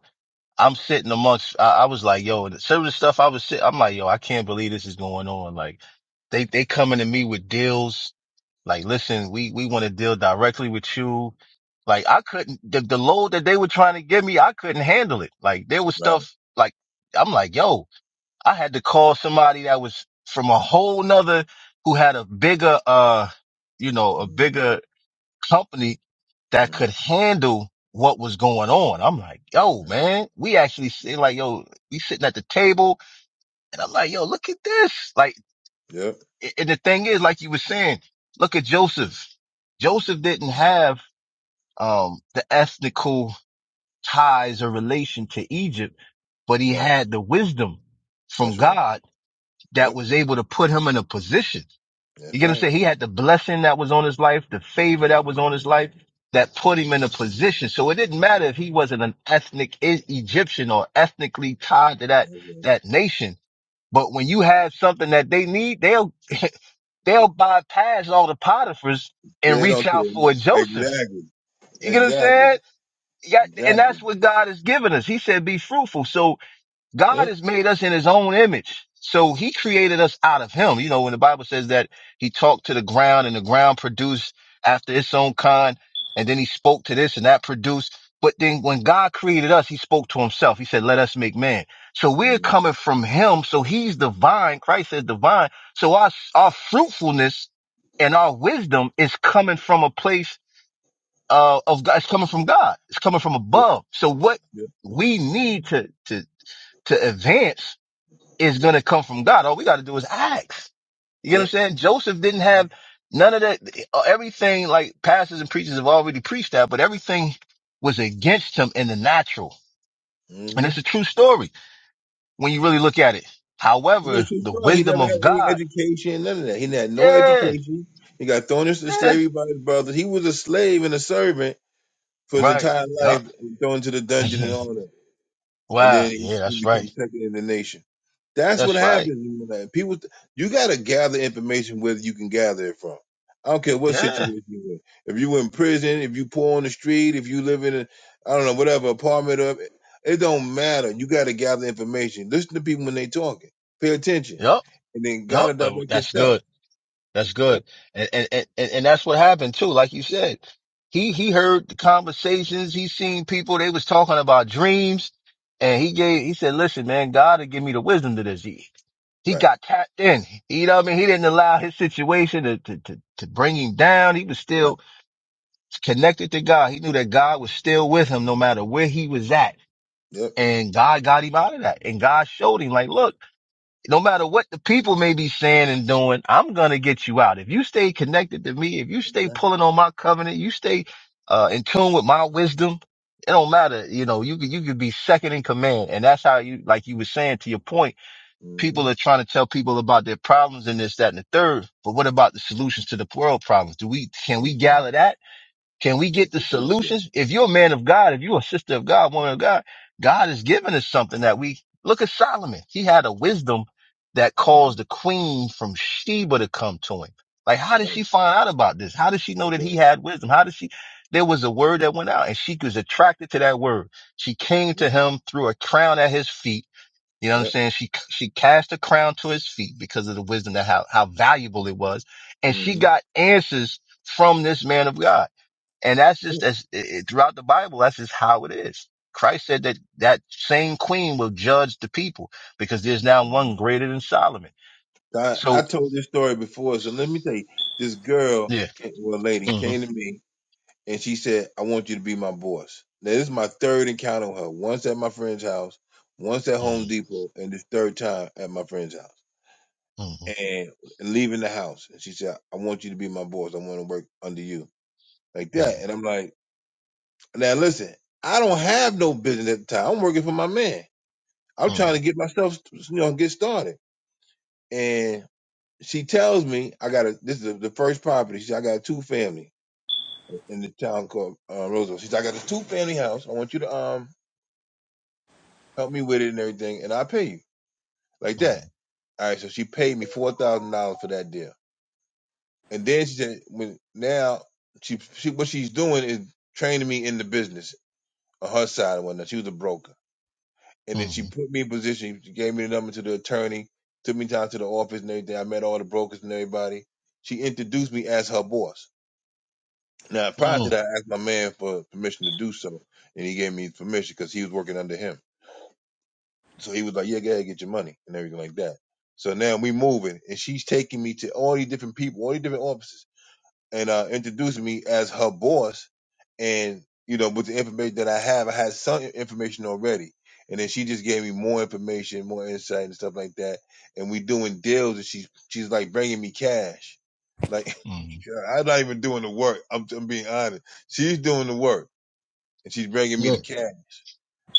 I'm sitting amongst, I, I was like, yo, some of the stuff I was sitting, I'm like, yo, I can't believe this is going on. Like they, they coming to me with deals. Like, listen, we, we want to deal directly with you. Like I couldn't, the, the load that they were trying to give me, I couldn't handle it. Like there was Right. stuff like, I'm like, yo, I had to call somebody that was from a whole nother who had a bigger, uh, you know, a bigger Mm-hmm. company that could Mm-hmm. handle what was going on. I'm like, yo, man, we actually sit like, yo, we sitting at the table and I'm like, yo, look at this. Like, Yep. a- and the thing is, like you were saying, look at Joseph. Joseph didn't have, um, the ethnical ties or relation to Egypt, but he Right. had the wisdom from That's right. God that Yep. was able to put him in a position. You That's get what I'm right. saying? He had the blessing that was on his life, the favor that was on his life that put him in a position. So it didn't matter if he wasn't an ethnic E- Egyptian or ethnically tied to that, That's right. that nation. But when you have something that they need, they'll, *laughs* they'll bypass all the Potiphar's and They reach don't out for a care. Joseph. Exactly. You get what I'm Exactly. saying? Yeah, and Exactly. that's what God has given us. He said, be fruitful. So God Yep. has made us in his own image. So he created us out of him. You know, when the Bible says that he talked to the ground and the ground produced after its own kind, and then he spoke to this and that produced. But then when God created us, he spoke to himself. He said, let us make man. So we're Mm-hmm. coming from him. So he's divine. Christ is divine. So our, our fruitfulness and our wisdom is coming from a place uh, of God. It's coming from God. It's coming from Yep. above. So what Yep. we need to, to, to advance is going to come from God. All we got to do is ask. You know what I'm Yep. saying? Joseph didn't have none of that. Everything like pastors and preachers have already preached that, but everything was against him in the natural. And Mm-hmm. it's a true story when you really look at it. Yeah, However, true the story. He wisdom never of had any God. education, none of that. He had no Yeah. education. He got thrown into Yeah. slavery by his brothers. He was a slave and a servant for his Right. entire life, Yup. and thrown into the *laughs* dungeon and all that and wow. then Yeah. he That's right. becomes second in the nation. That's what That's right. happens. like, People, you got to gather information where you can gather it from. I don't care what Yeah. situation you're in. If you are in prison, if you poor on the street, if you live in a, I don't know, whatever apartment up, it don't matter. You got to gather information. Listen to people when they talking. Pay attention, Yup. and then gotta Yup. Oh, direct your That's steps. good. That's Yep. good. And, and and and that's what happened too. Like you said, he he heard the conversations. He seen people. They was talking about dreams, and he gave. He said, "Listen, man, God will give me the wisdom to this." He he Right. got tapped in. You know what I mean? He didn't allow his situation to to to, to bring him down. He was Right. still connected to God. He knew that God was still with him no matter where he was at. Yep. And God got him out of that. And God showed him like, look no matter what the people may be saying and doing, I'm going to get you out. If you stay connected to me, if you stay Right. pulling on my covenant, you stay uh, in tune with my wisdom. It don't matter. You know, you could, you could be second in command. And that's how you, like you were saying to your point, Mm-hmm. people are trying to tell people about their problems and this, that, and the third. But what about the solutions to the world problems? Do we, can we Exactly. gather that? Can we get That's the the that. solutions? If you're a man of God, if you're a sister of God, woman of God, God has given us something that we look at Solomon. He had a wisdom that caused the hmm queen from Sheba to come to him. Like, how did Right. she find out about this? How did she know That's that he right. had wisdom? How did she? There was a word that went out and she was attracted to that word. She came to Yep. him, threw a crown at his feet. You know what I'm Yep. saying? She, she cast a crown to his feet because of the wisdom that how, how valuable it was. And she Mm-hmm. got answers from this man of God. And that's just Yep. as it, throughout the Bible, that's just how it is. Christ said that that same queen will judge the people because there's now Mm-hmm. one greater than Solomon. I, I So told this story before, so let me tell you. This girl, yeah. came, well, lady, hmm came to me and she said, "I want you to be my boss." Now this is my third encounter with her. Once at my friend's house, once at Home hmm Depot, and this third time at my friend's house. hmm And leaving the house, and she said, "I want you to be my boss. I want to work under you like hmm that." And I'm like, "Now listen, I don't have no business at the time. I'm working for my man. I'm trying to get myself, you know, get started." And she tells me I got a this is the first property. She said, I got a two family in the town called uh, Roosevelt. She said, I got a two family house. I want you to um help me with it and everything, and I'll pay you like hmm that. All right, so she paid me four thousand dollars for that deal, and then she said, when now she she what she's doing is training me in the business on her side and whatnot. She was a broker, and then she hmm put me in position. She gave me the number to the attorney, took me down to the office and everything. I met all the brokers and everybody. She introduced me as her boss. Now, prior hmm to that, I asked my man for permission to do so, and he gave me permission because he was working under him. So he was like, "Yeah, go ahead, get your money and everything like that." So now we moving, and she's taking me to all these different people, all these different offices and uh, introduced me as her boss. And you know, with the information that I have, I had some information already. And then she just gave me more information, more insight, and stuff like that. And we doing deals, and she's she's like bringing me cash. Like *laughs* hmm God, I'm not even doing the work. I'm, I'm being honest. She's doing the work, and she's bringing me Yeah. the cash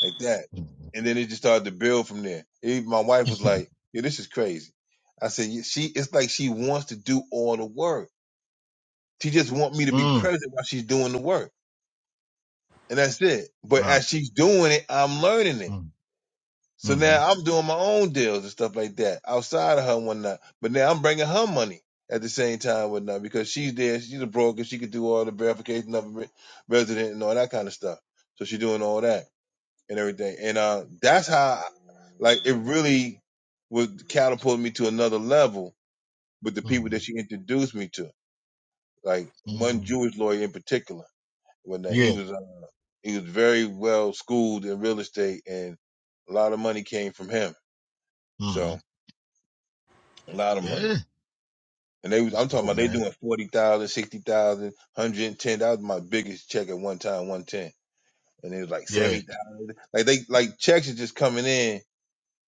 like that. hmm And then it just started to build from there. Even my wife was *laughs* like, "Yeah, this is crazy." I said, "Yeah, "She, it's like she wants to do all the work." She just want me to be mm present while she's doing the work. And that's it. But Wow. as she's doing it, I'm learning it. mm So mm now I'm doing my own deals and stuff like that outside of her and whatnot. But now I'm bringing her money at the same time and whatnot because she's there. She's a broker. She could do all the verification of a re- resident and all that kind of stuff. So she's doing all that and everything. And uh, that's how, like, it really would catapult me to another level with the people mm that she introduced me to. Like one mm Jewish lawyer in particular when uh, he Yeah. was he was very well schooled in real estate and a lot of money came from him. hmm So a lot of money. Yeah. And they was, That's I'm talking dope, about they man. doing forty thousand, sixty thousand, hundred and ten. That was my biggest check at one time, 110. And it was like Yeah. 70,000. Like they, like checks are just coming in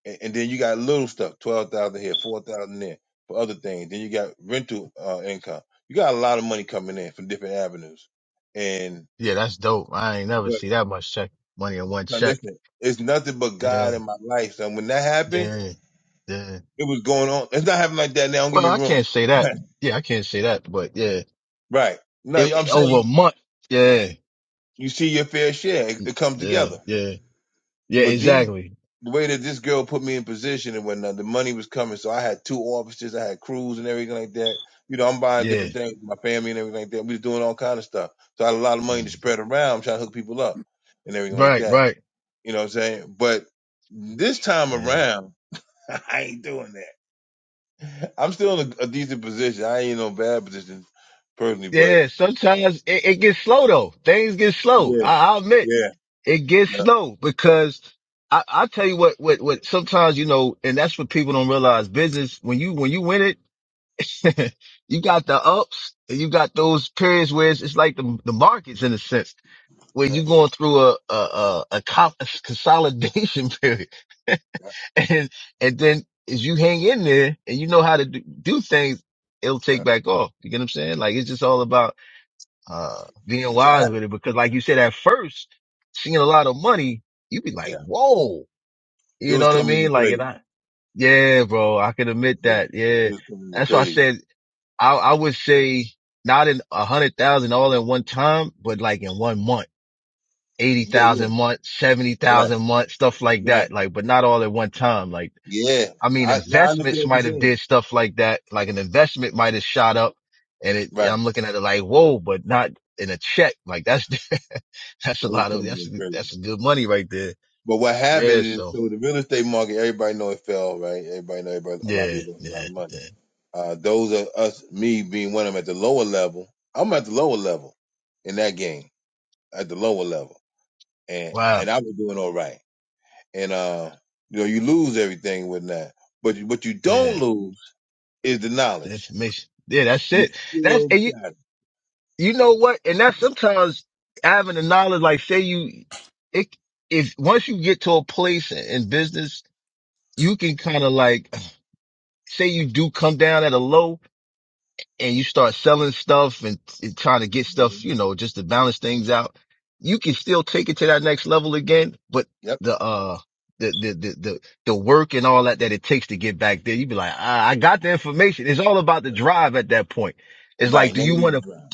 and, and then you got little stuff, 12,000 here, 4,000 there for other things. Then you got rental uh, income. You got a lot of money coming in from different avenues. And, Yeah, that's dope. I ain't never but see that much check money in one now check. listen, it's nothing but Yeah, God in my life. So when that happened, Yeah. Yeah. it was going on. It's not happening like that now. Don't get Well, me I wrong. can't say that. Yeah, I can't say that, but yeah, *laughs* right. No, it, I'm it- over a saying month. Yeah, you see your fair share. It, it comes yeah, together. yeah, yeah, But the, exactly. the way that this girl put me in position and whatnot, the money was coming. So I had two offices. I had crews and everything like that. You know, I'm buying Yeah. different things my family and everything like that. We was doing all kind of stuff. So I had a lot of money to Mm. spread around. I'm trying to hook people up and everything like Right, that. right. You know what I'm saying? But this time Yeah. around, *laughs* I ain't doing that. I'm still in a, a decent position. I ain't in no bad position personally, but Yeah. uh, Sometimes it, it gets slow though. Things get slow. yeah, I, I admit yeah, it gets yeah, slow because I, I tell you what, what, what sometimes, you know, and that's what people don't realize business when you, when you win it, *laughs* you got the ups and you got those periods where it's, it's like the, the markets in a sense where yeah, you're going through a, a, a, a co- a consolidation *laughs* period. yeah, And, and then as you hang in there and you know how to do, do things, it'll take yeah. back off. You get what I'm saying? Like it's just all about, uh, being So I wise had, with it. Because like you said, at first, seeing a lot of money, you be like, yeah, whoa, it you know was what I coming in mean? Like, and crazy. I, yeah, bro, I can admit Yeah, that. Yeah. it was coming in That's why I crazy. said, I, I would say not in a hundred thousand all in one time, but like in one month Yeah, 80,000 yeah, a month, right, 70,000 a month, stuff like right. that. Like, but not all at one time. Like, Yeah, I mean, I now I understand investments what you're might have saying. did stuff like that. Like an investment might have shot up and it, Right, I'm looking at it like, whoa, but not in a check. Like that's, *laughs* that's a so it was lot of, coming that's, in crazy. that's good money right there. But what happened Yeah. is, So so the real estate market, everybody know it fell, right? Everybody know, everybody, a lot of yeah, people lost a lot yeah, of money. yeah. Uh, those of us, me being one of them at the lower level, I'm at the lower level in that game. at the lower level, and Wow. and I was doing all right. And uh, you know, you lose everything with that, but you, what you Yeah. don't lose is the It's The knowledge. information. Yeah. That's You it. That's, still and you, got it. you know what? And that's sometimes having the knowledge, like say you, it, if once you get to a place in in business, you can kind of like say you do come down at a low and you start selling stuff and, and trying to get stuff, you man. know, just to balance things out. You can still take it to that next level again, but Yep. the, uh, the, the, the, the, the work and all that that it takes to get back there, you'd be like, I, I got the information. It's all about the drive at that point. It's like, Right. do you want Negative to ground.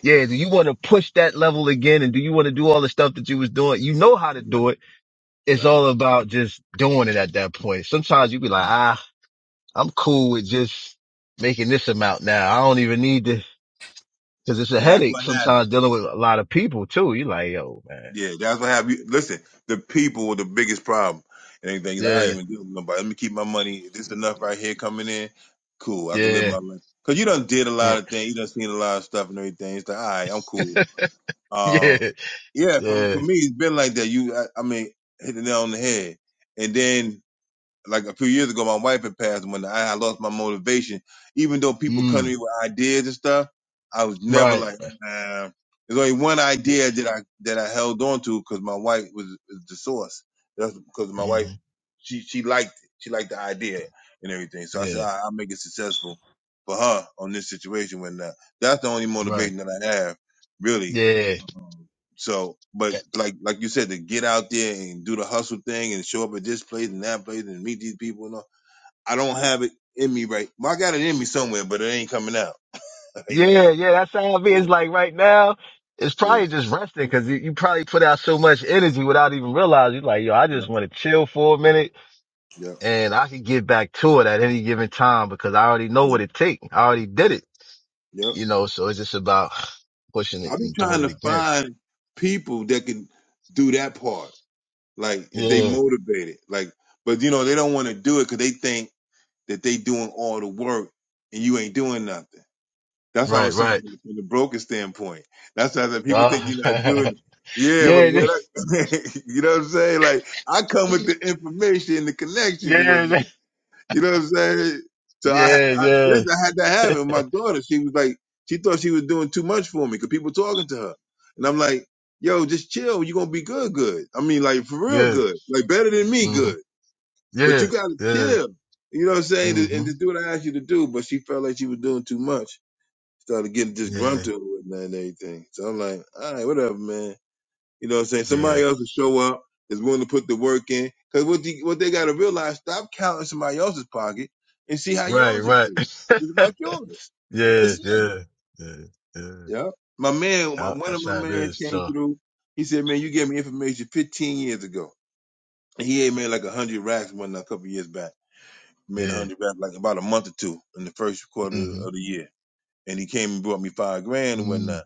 yeah, do you want to push that level again? And do you want to do all the stuff that you was doing? You know how to Right. do it. It's Right. right. all about just doing it at that point. Sometimes you be like, ah, I'm Yeah. cool with just making this amount now. I don't even need to, cause it's a That's headache what sometimes happened. dealing with a lot of people too. You like, yo, man. Yeah, that's what happened. You- Listen, the people were the biggest problem. And everything. You're like, I Yeah, ain't even dealing with nobody. Let me keep my money. This is enough right here coming in. Cool. I can live yeah, my life. Cause you done did a mm, lot of things. You done seen a lot of stuff and everything. It's like, all right, I'm cool. *laughs* Um, yeah, yeah, for, yeah, for me, it's been like that. You, I, I mean, hit the nail on the head. And then, like a few years ago, my wife had passed. and When I, I lost my motivation, even though people come to mm, me with ideas and stuff, I was never right. like, nah. There's only one Yeah, idea that I that I held on to because my wife was, was the source. That's because my wife, Mm-hmm. she she liked it. She liked the idea and everything. So I said, Yeah, I, I'll make it successful for her on this situation. When uh, that's the only right. motivation that I have, really Yeah. so, but like like you said, to get out there and do the hustle thing and show up at this place and that place and meet these people and all, I don't have it in me right. Well, I got it in me somewhere, but it ain't coming out *laughs* right Yeah, now. yeah, that's how I be. It's Yeah, like right now, it's yeah, probably just resting because you, you probably put out so much energy without even realizing. You're like, yo, I yeah, just want to chill for a minute yeah, and I can get back to it at any given time because I already know yeah, what it takes. I already did it, yeah. you know, so it's just about pushing it I be and doing trying it to again. find people that can do that part, like if they Yeah. motivated, like. But you know they don't want to do it because they think that they doing all the work and you ain't doing nothing. That's what I Right, was saying right. from the, from the broker standpoint. That's why I said people think Uh, you're not doing *laughs* it. Yeah, yeah, but yeah, what I, *laughs* you know what I'm saying? Like I come with the information, and the connections and yeah, whatnot. You know what I'm saying? So I, I yeah, yeah, listen. I had to have it. with My daughter, she was like, she thought she was doing too much for me because people talking to her, and I'm like, yo, just chill. You're gonna be good, good. I mean, like for real, yeah, good. Like better than me, hmm good. But yeah, you gotta yeah, chill. You know what I'm saying? hmm And to do what I asked you to do. But she felt like she was doing too much started getting yeah, disgruntled with that and everything. So I'm like, all right, whatever, man. You know what I'm saying? yeah. Somebody else will show up, is willing to put the work in. Because what, the, what they got to realize, stop counting somebody else's pocket and see how Right, yours improves. right. It's *laughs* about yours. Yeah, That's yeah, it. yeah, yeah. Yeah. My man, my- Yeah, one of That's my how it mans is. came So, through. He said, man, you gave me information 15 years ago. And he had made like 100 racks one a couple years back. Made yeah. 100 racks like about a month or two in the first quarter hmm of the year. And he came and brought me five grand and Mm, whatnot.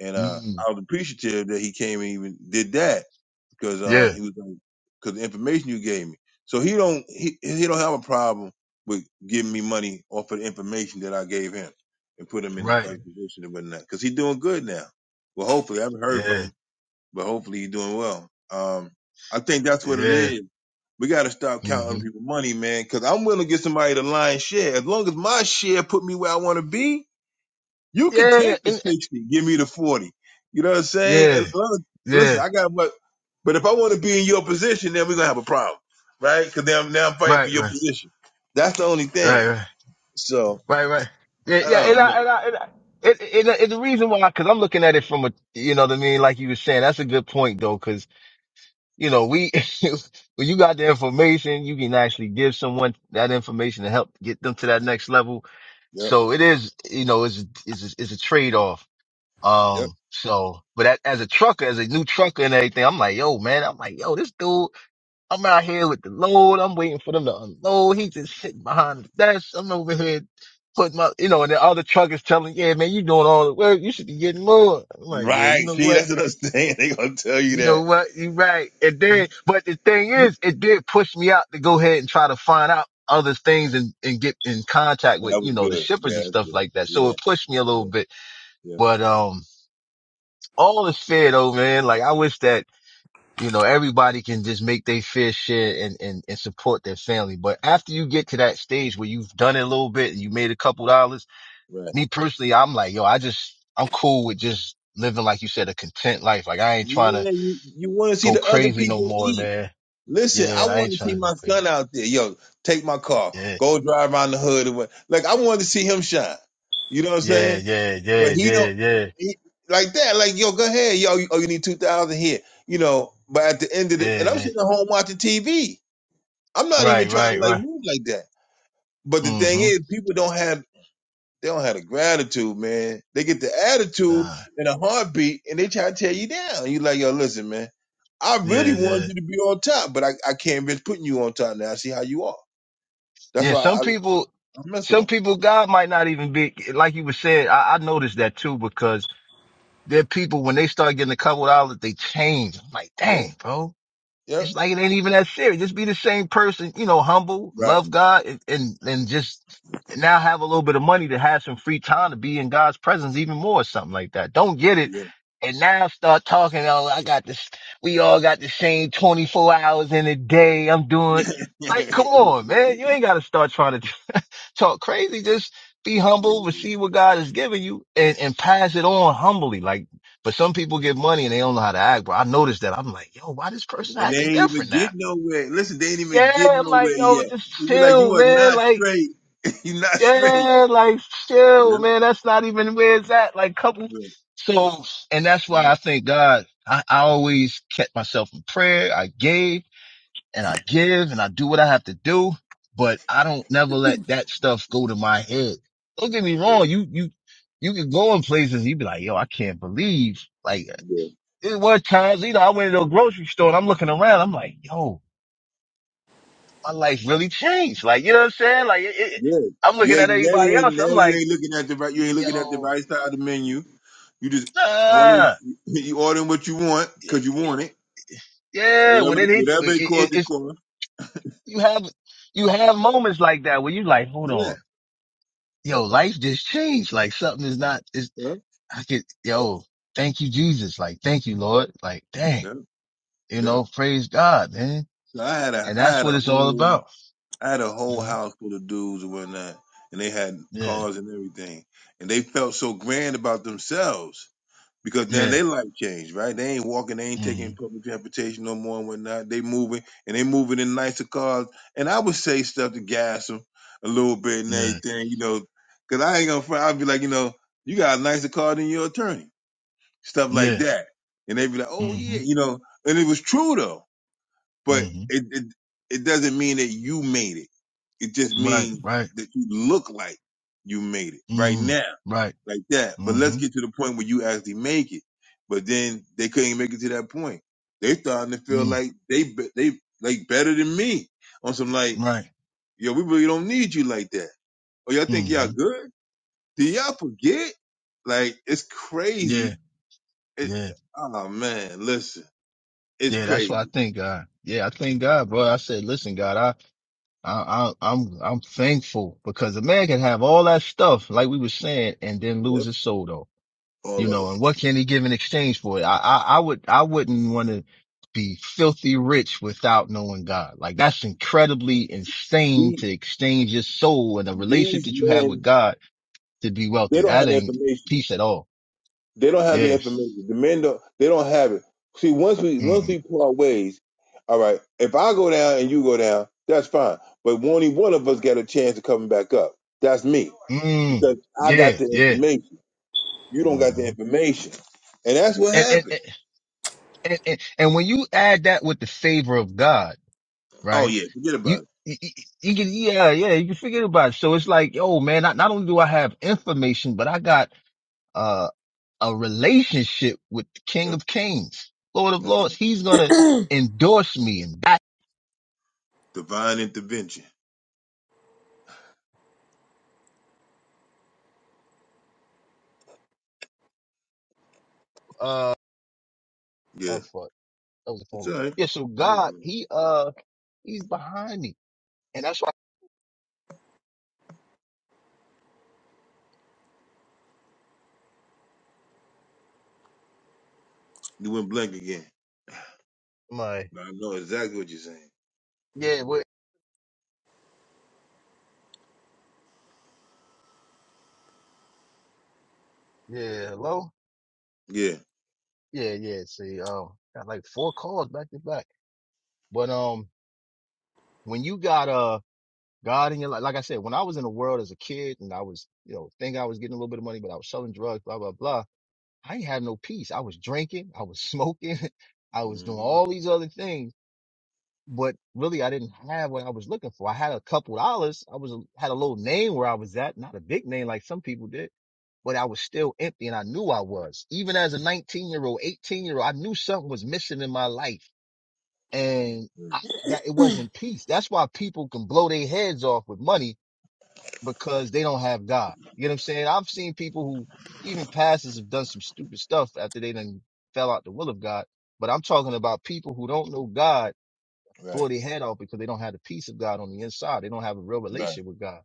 and uh, mm. I was appreciative that he came and even did that because uh, Yeah, he was because the information you gave me. So he don't he he don't have a problem with giving me money off of the information that I gave him and put him in the right. right position and whatnot because he's doing good now. Well, hopefully I haven't heard from Yeah, him, but hopefully he's doing well. Um, I think that's what it yeah. is. We got to stop counting hmm other people's money, man. Because I'm willing to get somebody the lion's share as long as my share put me where I want to be. You could Yeah, take the and, 60, give me the 40. You know what I'm saying? yeah, And uh, listen, yeah. I got what, but if I want to be in your position, then we're going to have a problem, right? Because now, I'm- now I'm fighting for Right, your right, position. That's the only thing. right, right, So, right, right. Yeah, I yeah. And don't I, know. and I, and I it, it, it, the reason why, cause I'm looking at it from a, you know what I mean? Like you were saying, that's a good point though, cause, you know, we, *laughs* when you got the information, you can actually give someone that information to help get them to that next level Yep, So it is, you know, it's, it's, it's a trade off. yep. Um, so, but a- as a trucker, as a new trucker and everything, I'm like, yo, man, I'm like, yo, this dude, I'm out here with the load. I'm waiting for them to unload. He just sitting behind the desk. I'm over here putting my, you know, and the other truckers telling, yeah, man, you doing all the work. You should be getting more. I'm like, yeah, Right. you know See, what? that's what I'm saying. *laughs* they going to tell you You know that. what? You're right. It did, but the thing is, it did push me out to go ahead and try to find out other things and, and get in contact with, That you was know, the good. shippers That and was stuff good. like that. So Yeah, it pushed me a little yeah, bit, yeah. but, um, all is fair though, man. Like I wish that, you know, everybody can just make their fair share and, and, and support their family. But after you get to that stage where you've done it a little bit and you made a couple dollars, Right. me personally, I'm like, yo, I just, I'm cool with just living, like you said, a content life. Like I ain't trying to Yeah, you, you want to see go the other crazy no people more, eat. man Listen, I Yeah, I ain't wanted to see trying to my get son out there. Yo, take my car, Yeah, go drive around the hood, and what? Like I wanted to see him shine. You know what I'm yeah, saying? yeah, But yeah, he yeah, don't yeah, he, like that. Like yo, go ahead, yo. You, oh, you need two thousand here. You know. But at the end of the, yeah, and I'm yeah. sitting at home watching TV. I'm not even Right, trying to right, like right. move like that. But the thing Mm-hmm. is, people don't have they don't have the gratitude, man. They get the attitude Uh, and a heartbeat, and they try to tear you down. You like, yo, listen, man. I really yeah, wanted yeah, you to be on top, but I, I can't risk putting you on top now. I see how you are. That's yeah. why Some I, people, I, mess with some them. people, God might not even be like you were saying. I, I noticed that too because there are people when they start getting a couple dollars, they change. I'm like, Yep, dang, bro yep, It's like it ain't even that serious. Just be the same person, you know, humble, right. love God, and and, and just now have a little bit of money to have some free time to be in God's presence even more, or something like that. Don't get it. Yeah. And now start talking. Oh, I got this. We all got the same 24 hours in a day. I'm doing *laughs* yeah. like, come on, man. You ain't got to start trying to talk crazy. Just be humble, receive what God has given you and, and pass it on humbly. Like, but some people get money and they don't know how to act. But I noticed that. I'm like, yo, why this person And they acting ain't even different now? get nowhere. Listen, they ain't even Yeah. get I'm like, nowhere yo, yet. just You be like, you chill, are man. not Like, straight. *laughs* You're not straight. yeah, like chill, Yep, man. That's not even where it's at. Like couple. yep, So, and that's why yep. I thank God. I, I always kept myself in prayer. I gave and I give and I do what I have to do, but I don't never let that stuff go to my head. Don't get me yep. wrong. You, you, you can go in places. You be like, yo, I can't believe like yep. it was times, you know, I went to a grocery store and I'm looking around. I'm like, yo, my life really changed. Like, you know what I'm saying? Like it, it, Good. I'm yeah. looking at now you everybody ain't else. I'm now you like, ain't looking at the right you ain't looking at the yo, right side of the menu. You just ordering nah, *laughs* you ordering what you want yeah, because you want it. yeah, when Whatever it hits, whatever it it, it, costs, it it's, costs. you have, you have moments like that where you like, hold Yeah. on yo, life just changed. Like something is not, is Yeah. I could, yo, thank you, Jesus. Like, thank you, Lord. Like, dang, Yeah. you Yeah. know, praise God, man. So I had a And I that's had a what it's all whole about, I had a you whole know? house full of dudes and whatnot. And they had Yeah, cars and everything. And they felt so grand about themselves. because now yeah, their life changed, right? They ain't walking, they ain't hmm taking public transportation no more and whatnot. They moving and they moving in nicer cars. And I would say stuff to gas them a little bit and yeah, everything, you know, because I ain't gonna front. I'd be like, you know, you got a nicer car than your attorney, stuff like yeah, that. And they'd be like, oh hmm yeah, you know. And it was true though, but mm hmm it it, it doesn't mean that you made it. It just right, means right, that you look like you made it right mm, now right, like that. But mm let's hmm get to the point where you actually make it. But then they couldn't make it to that point. They starting to feel mm, like they be- they like better than me on some like right, yo, we really don't need you like that. Or y'all think mm y'all hmm good? Do y'all forget? Like it's yeah, crazy. It, yeah, oh man, listen, it's yeah. That's what I crazy. thank God. Yeah, I thank God, bro. I said, listen, God, I, I, I I'm, I'm thankful because a man can have all that stuff, like we were saying, and then lose Yep, his soul though. you all of it. know, and what can he give in exchange for it? I, I, I would, I wouldn't want to be filthy rich without knowing God. Like that's incredibly insane These to exchange your soul and the relationship these that you have with men, God to be they wealthy. don't That have the ain't information. peace at all. They don't have the Yes. information. The men don't. They don't have it. See, once we once we Mm-hmm. part ways, all right. If I go down and you go down, that's fine. But only one of us got a chance of coming back up. That's me Mm. because I Yeah. got the Yeah. information. You don't got the Mm-hmm. information, and that's what And, and, and, happened. and, and and when you add that with the favor of God, Oh right? yeah, forget You, about it. you, you you can, yeah, yeah, you can forget about it. So it's like, oh man, not, not only do I have information, but I got uh, a relationship with the King Yep, of Kings, Lord of that's Lords. right. He's gonna endorse me and back. Divine intervention. Uh, Yeah, oh fuck, that was a phone. it's all right. Yeah, so God, he uh, he's behind me, and that's why You went blank again. my But I know exactly what you're saying. yeah, what yeah, hello, Yeah. yeah, yeah. See, um, got like four calls back to back, but um, when you got uh. God in your life, like I said, when I was in the world as a kid and I was, you know, think I was getting a little bit of money, but I was selling drugs, blah, blah, blah I ain't have no peace. I was drinking, I was smoking, *laughs* I was doing hmm all these other things, but really I didn't have what I was looking for. I had a couple dollars. I was a, had a little name where I was at, not a big name like some people did, but I was still empty and I knew I was. Even as a 19 year old, 18 year old, I knew something was missing in my life and I, that it wasn't peace. That's why people can blow their heads off with money because they don't have God. You know what I'm saying? I've seen people who even pastors have done some stupid stuff after they done fell out the will of God. But I'm talking about people who don't know God Right. blow their head off because they don't have the peace of God on the inside. They don't have a real Right. relationship with God.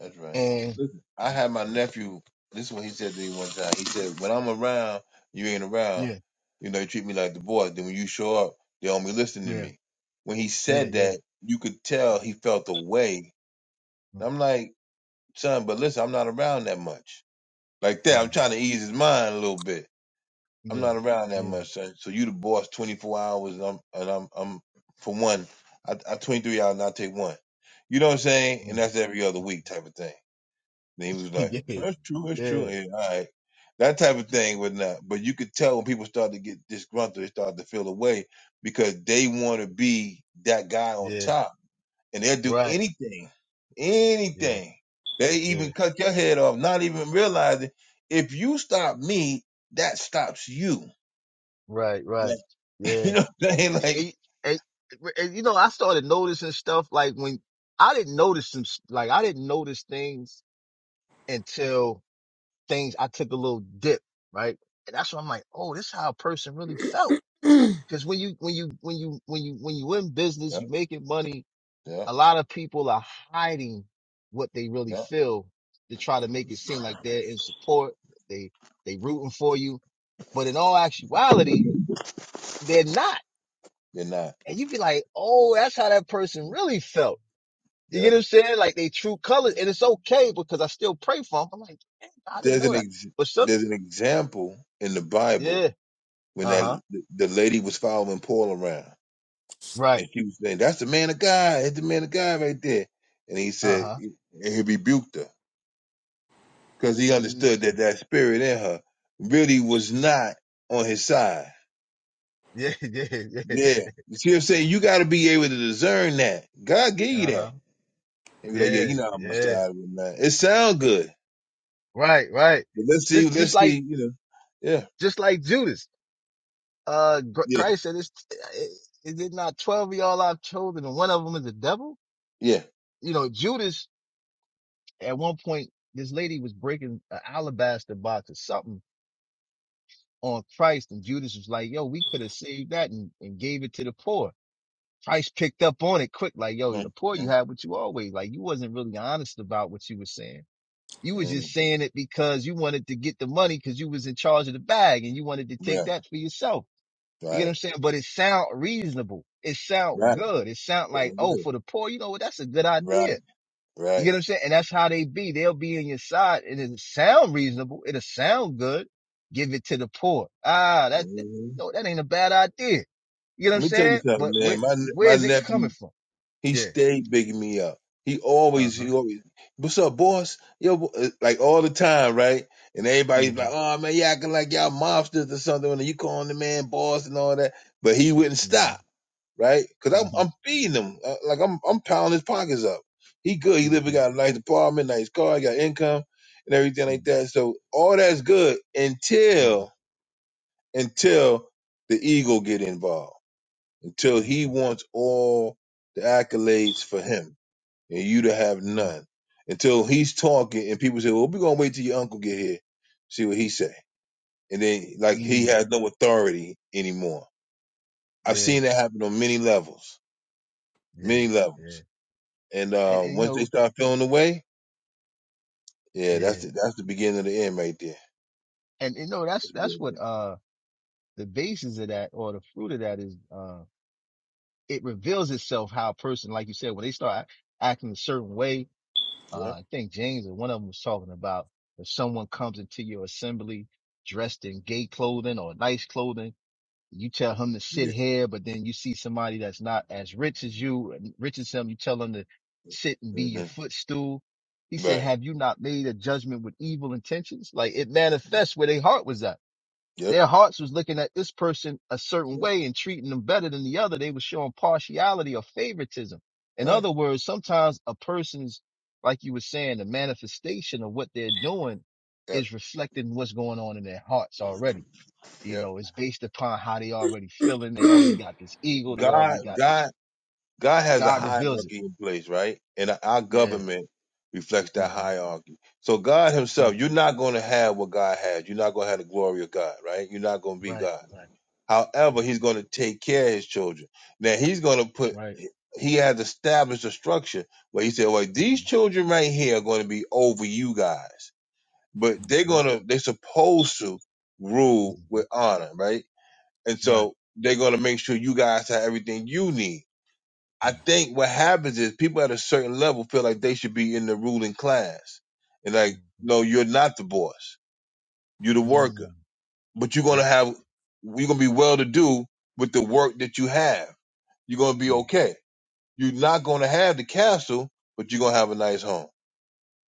That's right. And Listen, I had my nephew. This is what he said to me one time. He said, "When I'm around, you ain't around. yeah, You know, you treat me like the boy. Then when you show up, they don't be listening to yeah, me." When he yeah, said yeah, that, you could tell he felt away. mm, I'm like, son, but listen, I'm not around that much. Like that, mm, I'm trying to ease his mind a little bit. I'm yeah, not around that yeah, much, son. So you the boss 24 hours, and I'm and I'm, I'm for one, I, I 23 hours and I take one. You know what I'm saying? And mm, that's every other mm. week type of thing. And he was *laughs* like, yeah, "That's true, that's yeah, true." And, all right, that type of thing would not. But you could tell when people start to get disgruntled, they start to feel away because they want to be that guy on yeah, top, and they'll do right, anything, yeah, anything. They yeah, even cut your head off, not even realizing if you stop me, that stops you. right, right, Like *laughs* yeah. you know, what I'm saying? like and, and, and, you know, I started noticing stuff like when I didn't notice some, s- like I didn't notice things until things I took a little dip, right? And that's when I'm like, oh, this is how a person really felt. *clears throat* Cause when you, when you, when you, when you, when you in business, yeah, you making money, yeah, a lot of people are hiding what they really yeah, feel to try to make it seem like they're in support. They, they rooting for you. But in all actuality, they're not you're not. and you be like, oh, that's how that person really felt. You Yeah, get what I'm saying? Like they true colors, and it's okay because I still pray for them. I'm like, "Dang, I didn't there's an know that. ex- But some, there's an example in the Bible yeah, when uh huh, that the lady was following Paul around, right, and she was saying, "That's the man of God. It's the man of God right there." And he uh said, huh, and he rebuked her because he understood that mm, that spirit in her really was not on his side. *laughs* yeah, yeah, yeah, Yeah, yeah, you see, what I'm saying you got to be able to discern that. God gave you uh that, huh, and be like, "Yeah, yeah, you know I'm on my yeah, side with that." It sound good, right, right. but let's see, Just, just let's like, see, you know, yeah, just like Judas. Uh, Gr- yeah, Christ said, "It's eh, is it did not twelve of y'all I've chosen, and one of them is the devil?" yeah, You know, Judas at one point, this lady was breaking an alabaster box or something on Christ. And Judas was like, yo, we could have saved that and, and gave it to the poor. Christ picked up on it quick, like, yo, the mm, poor you mm, had what you always like. You wasn't really honest about what you were saying. You was mm. just saying it because you wanted to get the money because you was in charge of the bag and you wanted to take right, that for yourself. You get what right, I'm saying? But it sound reasonable. It sound right, good. It sound like, sound oh, good, for the poor, you know what? That's a good idea right, you right. get what I'm saying? And that's how they be. They'll be in your side and it'll sound reasonable. It'll sound good. Give it to the poor. Ah, that, that- Mm-hmm. no, that ain't a bad idea. You get what I'm Let me tell you saying? But something, where, man. My where my is it coming nephew, from? he Yeah. stayed bigging me up. He Uh always, huh. he always, what's up, boss? Yo, bo-" uh, like all the time, right? And everybody's Mm like, hmm. oh man, you acting like y'all mobsters or something, and you calling the man boss and all that. But he wouldn't Mm stop, hmm. right? Cause Mm I'm hmm. I'm feeding him, Uh, like I'm I'm pounding his pockets up. He good. He Mm live. He hmm. got a nice apartment, nice car, he got income and everything like that. So all that's good Mm until until the ego get involved till hmm. he wants all the accolades for him and you to have Mm none. Until he's talking and people say, Well, we're gonna wait till your uncle get here, see what he say. And then hmm. like he Mm has no authority anymore. I've Yeah. seen that happen on many levels. Yeah. Many Yeah. levels. And And, uh and you once they know, start feeling the way, yeah, that's yeah. the that's the beginning of the end right there. And you know, that's, That's the beginning that's what, of uh, the basis of that or the fruit of that is, uh, it reveals itself how a person, like you said, when they start acting a certain way, uh, the end. I think James or one of them was talking about if someone comes into your assembly dressed in gay clothing or nice clothing, you tell him to sit Yeah. here, but then you see somebody that's not as rich as you, rich as him, you tell him to sit and be Yeah. your hmm footstool. He said, Right. have you not made a judgment with evil intentions? Like it Yep. manifests where their heart was at. Their hearts was looking at this person a certain Yep. way and treating them better than the other. They was showing partiality or favoritism. In Right. other words, sometimes a person's, like you were saying, the manifestation of what they're doing Yep. is reflecting what's going on in their hearts already. You Yep. know, it's based upon how they already feeling. They already got this ego. They already God. got this. God. God has a God reveals it. hierarchy in place, right? And our Yeah. government reflects hmm that hierarchy. So God mm Himself, you're not going to have what God has. You're not going to have the glory of God, right? You're not going to be Right. God. Right. hmm However, He's going to take care of His children. Now He's going to That's put. right. He has established a structure where He said, "Well, these hmm children right here are going to be over you guys, but they're hmm going to. They're supposed to rule with hmm honor, right? And Right. so." They're gonna make sure you guys have everything you need I think what happens is people at a certain level feel like they should be in the ruling class. And like, hmm no, you're not the boss. You're the worker. hmm But you're gonna have you're gonna be well to do with the work that you have. You're gonna be mm okay. You're not gonna have the castle, but you're gonna have a nice home.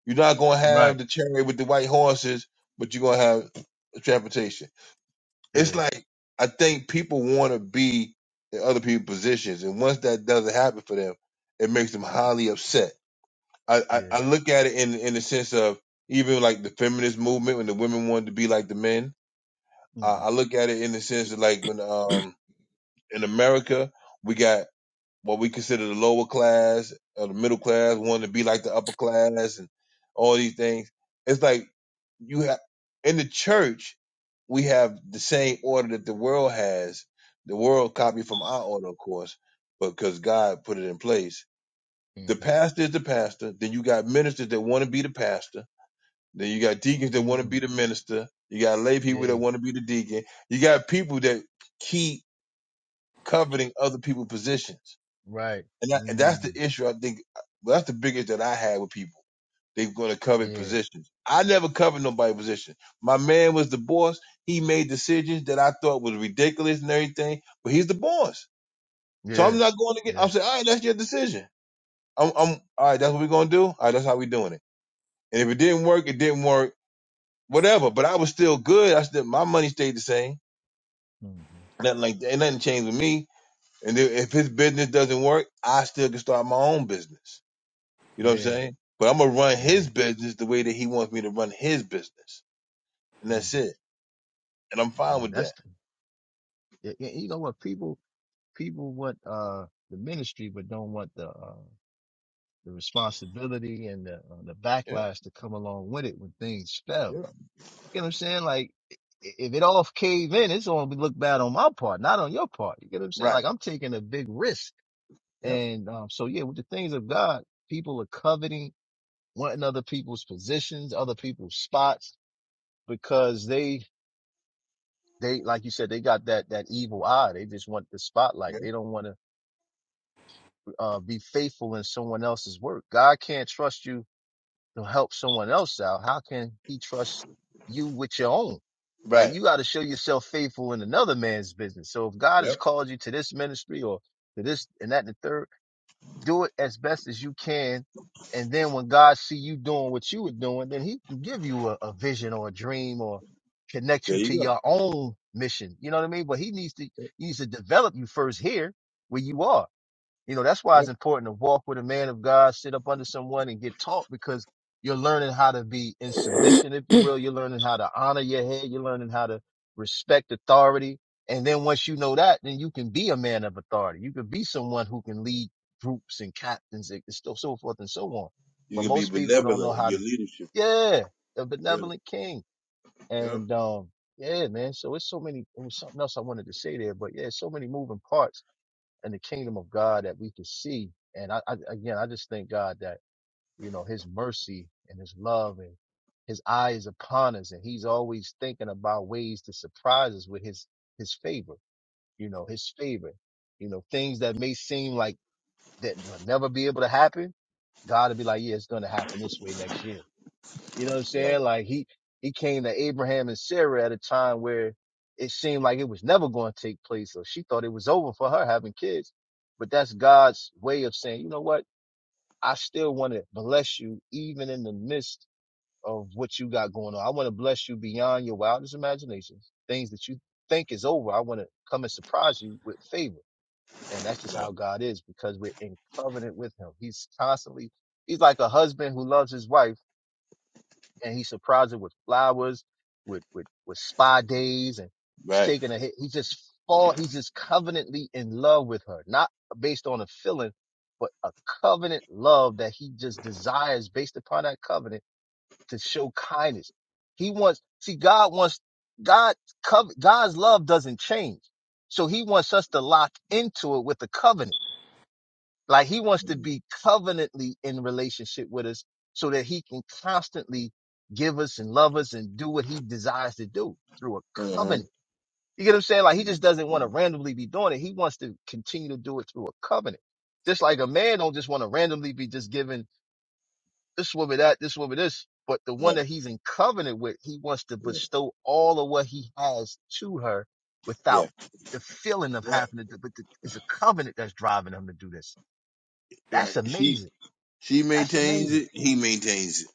You're not gonna Right. have the chariot with the white horses, but you're gonna have transportation. It's Yeah. like I think people wanna be in other people's positions. And once that doesn't happen for them, it makes them highly upset I, I, Yeah. I look at it in in the sense of even like the feminist movement when the women wanted to be like the men. I, hmm I look at it in the sense of like when um in America we got what we consider the lower class or the middle class wanting to be like the upper class and all these things. It's like you have in the church we have the same order that the world has. The world copied from our order, of course, but because God put it in place hmm the pastor is the pastor. Then you got ministers that want to be the pastor. Then you got deacons that want to mm be the minister. You got lay people that Yeah. want to be the deacon. You got people that keep coveting other people's positions. Right. And, that, and that's the mm issue I think well, that's the biggest that I had with people. They're going to covet Yeah. positions. I never covered nobody's position. My man was the boss. He made decisions that I thought was ridiculous and everything, but he's the boss. So Yeah. I'm not going to get, Yeah. I'm saying, all right, that's your decision. I'm, I'm all right, that's what we're going to do. All right, that's how we doing it. And if it didn't work, it didn't work. Whatever. But I was still good. I still my money stayed the same. hmm Nothing like that. Nothing changed with me. And then if his business doesn't work, I still can start my own business. You know what I'm Yeah. saying? But I'm gonna run Yeah. his business the way that he wants me to run his business. And hmm that's it. And I'm Yeah. fine with That's that. yeah, yeah, you know what people people want uh the ministry, but don't want the uh, the responsibility and the uh, the Yep. backlash to come along with it when things fail. Yep. You know what I'm saying? Like i- if it all cave in, it's gonna look bad on my part, not on your part. You get what I'm saying? Right. Like I'm taking a big risk Yep. And um, so, yeah, with the things of God, people are coveting, wanting other people's positions, other people's spots, because they, they, like you said, they got that, that evil eye. They just want the spotlight. Yep. They don't want to uh, be faithful in someone else's work. God can't trust you to help someone else out. How can he trust you with your own? Like Right. you got to show yourself faithful in another man's business. So if God has Yep. called you to this ministry or to this and that and the third, do it as best as you can. And then when God see you doing what you were doing, then he can give you a, a vision or a dream or connect There you you to go. your own mission. You know what I mean? But he needs to, he needs to develop you first here where you are. You know, that's why it's Yep. important to walk with a man of God, sit up under someone and get taught because you're learning how to be in submission, if you will. You're learning how to honor your head. You're learning how to respect authority. And then once you know that, then you can be a man of authority. You can be someone who can lead groups and captains and so, so forth and so on. You But can be most people don't know benevolent in how your to, leadership. yeah, the Yeah. benevolent king. Yep. And, um, yeah, man. So it's so many, it was something else I wanted to say there, but yeah, so many moving parts in the kingdom of God that we can see. And I, I again, I just thank God that you know His mercy and His love and His eye is upon us, and He's always thinking about ways to surprise us with His His favor. You know, His favor. You know, things that may seem like that will never be able to happen. God will be like, yeah, it's going to happen this way next year. You know what I'm Right. saying? Like he he came to Abraham and Sarah at a time where it seemed like it was never going to take place, So she thought it was over for her having kids. But that's God's way of saying, you know what? I still want to bless you even in the midst of what you got going on. I want to bless you beyond your wildest imaginations. Things that you think is over, I want to come and surprise you with favor. And that's just how Right. God is because we're in covenant with him. He's constantly, he's like a husband who loves his wife and he surprised her with flowers, with with with spa days, and he's Right. taking a hit. He just fall. He's just covenantly in love with her, not based on a feeling, but a covenant love that he just desires based upon that covenant to show kindness. He wants. See, God wants God. cov- God's love doesn't change, so He wants us to lock into it with the covenant. Like he wants to Mm-hmm. be covenantly in relationship with us so that he can constantly give us and love us and do what he desires to do through a Mm-hmm. covenant. You get what I'm saying? Like he just doesn't want to randomly be doing it. He wants to continue to do it through a covenant. Just like a man don't just want to randomly be just giving this woman that, this woman this, but the one Right. that he's in covenant with, he wants to Yeah. bestow all of what he has to her Yeah. without the feeling of Right. having to do, but the, it's a covenant that's driving him to do this. That's Right. She amazing. she That's maintains amazing. it. He maintains it.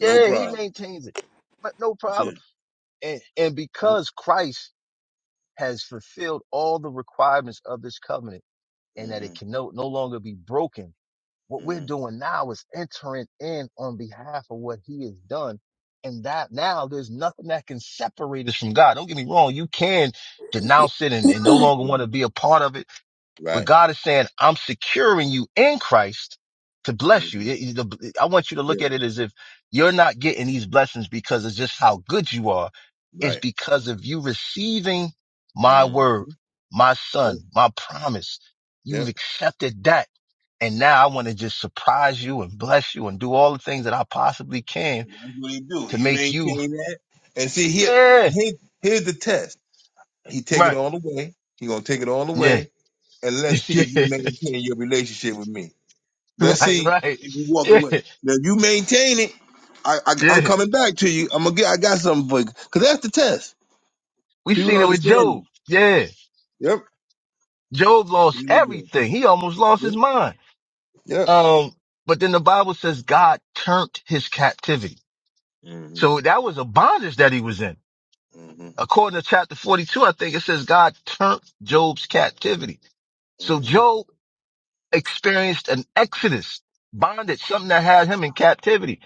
No he problem. maintains it, but no Yeah. problem. And, and Yep. because Christ has fulfilled all the requirements of this covenant and that it Mm-hmm. can no, no longer be broken, what we're Mm-hmm. doing now is entering in on behalf of what he has done. And that now there's nothing that can separate us from God. Don't get me wrong. You can denounce it and, and no longer want Yeah. to be a part of it where Right. God is saying, I'm securing you in Christ to bless you. Mm-hmm. It- it- I want you to look at Yeah. it as if you're not getting these blessings because of just how good you are. It's Right. because of you receiving my word, Mm-hmm. my Yep. son, my promise. You've yep. accepted that. And now I want to just surprise you and bless you and do all the things that I possibly can That's what he do. to You make you, maintain that. And see here, yeah, he, here's the test. He take it right. all away. He gonna take it all Yeah. away. And let's see if *laughs* you maintain your relationship with me. Yeah. Let's Right. see if Right. you walk Yeah. away. Now if you maintain it. I, I I'm Yeah. coming back to you. I'm gonna get. I got something for you. Cause that's the test. We People seen don't it with understand it. Job. Yeah. Yep. Job lost You would do. everything. He almost lost Yep. his mind. Yep. Um, but then the Bible says God turned his captivity. hmm So that was a bondage that he was in. hmm According to chapter 42, I think it says God turned Job's captivity. So hmm Job experienced an exodus, bondage, something that had him in captivity.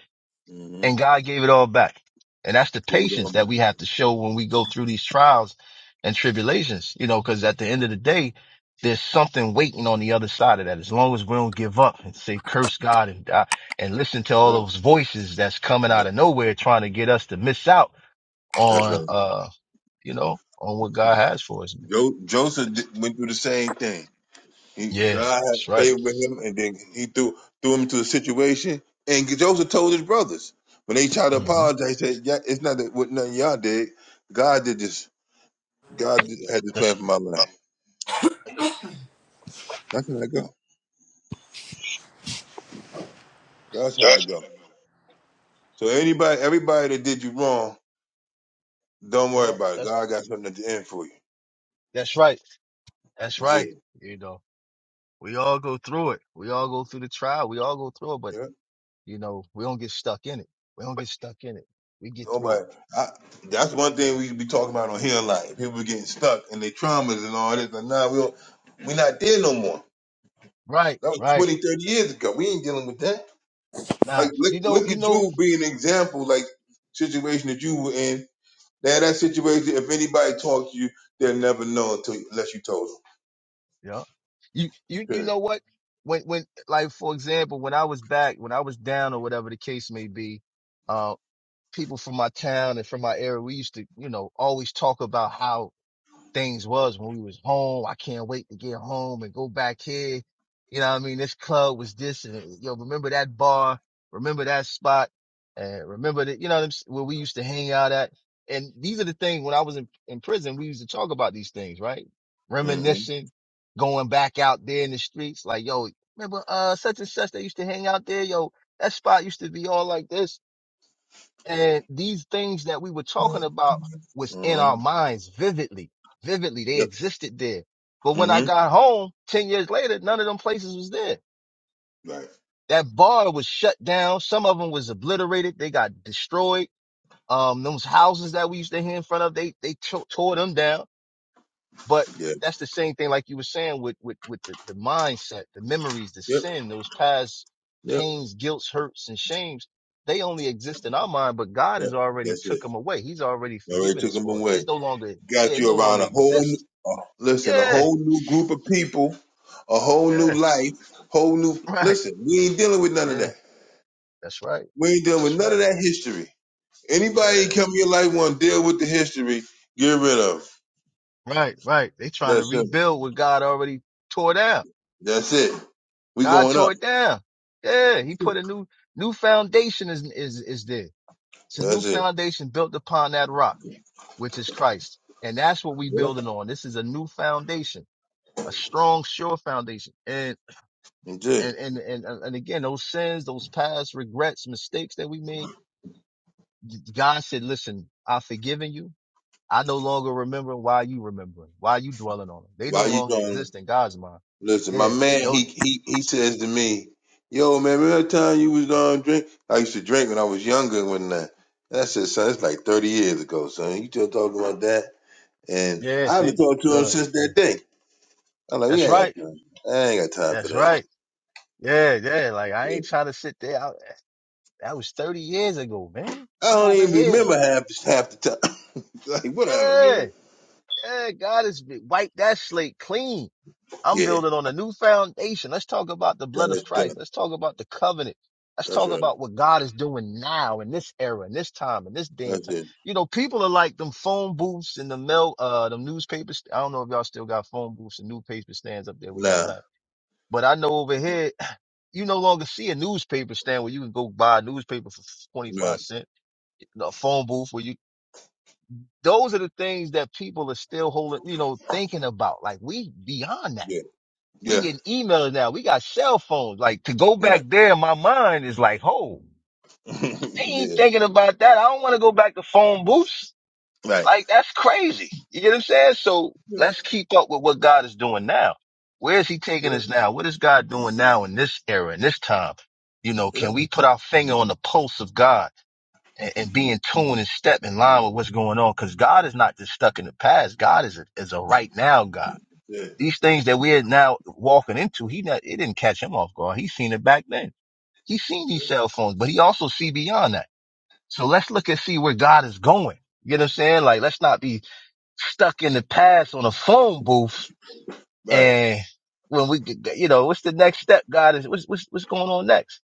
hmm and God gave it all back. And that's the Get it all patience that back. we have to show when we go through these trials and tribulations, you know, because at the end of the day, there's something waiting on the other side of that. As long as we don't give up and say, curse God and die and listen to all Right. those voices that's coming Right. out of nowhere trying to get us to miss out That's right. on, uh, you know, on what God has for us. man. Jo- Joseph That's, di- went through the same thing. He yeah, God that's had right. favor with him, and then he threw threw him into a situation. And Joseph told his brothers when they tried to hmm apologize, he said, "Yeah, it's not that what nothing y'all did. God did this. God did- had this That's, plan for my life. That's how I go. That's how I go. So anybody, everybody that did you wrong, don't yeah, worry about it. that's, God got something at the end for you. that's right. That's That's right. it. You know, we all go through it. We all go through the trial. We all go through it, but You know, we don't get stuck in it. We don't get stuck in it. We get through it. Nobody. I, that's one thing man. we be talking about on here a lot. People getting stuck in their traumas and all this. But now we don't, we not there no more. Right, That was right. 20 30 years ago. We ain't dealing with that. Like Nah, look you know, look you at know, you being an example. Like situation that you were in. Now that situation, if anybody talks to you, they'll never know until unless you told them. yeah. You, you, you Period. know what? When, when, like, for example, when I was back, when I was down or whatever the case may be, uh, people from my town and from my area, we used to, you know, always talk about how things was when we was home. I can't wait to get home and go back here. You know what I mean? This club was this and you know, remember that bar, remember that spot and remember that, you know where we used to hang out at. And these are the things when I was in, in prison, we used to talk about these things, right? Mm-hmm. Reminiscing, going back out there in the streets, like, yo, remember, uh, such and such, they used to hang out there. Yo, that spot used to be all like this and these things that we were talking about was in our Mm-hmm. minds vividly, vividly. They Yep. existed there. But when I Mm-hmm. got home 10 years later, none of them places was there. Right. That bar was shut down. Some of them was obliterated. They got destroyed. Um, those houses that we used to hear in front of, they, they to- tore them down but Yeah. that's the same thing, like you were saying, with with with the, the mindset, the memories, the Yep. sin, those past Yep. pains, guilts, hurts, and shames. They only exist in our mind, but God Yep. has already That's it. took them away. He's already Already forgiven took us them for it. away. It's no longer, yeah, Got it no you around longer a whole, exists. new- uh, listen, a Yeah, whole new group of people, a whole new yeah, life, whole new. right, Listen, we ain't dealing with none of yeah, that. that's right, We ain't dealing with that's none of right, that history. Anybody yeah, come in your life want to deal with the history, get rid of. it. right, right. They trying to That's simple. rebuild what God already tore down. That's it. We God going tore up. it down. Yeah, He put a new new foundation is is is there. It's a new That's it. foundation built upon that rock, which is Christ. And that's what we Yeah. building on. This is a new foundation, a strong, sure foundation. And, That's and, it. and, and, and again, those sins, those past regrets, mistakes that we made, God said, listen, I've forgiven you. I no longer remember why you remembering, why you dwelling on them. They Why no you longer joining? exist in God's mind. Listen, my Yeah. man, They'll, he he he says to me, "Yo, man, remember that time you was on drink? I used to drink when I was younger When that And I said, "Son, it's like thirty years ago, son. You still talking about that?" And yeah. I haven't See, talked to him good. since Yeah. that day. I'm like, "We That's ain't right. got time. I ain't got time for That's that." right. Yeah. Yeah. Like I Yeah. ain't trying to sit there. That was 30 years ago, man. I I'm don't over even here. remember I'm, half half the time. *laughs* like, whatever, yeah, man. yeah, God has wiped that slate clean. I'm Yeah, building on a new foundation. Let's talk about the blood of that's Christ. done. Let's talk about the covenant. Let's That's talk right. about what God is doing now in this era, in this time, in this day and That's time. it. You know, people are like them phone booths and the mail, uh, them newspapers. I don't know if y'all still got phone booths and newspaper stands up there where Nah, y'all at. But I know over here, *clears throat* you no longer see a newspaper stand where you can go buy a newspaper for 25 right. cents a phone booth where you Those are the things that people are still holding, you know, thinking about. Like we beyond that. Yeah, We yeah, getting emails now. We got cell phones. Like to go back right. there, my mind is like, oh, I *laughs* ain't yeah, thinking about that. I don't want to go back to phone booths. right. Like that's crazy. You get what I'm saying? So Yeah, let's keep up with what God is doing now. Where is he taking us yeah, now? What is God doing now in this era, in this time? You know, yeah. can we put our finger on the pulse of God? and, and be in tune and step in line with what's going on. Cause God is not just stuck in the past. God is a, is a right now God. yeah. These things that we're now walking into, he not, it didn't catch him off guard. He seen it back then. He seen these cell phones, but he also see beyond that. So let's look and see where God is going. You know what I'm saying? Like, let's not be stuck in the past on a phone booth. Right. And when we, you know, what's the next step? God is, what's, what's, what's going on next?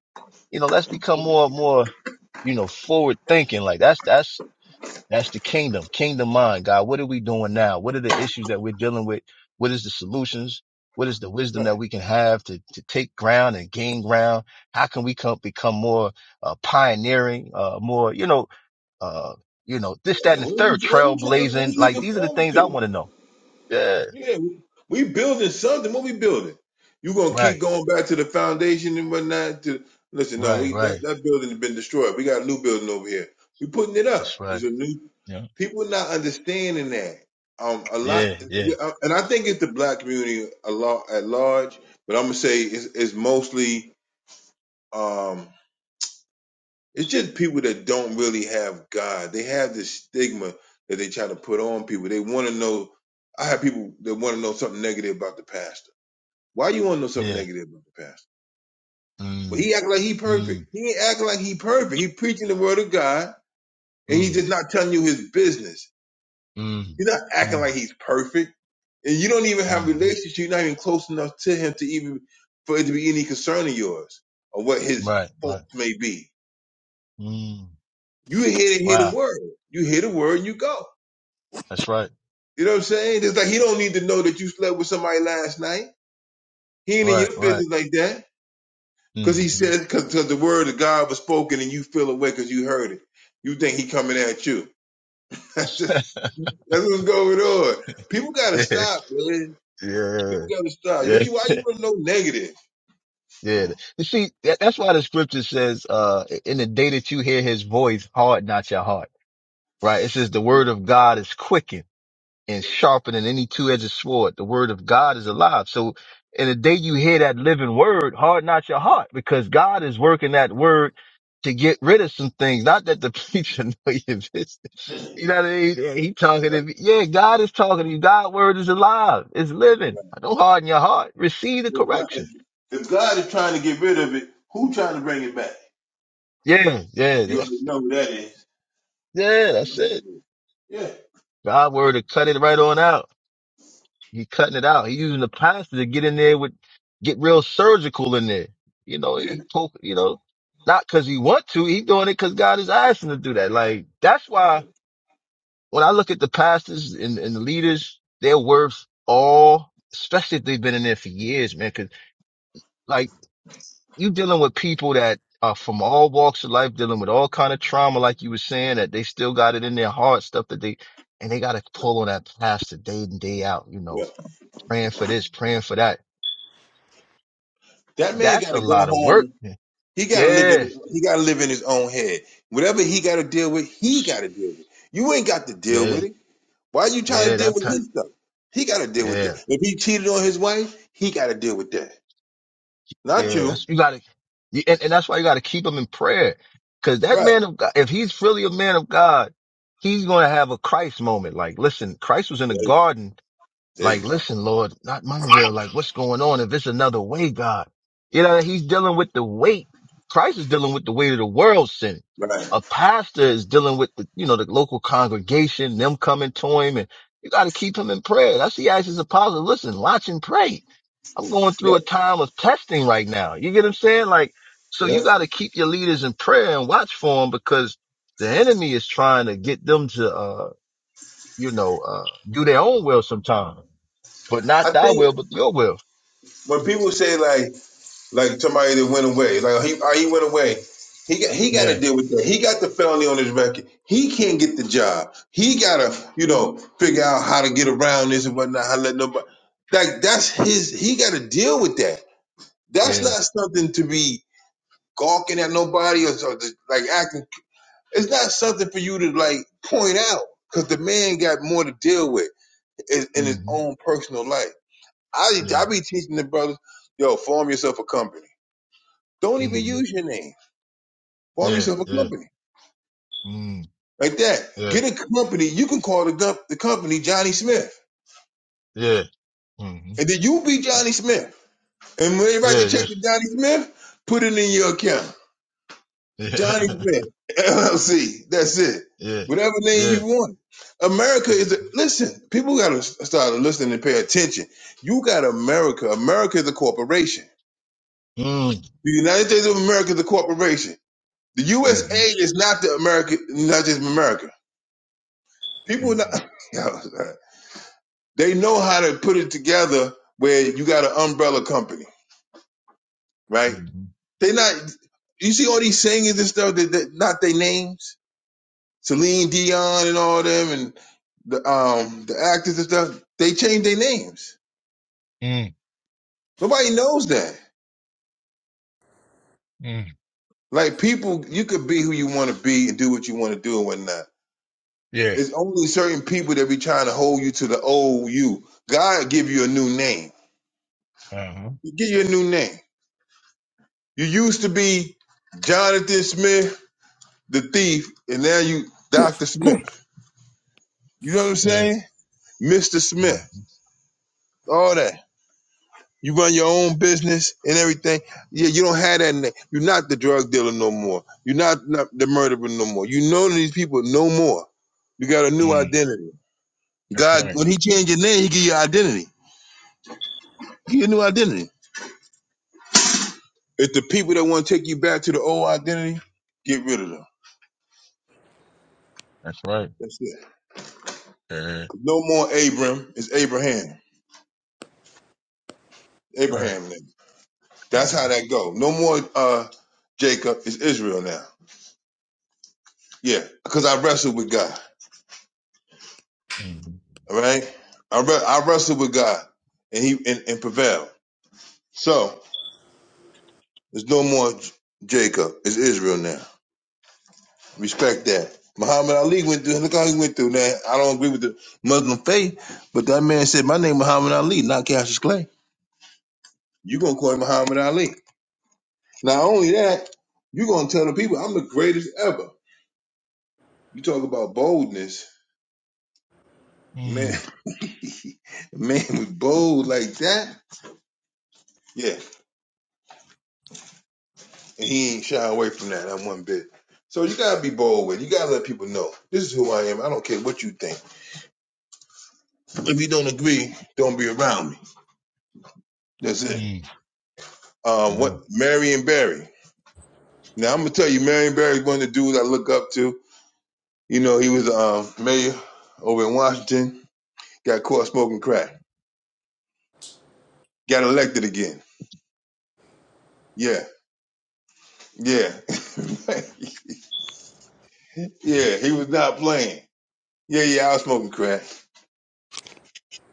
You know, let's become more, more, you know, forward thinking. Like that's, that's, that's the kingdom, kingdom mind, God. What are we doing now? What are the issues that we're dealing with? What is the solutions? What is the right. wisdom that we can have to, to take ground and gain ground? How can we come, become more uh, pioneering, uh, more, you know, uh, you know, this, that, Yeah, and the what are we third what are we trying what are trailblazing. we Like looking these are the forward things I to? want to know. Yeah. Yeah, we we building something. What we building? You gonna Right. keep going back to the foundation and whatnot? To listen, no, Right. we that, Right. that building has been destroyed. We got a new building over here. We putting it That's up. right. It's a new. Yeah. People not understanding that. Um, a lot, Yeah. Yeah. and I think it's the black community a lot at large, but I'm gonna say it's, it's mostly um It's just people that don't really have God. They have this stigma that they try to put on people. They want to know. I have people that want to know something negative about the pastor. Why you want to know something Yeah. negative about the pastor? But Mm, he act like he perfect. mm, He ain't acting like he perfect. He preaching the word of God, and he's mm, just not telling you his business. mm, He's not acting mm, like he's perfect, and you don't even have a mm. relationship. You're not even close enough to him to even for it to be any concern of yours or what his Right. Right. faults may be. Mm. You here to hear the Wow. word. You hear the word, you go. That's right. You know what I'm saying? It's like he don't need to know that you slept with somebody last night. He ain't in Right, your right. business like that. Cause he hmm said, cause cause the word of God was spoken and you feel away cause you heard it. You think he coming at you. *laughs* That's *laughs* just, that's what's going on. People gotta yeah, stop, man. yeah, People gotta stop. What yeah, you, why you wanna know negative? yeah. You see, that, that's why the scripture says, uh, in the day that you hear his voice, harden not your heart, right? It says the word of God is quickened. and sharper than any two-edged sword. The word of God is alive. So in the day you hear that living word, harden not your heart because God is working that word to get rid of some things. Not that the *laughs* preacher know your business. *clears throat* You know what I mean? Yeah, He talking to me. Yeah, God is talking to you. God word is alive. It's living. Don't harden your heart. Receive the If God correction. if God is trying to get rid of it, who trying to bring it back? Yeah, yeah, *laughs* You yeah, already know who that is. yeah that's it. Yeah. God word to cut it right on out. He cutting it out. He using the plaster to get in there with, get real surgical in there. You know, Yeah. he poke, you know, not cause he want to. He doing it cause God is asking him to do that. Like that's why when I look at the pastors and, and the leaders, they're worth all, especially if they've been in there for years, man. Cause like you dealing with people that are from all walks of life, dealing with all kind of trauma, like you were saying, that they still got it in their heart, stuff that they, and they got to pull on that pastor day in, day out, you know, Yeah. praying for this, praying for that That man That's a gotta go lot of home work. He got to live in Yeah, he got to live in his own head. Whatever he got to deal with, he got to deal with. it. You ain't got to deal yeah, with it. Why are you trying yeah. to deal That with time. his stuff? He got to deal with that. Yeah, If he cheated on his wife, he got to deal with that. Not yeah. you, That's you gotta, you, and, and that's why you gotta keep him in prayer, because that right? man of God, if he's really a man of God, he's gonna have a Christ moment. Like, listen, Christ was in the There, garden there you Like, go. listen, Lord, not my will. Like, what's going on? If it's another way, God, you know, he's dealing with the weight. Christ is dealing with the weight of the world sin. Right. A pastor is dealing with the, you know, the local congregation, them coming to him and you got to keep him in prayer. That's he asked his apostle, listen, watch and pray. I'm going through Yep. a time of testing right now. You get what I'm saying? Like, so you Yep. got to keep your leaders in prayer and watch for them because the enemy is trying to get them to, uh, you know, uh, do their own will sometimes but not I thy think will, but your will. when people say like. like somebody that went away. Like he uh, he went away. He got he got Yeah, to deal with that. He got the felony on his record. He can't get the job. He gotta you know figure out how to get around this and whatnot. How to let nobody like that's his. He got to deal with that. That's yeah, not something to be gawking at nobody or, or just, like acting. It's not something for you to like point out because the man got more to deal with in, in his mm-hmm, own personal life. I yeah, I be teaching the brothers, yo, form yourself a company. Don't even mm-hmm, use your name. Form yeah, yourself a yeah, company mm, like that. yeah, Get a company. You can call the, gump, the company Johnny Smith, yeah, mm-hmm, and then you be yeah, Johnny Smith. And when they write the check yeah, to Johnny Smith, put it in your account. Johnny yeah, Smith *laughs* LLC. That's it. *laughs* yeah, Whatever name yeah, you want. America is a, mm-hmm, listen. People gotta start listening and pay attention. You got America. America is a corporation. The United States of America is a corporation. The USA mm-hmm, is not the America, not just America. People are mm-hmm, not. *laughs* yo, They know how to put it together where you got an umbrella company, right? mm-hmm, They not you see all these singers and stuff that, that not their names, Celine Dion and all them, and the um the actors and stuff. They change their names. mm, Nobody knows that. mm, Like people, you could be who you want to be and do what you want to do and whatnot. yeah, It's only certain people that be trying to hold you to the old you. God give you a new name. uh-huh, He give you a new name. You used to be Jonathan Smith. the thief, and now you Dr. Smith. You know what I'm yeah, saying? Mr. Smith. mm-hmm, All that. You run your own business and everything. Yeah, you don't have that. Name. You're not the drug dealer no more. You're not, not the murderer no more. You know these people no more. You got a new mm, identity. that's God, right, when He changed your name, He give you identity. He give you a new identity. If the people that want to take you back to the old identity, get rid of them. that's right, That's it. yeah, No more Abram. It's Abraham. right, Abraham name. That's how yeah, that go. No more uh Jacob. It's Israel now. Yeah, because I wrestled with God. mm-hmm, All right, I re- I wrestled with God, and he and, and prevailed. So there's no more J- Jacob. It's Israel now. Respect that. Muhammad Ali went through. Look how he went through. Now I don't agree with the Muslim faith, but that man said, "My name Muhammad Ali, not Cassius Clay." You gonna call him Muhammad Ali? Not only that, you gonna tell the people, "I'm the greatest ever." You talk about boldness, man. *laughs* mm, man was bold like that. Yeah, and he ain't shy away from that not one bit. So you gotta be bold with. it. You gotta let people know this is who I am. I don't care what you think. If you don't agree, don't be around me. That's it. mm, Um, yeah, what Marion Barry. Now I'm gonna tell you, Marion Barry's one of the dudes I look up to. You know, he was um, mayor over in Washington. Got caught smoking crack. Got elected again. Yeah, yeah, *laughs* yeah. He was not playing. Yeah, yeah. I was smoking crack,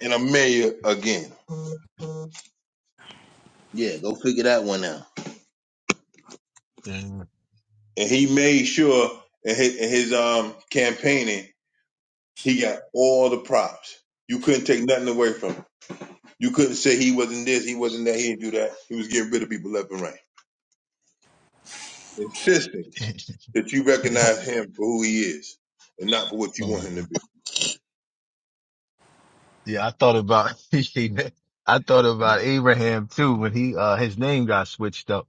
and I'm mayor again. Yeah, go figure that one out. yeah, and he made sure in his, in his um campaigning he got all the props. You couldn't take nothing away from him. You couldn't say he wasn't this, he wasn't that, he didn't do that. He was getting rid of people left and right, insisting *laughs* that you yeah, recognize him for who he is and not for what you want mm-hmm. him to Yeah, I thought about *laughs* I thought be. about Abraham too when he uh his name got switched up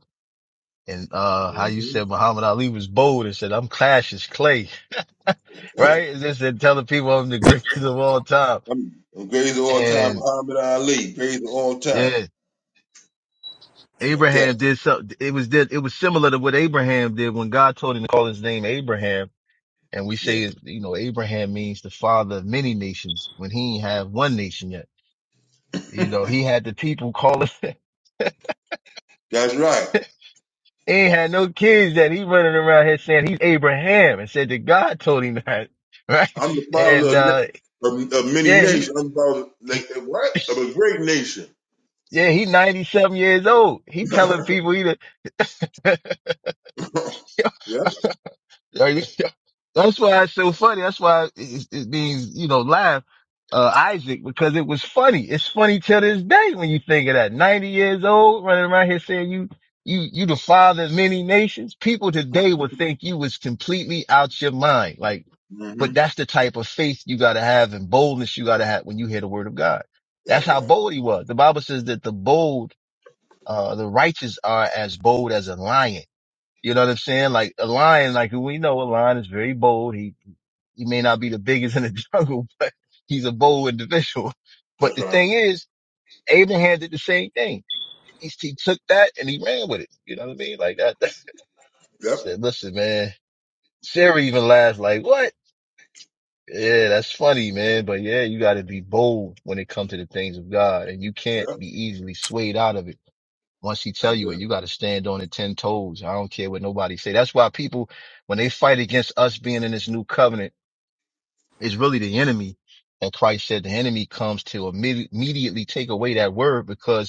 and uh how you said Muhammad Ali was bold and said I'm Clash is clay, *laughs* hmm right? *clears throat* And just said telling people I'm the greatest *laughs* of all time. I'm, I'm greatest of all time, And Muhammad Ali, greatest of all time, yeah, like that. Abraham did something. It was did it was similar to what Abraham did when God told him to call his name Abraham. And we Yeah, say, you know, Abraham means the father of many nations when he ain't have one nation yet. You know, he had the people calling. *laughs* that's right. He ain't had no kids that he running around here saying he's Abraham and said that God told him that, *laughs* right? I'm the father And of, uh na- of, of many yeah, nations. he, I'm the father he like of what? *sniffs* Of a great nation. *laughs* yeah, he 97 years old. *laughs* He telling people he the, *laughs* yep. Like, that's why it's so funny. That's why it, it means, you know, laugh, uh, Isaac, because it was funny. It's funny till this day when you think of that. 90 years old running around here saying you, you, you the father of many nations. People today would think you was completely out your mind. Like, hmm But that's the type of faith you got to have and boldness you got to have when you hear the word of God. That's That's how right. bold he was. The Bible says that the bold, uh, the righteous are as bold as a lion. You know what I'm saying? Like a lion, like we know a lion is very bold. He, he may not be the biggest *laughs* in the jungle, *laughs* but he's a bold individual. But That's the right. thing is, Abraham did the same thing. He, he took that and he ran with it. You know what I mean? Like that, *laughs* that Yep. said, listen, man, Sarah even laughed like, what? Yeah, that's funny, man. But yeah, you got to be bold when it comes to the things of God, and you can't Yep. be easily swayed out of it. Once he tell That's you it, it. you got to stand on it ten toes. I don't care what nobody say. That's why people, when they fight against us being in this new covenant, it's really the enemy. And Christ said the enemy comes to immedi- immediately take away that word because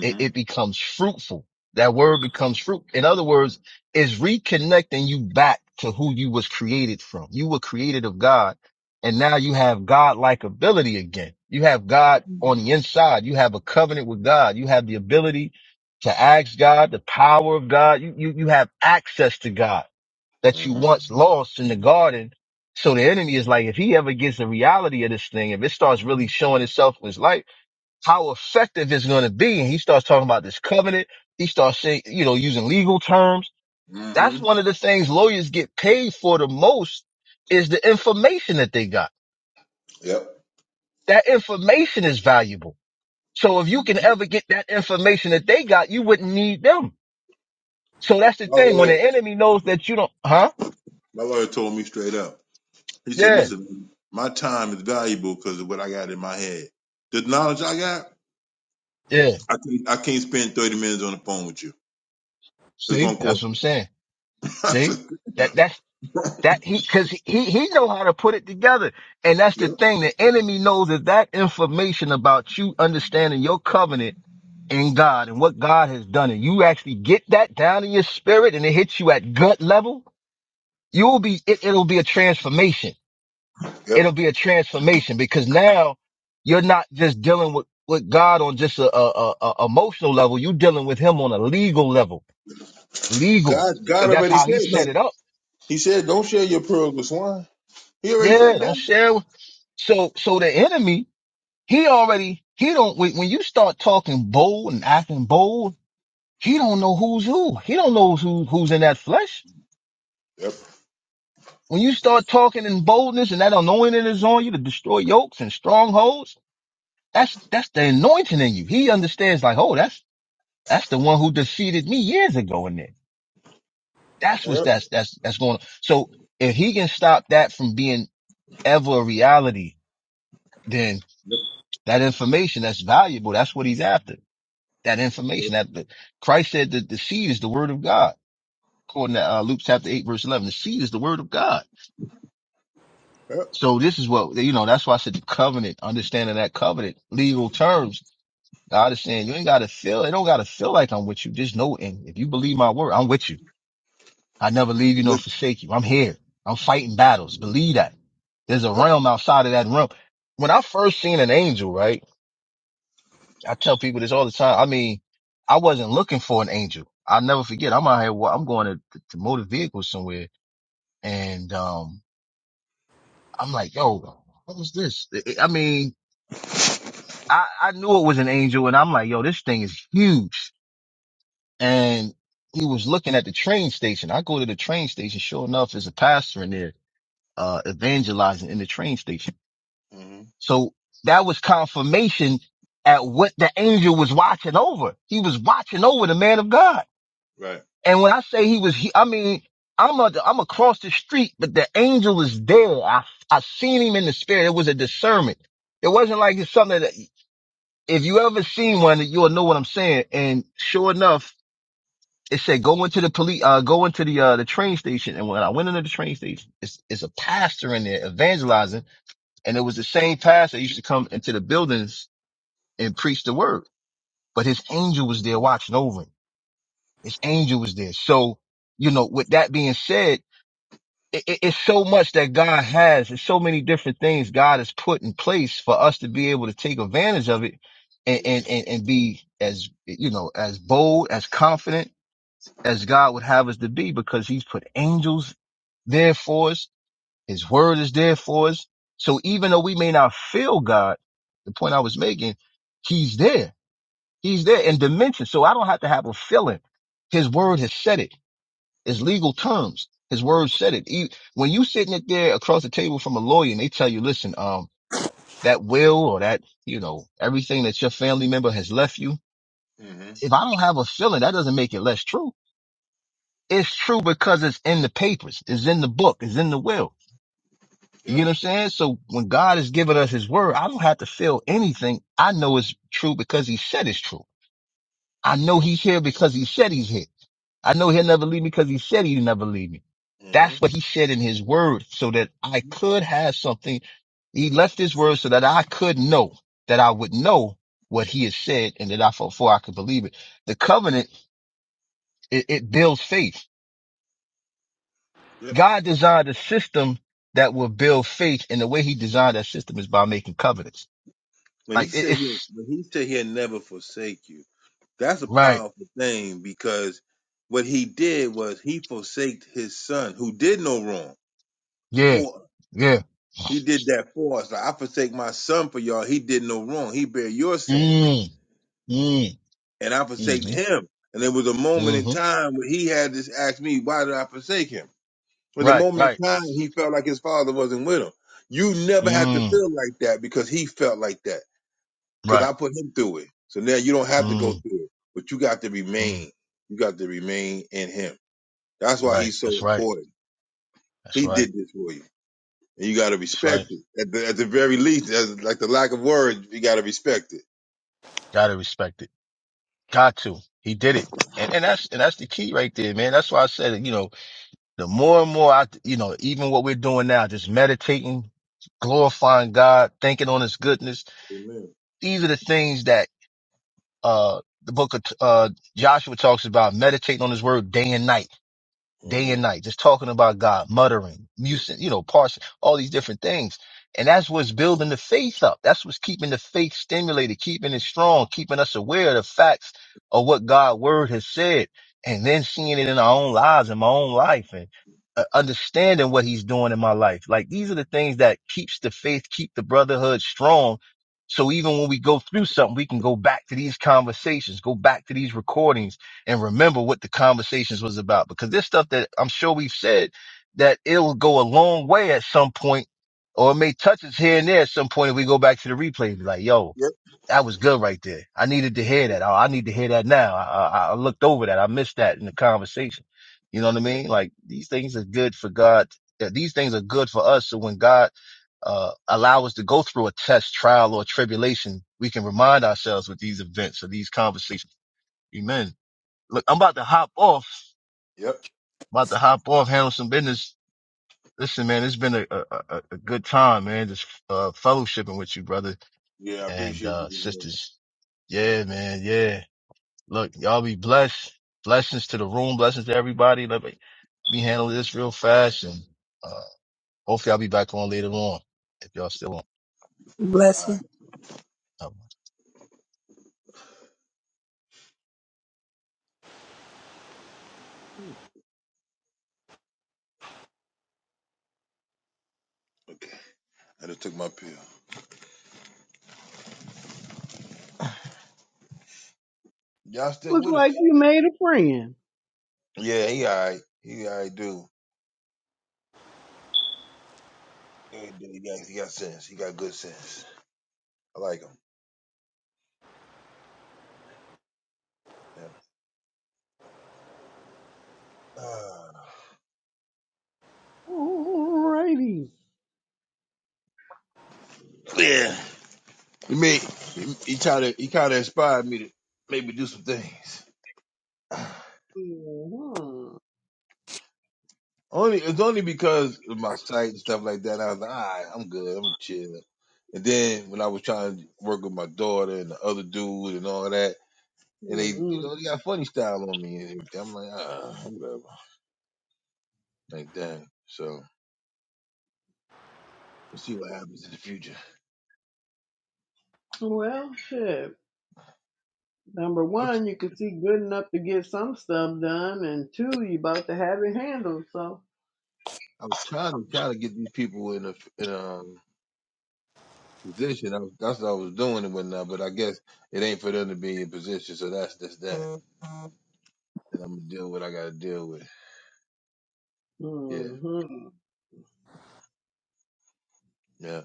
it, it becomes fruitful. That word becomes fruit. In other words, it's reconnecting you back to who you was created from. You were created of God and now you have God-like ability again. You have God on the inside. You have a covenant with God. You have the ability to ask God, the power of God. You, you, you have access to God that you Mm-hmm. once lost in the garden. So the enemy is like, if he ever gets the reality of this thing, if it starts really showing itself in his life, how effective it's going to be. And he starts talking about this covenant. He starts saying, you know, using legal terms. That's Mm-hmm. one of the things lawyers get paid for the most is the information that they got. Yep. That information is valuable. So if you can hmm ever get that information that they got, you wouldn't need them. So that's the My thing. When lawyer, the enemy knows that you don't, huh? my lawyer told me straight up. He said, Yeah. "Listen, my time is valuable because of what I got in my head. The knowledge I got, Yeah. I can't, I can't spend thirty minutes on the phone with you. It's See, gonna that's what cost." I'm saying. *laughs* I See said, "Yeah." that, that's *laughs* That he, cause he, he know how to put it together. And that's the Yep. thing. The enemy knows that that information about you understanding your covenant in God and what God has done, and you actually get that down in your spirit and it hits you at gut level, you'll be, it, it'll be a transformation. Yep. It'll be a transformation because now you're not just dealing with, with God on just a, a, a, a emotional level. You're dealing with him on a legal level, legal, God, cause God that's already how said he that. set it up. He said, "Don't share your pearls with swine." He already Yeah, said don't that. share. with- So, so the enemy, he already, he don't, when, when you start talking bold and acting bold, he don't know who's who. He don't know who, who's in that flesh. Yep. When you start talking in boldness and that anointing is on you to destroy yokes and strongholds, that's, that's the anointing in you. He understands like, oh, that's, that's the one who defeated me years ago in there. That's what's, Yep. that's, that's, that's going on. So if he can stop that from being ever a reality, then. Yep. That information that's valuable, that's what he's after. That Yep. information that the, Christ said that the seed is the word of God, according to uh, Luke chapter 8, verse 11. The seed is the word of God. Yep. So this is what, you know, that's why I said the covenant, understanding that covenant, legal terms. God is saying, you ain't got to feel, it don't got to feel like I'm with you. Just know, and if you believe my word, I'm with you. I never leave you nor Look, forsake you. I'm here. I'm fighting battles. Believe that. There's a Yep. realm outside of that realm. When I first seen an angel, right? I tell people this all the time. I mean, I wasn't looking for an angel. I'll never forget. I'm out here. wa- I'm going to, to motor vehicles somewhere, and um, I'm like, yo, what was this? I I mean, I I knew it was an angel, and I'm like, yo, this thing is huge. And he was looking at the train station. I go to the train station. Sure enough, there's a pastor in there uh evangelizing in the train station. hmm So that was confirmation at what the angel was watching over. He was watching over the man of God. Right. And when I say he was, he, I mean, I'm a, I'm across the street, but the angel was there. I, I seen him in the spirit. It was a discernment. It wasn't like it's something that if you ever seen one, you'll know what I'm saying. And sure enough, it said go into the police, uh, go into the, uh, the train station. And when I went into the train station, it's, it's a pastor in there evangelizing. And it was the same pastor that used to come into the buildings and preach the word, but his angel was there watching over him. His angel was there. So, you know, with that being said, it, it- it's so much that God has. It's so many different things God has put in place for us to be able to take advantage of it and, Yep. and, and, and be as, you know, as bold, as confident as God would have us to be because he's put angels there for us. His word is there for us. So even though we may not feel God, the point I was making, he's there. He's there in Yep. dimension. So I don't have to have a feeling. His word has said it. It's legal terms. His words said it. E- When you sitting it there across the table from a lawyer and they tell you, listen, um, that will or that, you know, everything that your family member has left you. hmm Right. If I don't have a feeling, that doesn't make it less true. It's true because it's in the papers. It's in the book. It's in the will. You get what Yep. I'm saying? So when God has given us his word, I don't have to feel anything. I know it's true because he said it's true. I know Yep. he's here because he said he's here. I know he'll never leave me because he said he'd never leave me. hmm That's what he said in his word so that I could have something. He left his word so that I could know that I would know what he has said and that I for for I could believe it. The covenant, it, it builds faith. Yep. God designed a system that will build faith and the way he designed that system is by making covenants. When he Like it, said he, it's when he said he'll never forsake you, that's a right. powerful thing because what he did was he forsaked his son who did no wrong Yeah. for. Yeah. He did that for us. Like, I forsake my son for y'all. He did no wrong. He bear your sins. Mm, mm, and I forsake hmm him. And there was a moment in hmm time where he had this ask me, why did I forsake him? There was a Right. moment Right. in time he felt like his father wasn't with him. You never have to Mm, feel like that because he felt like that because right. I put him through it. So now you don't have to go Mm, through it, but you got to mm, remain. You got to remain in him. That's why right. he's so That's right. important. That's He right. did this for you. And you got to That's right. respect it. At the, at the very least, as, like the lack of words, you got to respect it. Gotta respect it. Got to. He did it. And, and that's, and that's the key right there, man. That's why I said, you know, the more and more I, you know, even what we're doing now, just meditating, glorifying God, thinking on his goodness. Amen. These are the things that, uh, the book of, uh, Joshua talks about meditating on his word day and night day hmm and night, just talking about God, muttering, Yep. musing, you know, parsing, all these different things. And that's what's building the faith up. That's what's keeping the faith stimulated, keeping it strong, keeping us aware of the facts of what God's word has said, and then seeing it in our own lives, in my own life, and uh, understanding what he's doing in my life. Like these are the things that keeps the faith, keep the brotherhood strong. So even when we go through something, we can go back to these conversations, go back to these recordings, and remember what the conversations was about because there's stuff that I'm sure we've said that it'll go a long way at some point or it may touch us here and there at some point if we go back to the replay and be like, yo, Yep. that was good right there. I needed to hear that. Oh, I need to hear that now. I, I, I looked over that. I missed that in the conversation. You know what I Yep. mean? Like these things are good for God. uh, These things are good for us. So when God, uh, allow us to go through a test, trial or tribulation, we can remind ourselves with these events or these conversations. Amen. Look, I'm about to hop off. Yep. About to hop off, handle some business. Listen, man, it's been a, a, a a good time, man. Just uh, fellowshipping with you, brother Yeah, I and appreciate you uh, this morning. sisters. Yeah, man. Yeah. Look, y'all be blessed. Blessings to the room. Blessings to everybody. Let me, me handle this real fast, and uh, hopefully I'll be back on later on if y'all still All Bless right. you. on. Okay. I just took my pill. Y'all still Look with like us? you made a friend. Yeah, he all right. He all right, dude. He, he, got, he got sense. He got good sense. I like him. Yeah. Uh, Alrighty. Yeah. he made, he, he kind of he kind of inspired me to maybe do some things. *sighs* Mhm. Only it's only because of my sight and stuff like that. I was like, all right, I'm good. I'm chill. And then when I was trying to work with my daughter and the other dude and all that, and they, you Mhm. know, they got funny style on me and everything. I'm like, ah, whatever. like that. So we'll see what happens in the future. Well, shit. Number I'm, t- one, you can see good enough to get some stuff done, and two, you about to have it handled. So, I'm trying to try to get these people in a f- in a um, position. I was, that's what I was doing and whatnot. But I guess it ain't for them to be in position. So that's that's that. And I'm gonna deal with what I gotta deal with. Yeah, hmm yeah.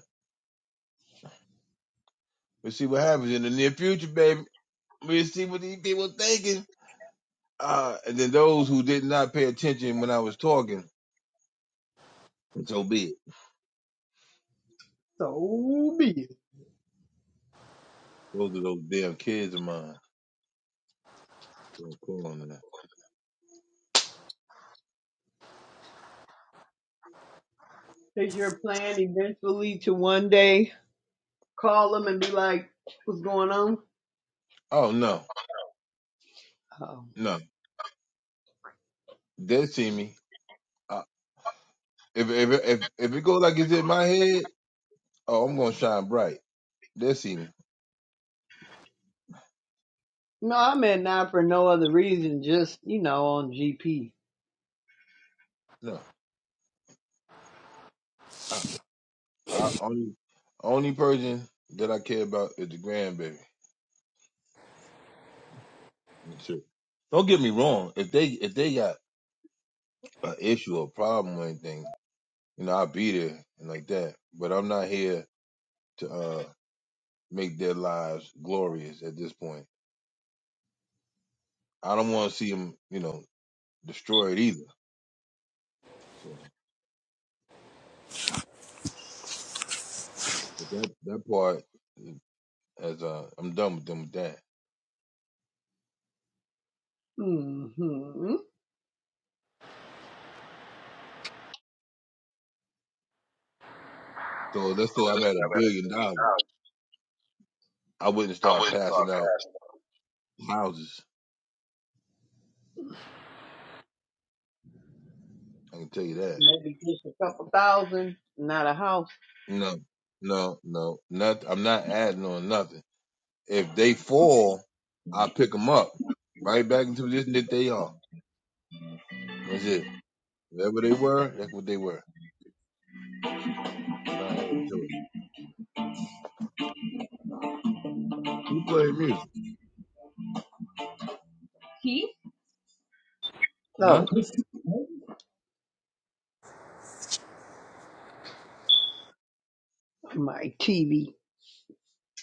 We'll see what happens in the near future, baby. We'll see what these people thinking. Uh, and then those who did not pay attention when I was talking, so be it. so be it. Those are those damn kids of mine. Don't call them that. Is your plan eventually to one day call them and be like, what's going on? Oh no, Oh. no. They see me. I If if if if it go like it's in my head, oh, I'm gonna shine bright. They'll see me. No, I'm at nine for no other reason, just, you know, on GP. No, I, I only only person that I care about is the grandbaby. That's it. Don't get me wrong. If they if they got an issue or problem or anything, you know I'll be there and like that. But I'm not here to uh make their lives glorious at this point. I don't want to see them, you know, destroyed either. So but that that part, as uh, I'm done with them with that. hmm So So let's say I'm at listen, a I'm at a billion three dollars, now. I wouldn't I start wouldn't start passing out passing. houses. I can tell you that. Maybe just a couple thousand, not a house. No, no, no, nothing. I'm not adding on nothing. If they fall, I pick them up right back into the position that they are. That's it. Whatever they were, that's what they were. I'm not adding to it. Who played music? Huh? No. *laughs* my TV.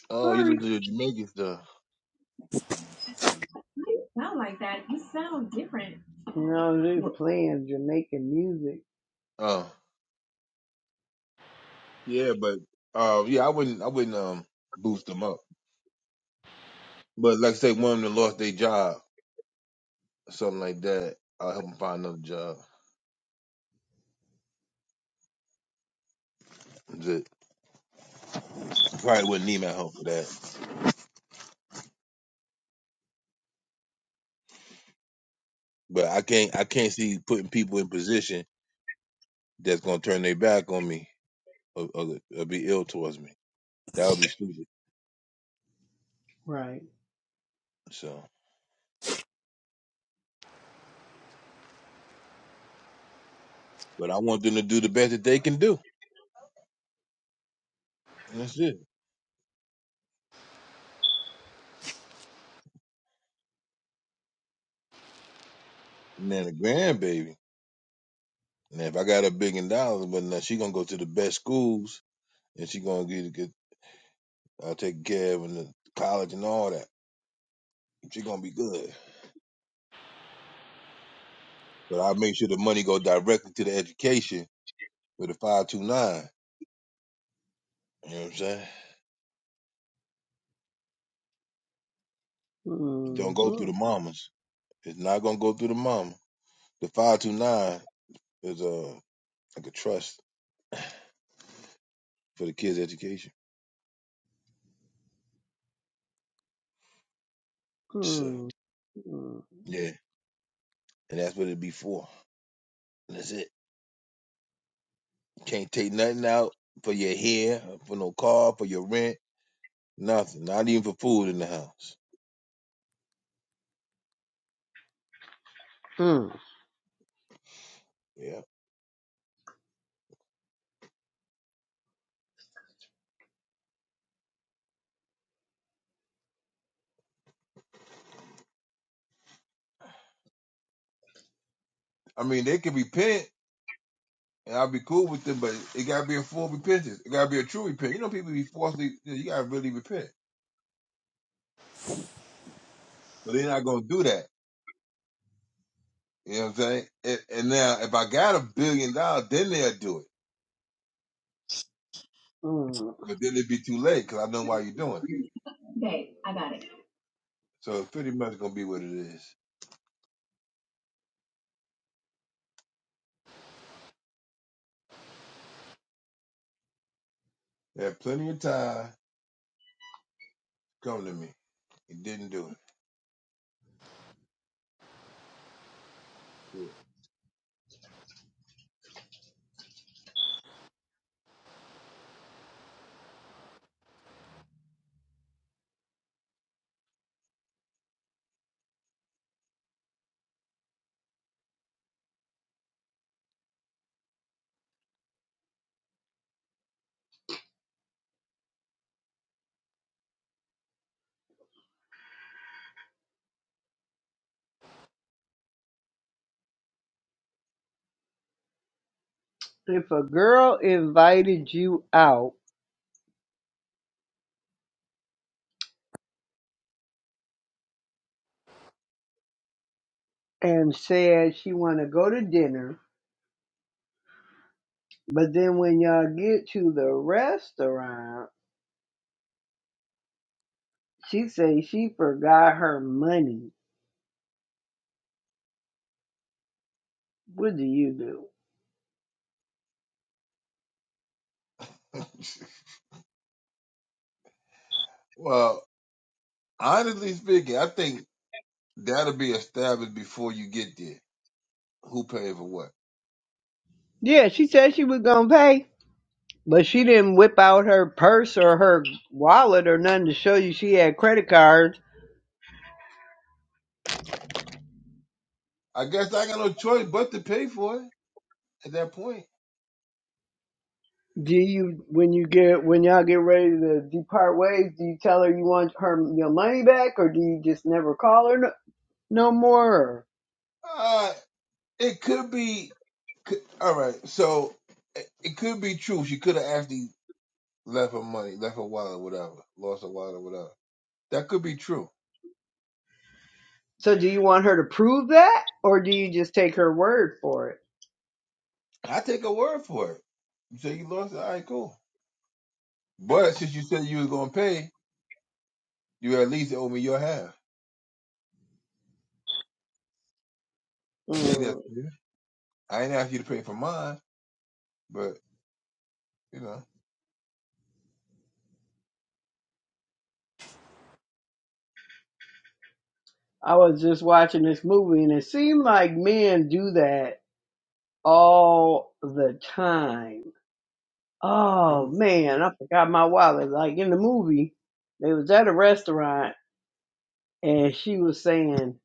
Oh, you Sorry. look at the Jamaican stuff. No, they're playing Jamaican music. Oh, yeah, but uh, yeah, I wouldn't, I wouldn't um boost them up. But like I say, one of them that lost their job or something like that. I'll help them find another job. Just, I probably wouldn't need my help for that. But I can't I can't see putting people in position that's gonna turn their back on me or, or, or be ill towards me. That would be stupid. Right. So but I want them to do the best that they can do. And that's it. And then a grandbaby. And if I got a billion dollars, but now she gonna go to the best schools and she gonna get get uh, taken care of in the college and all that. She gonna be good. But I make sure the money go directly to the education with the five two nine. You know what I'm saying? It hmm don't go hmm through the mamas. It's not gonna go through the mama. The five two nine is uh like a trust for the kids' education. So Mm, yeah, and that's what it'd be for. And that's it. You can't take nothing out for your hair, for no car, for your rent, nothing. Not even for food in the house. mm. Yeah. I mean, they can repent, and I'll be cool with them, but it gotta be a full repentance. It gotta be a true repent. You know, people be forcefully. You, know, you gotta really repent, but they're not gonna do that. You know what I'm saying? And, and now, if I got a billion dollars, then they'll do it. Mm. But then it'd be too late because I know why you're doing it. So it's pretty much gonna be what it is. You had plenty of time. Come to me. He didn't do it. *laughs* If a girl invited you out, and said she want to go to dinner. But then when y'all get to the restaurant, she say she forgot her money. What do you do? well, honestly speaking, I think that'll be established before you get there. Who paid for what? Yeah, she said she was gonna pay, but she didn't whip out her purse or her wallet or nothing to show you she had credit cards. I guess I got no choice but to pay for it at that point. Do you when you get when y'all get ready to depart ways? Do you tell her you want her your money back, or do you just never call her no, no more? Uh it could be. Could, all right, so it, it could be true. She could have actually left her money, left her wallet, whatever, lost her wallet, whatever. That could be true. So do you want her to prove that or do you just take her word for it? I take a word for it. You say you lost it, all right, cool. But since you said you was gonna pay, you at least owe me your half. I think that's Mm. fair. I ain't asked you to pay for mine, but you know, I was just watching this movie and it seemed like men do that all the time. do Oh it. man, I forgot my wallet. Like in the movie, they was at a restaurant and she was saying,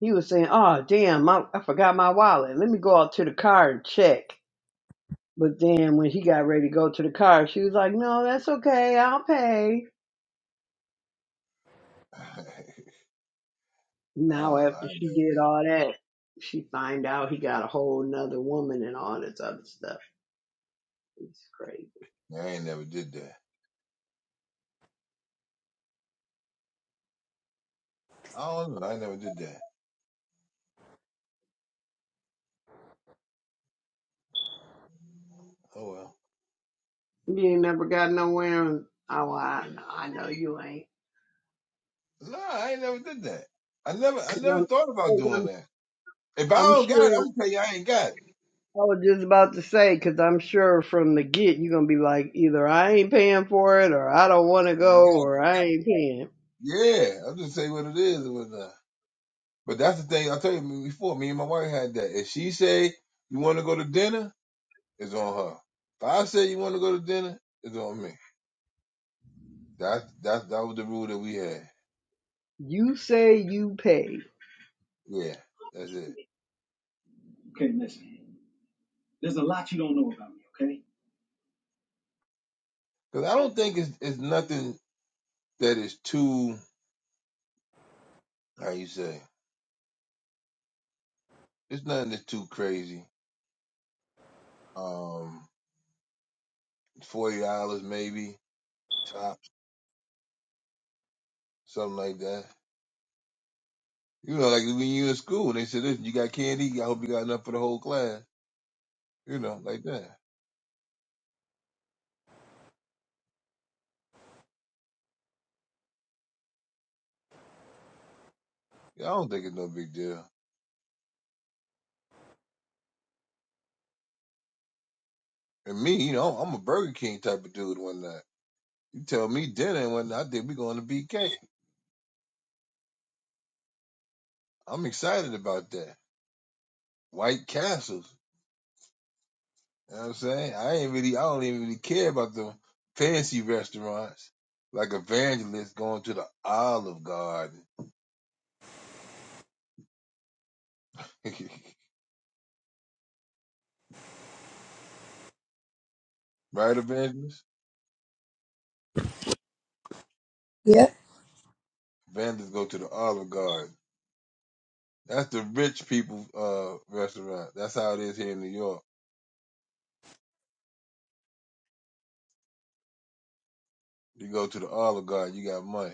he was saying, oh damn, I, I forgot my wallet. Let me go out to the car and check. But then when he got ready to go to the car, she was like, no, that's okay. I'll pay. *laughs* I Now don't know, I after ain't she never did did all that, she find out he got a whole nother woman and all this other stuff. It's crazy. I ain't never did that. I don't know, I ain't never did that. Oh well. You ain't never got nowhere. And, oh, I know, I know you ain't. No, I ain't never did that. I never Cause I never I'm, thought about cause doing I'm, that. If I I'm don't got it, I'm sure. gonna tell you I ain't got it. I was just about to say, cause I'm sure from the get you're gonna be like, either I ain't paying for it, or I don't want If to I ain't go, or I ain't paying. got it, Yeah, I'm just say what it is and whatnot. But that's the thing I tell you before. Me and my wife had that. If she say you want to go to dinner, it's on her. If I say you want to go to dinner, it's on me. That that that was the rule that we had. You say you pay. Yeah, that's it. Because I don't think it's it's nothing that is too how you say. It's nothing that's too crazy. Um, forty dollars maybe tops, something like that. You know, like when you in school and they said, "Listen, you got candy. I hope you got enough for the whole class." You know, like that. Yeah, I don't think it's no big deal. And me, you know, I'm a Burger King type of dude One night, You tell me dinner and one night, I think we going to BK. I'm excited about that. White Castles. You know what I'm saying? I ain't really, I don't even really care about the fancy restaurants. Like Evangelist going to the Olive Garden. *laughs* right, Evangelist? Yeah. Evangelist go to the Olive Garden. That's the rich people uh restaurant. That's how it is here in New York. You go to the Olive Garden, you got money.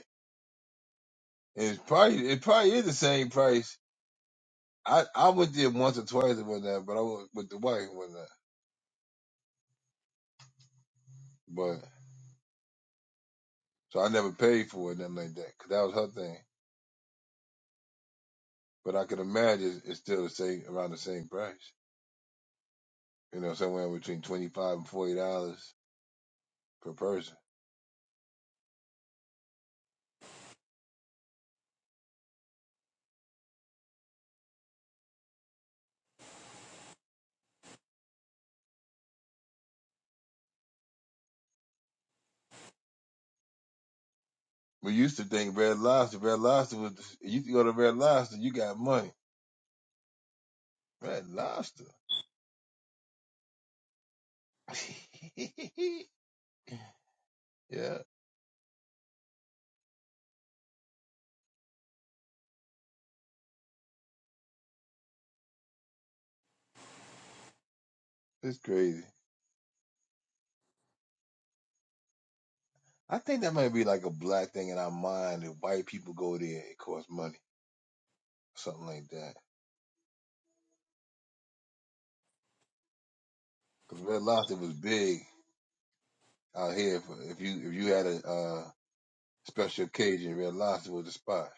And it's probably it probably is the same price I I went there once or twice and whatnot, but I went with the wife and whatnot. But so I never paid for it, nothing like that, 'cause that was her thing. But I could imagine it's still the same, around the same price. You know, somewhere between twenty five and forty dollars per person. We used to think Red Lobster, Red Lobster was. You used to go to Red Lobster, you got money. Red Lobster. *laughs* yeah, it's crazy. I think that might be like a black thing in our mind that white people go there, it costs money, something like that. Cause red lobster was big out here. For, if you if you had a uh, special occasion, red lobster was the spot.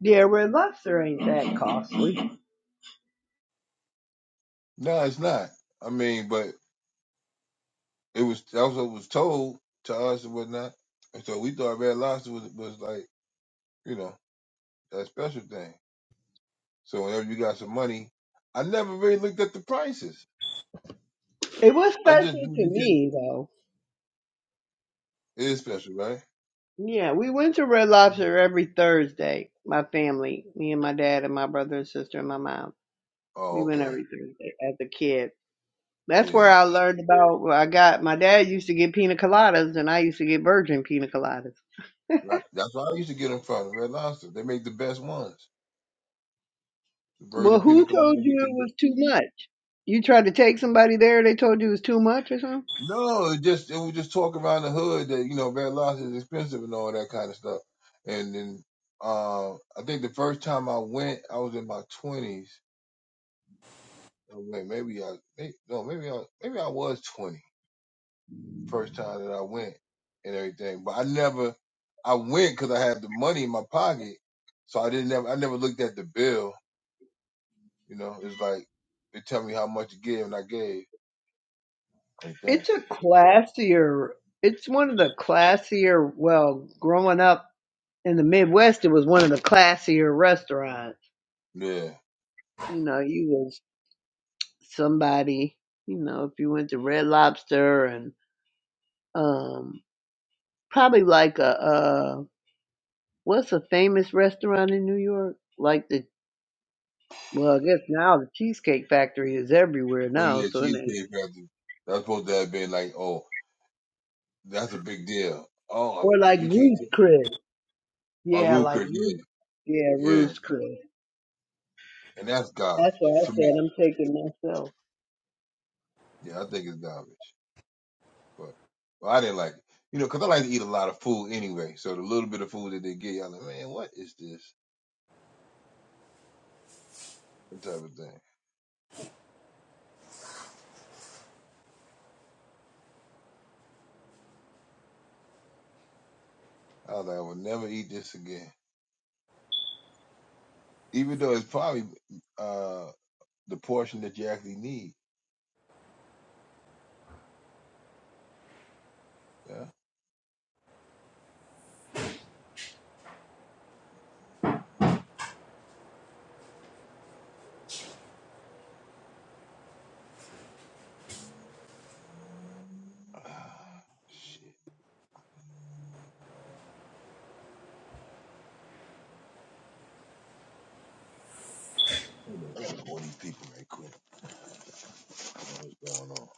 Yeah, red lobster ain't that costly. No, it's not. I mean, but it was that was what was told to us and whatnot. And so we thought red lobster was was like you know that special thing. So whenever you got some money, I never really looked at the prices. It was I just special knew they to said me though. it is special, right? Yeah, we went to Red Lobster every Thursday. My family, me and my dad and my brother and sister and my mom. We Oh, went okay, every Thursday as a kid. That's where yeah. I learned about. where I got my dad used to get pina coladas, and I used to get virgin pina coladas. Right. That's why I used to get them from Red Lobster. They make the best ones. The Well, virgin pina who told colada. you make the it was too much? You tried to take somebody there. They told you it was too much or something. No, it just it was just talk around the hood that you know bad loss is expensive and all that kind of stuff. And then um, I think the first time I went, I was in my twenties. Maybe I may no, maybe I maybe I was twenty the first time that I went and everything. But I never I went because I had the money in my pocket, so I didn't never I never looked at the bill. You know, it's like they tell me how much to give and I gave like that. It's a classier. It's one of the classier. Well, growing up in the Midwest, it was one of the classier restaurants. Yeah. You know, you was somebody, you know, if you went to Red Lobster and um probably like a uh what's a famous restaurant in New York? Like the well, I guess now the Cheesecake Factory is everywhere Oh now, yeah, so it ain't. cheesecake factory. That's supposed to have been like oh. That's a big deal. Oh, um, Or like you can't Ruth's take Chris. a Yeah, like Ruka, Ruth. yeah, Yeah, yeah, Ruth's Chris. and that's That's garbage what to I said. me. I'm taking myself. Yeah, I think it's garbage, but well, I didn't like it, you know, cause I like to eat a lot of food anyway. So the little bit of food that they get, y'all like, man, what is this? That type of thing. I was like, I will never eat this again, even though it's probably uh the portion that you actually need. Yeah. *sighs* Ah, shit. Hold on, I gotta call these people right quick. What's going on?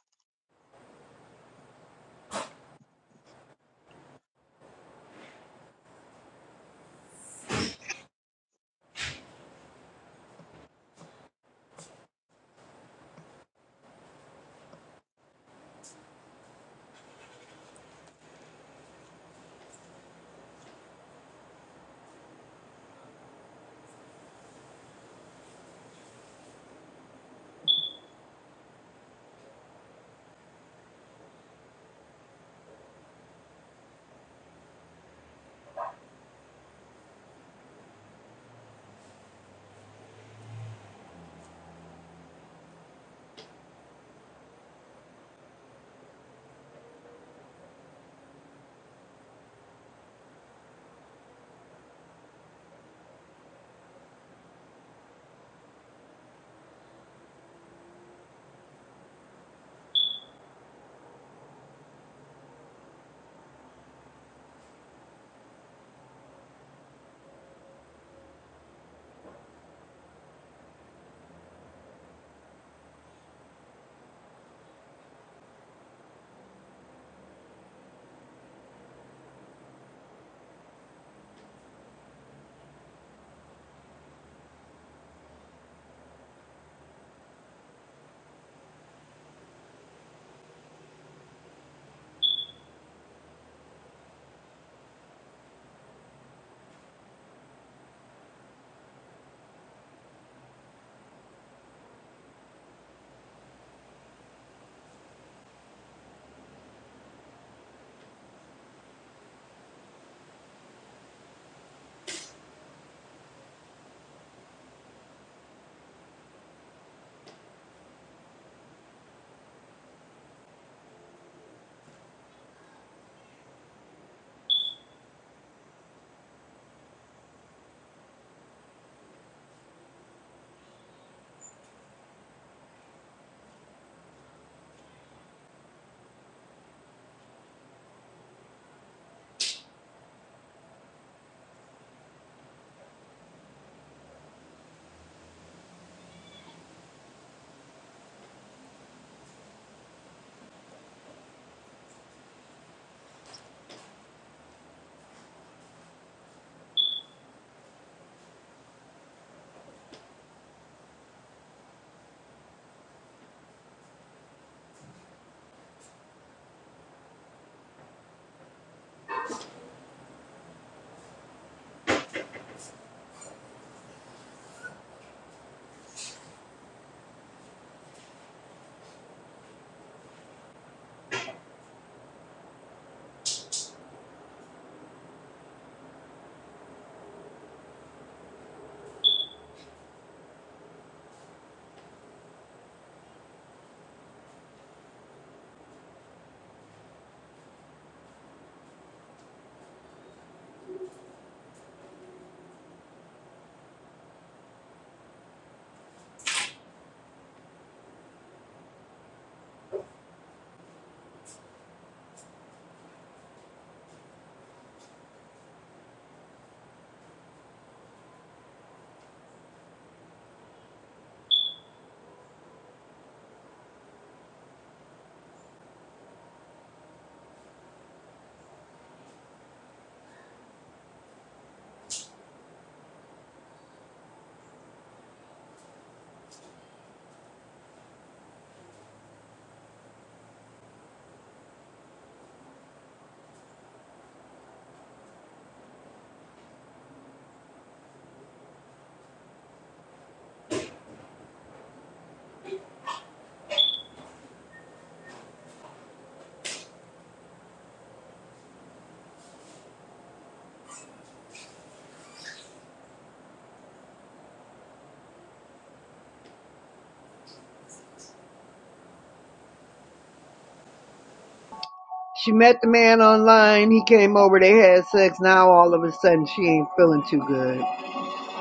She met the man online. He came over. They had sex. Now all of a sudden she ain't feeling too good.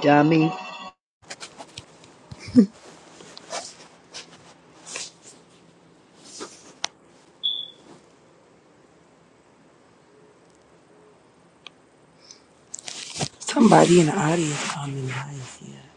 Dummy. Somebody in the audience coming nice. Yeah.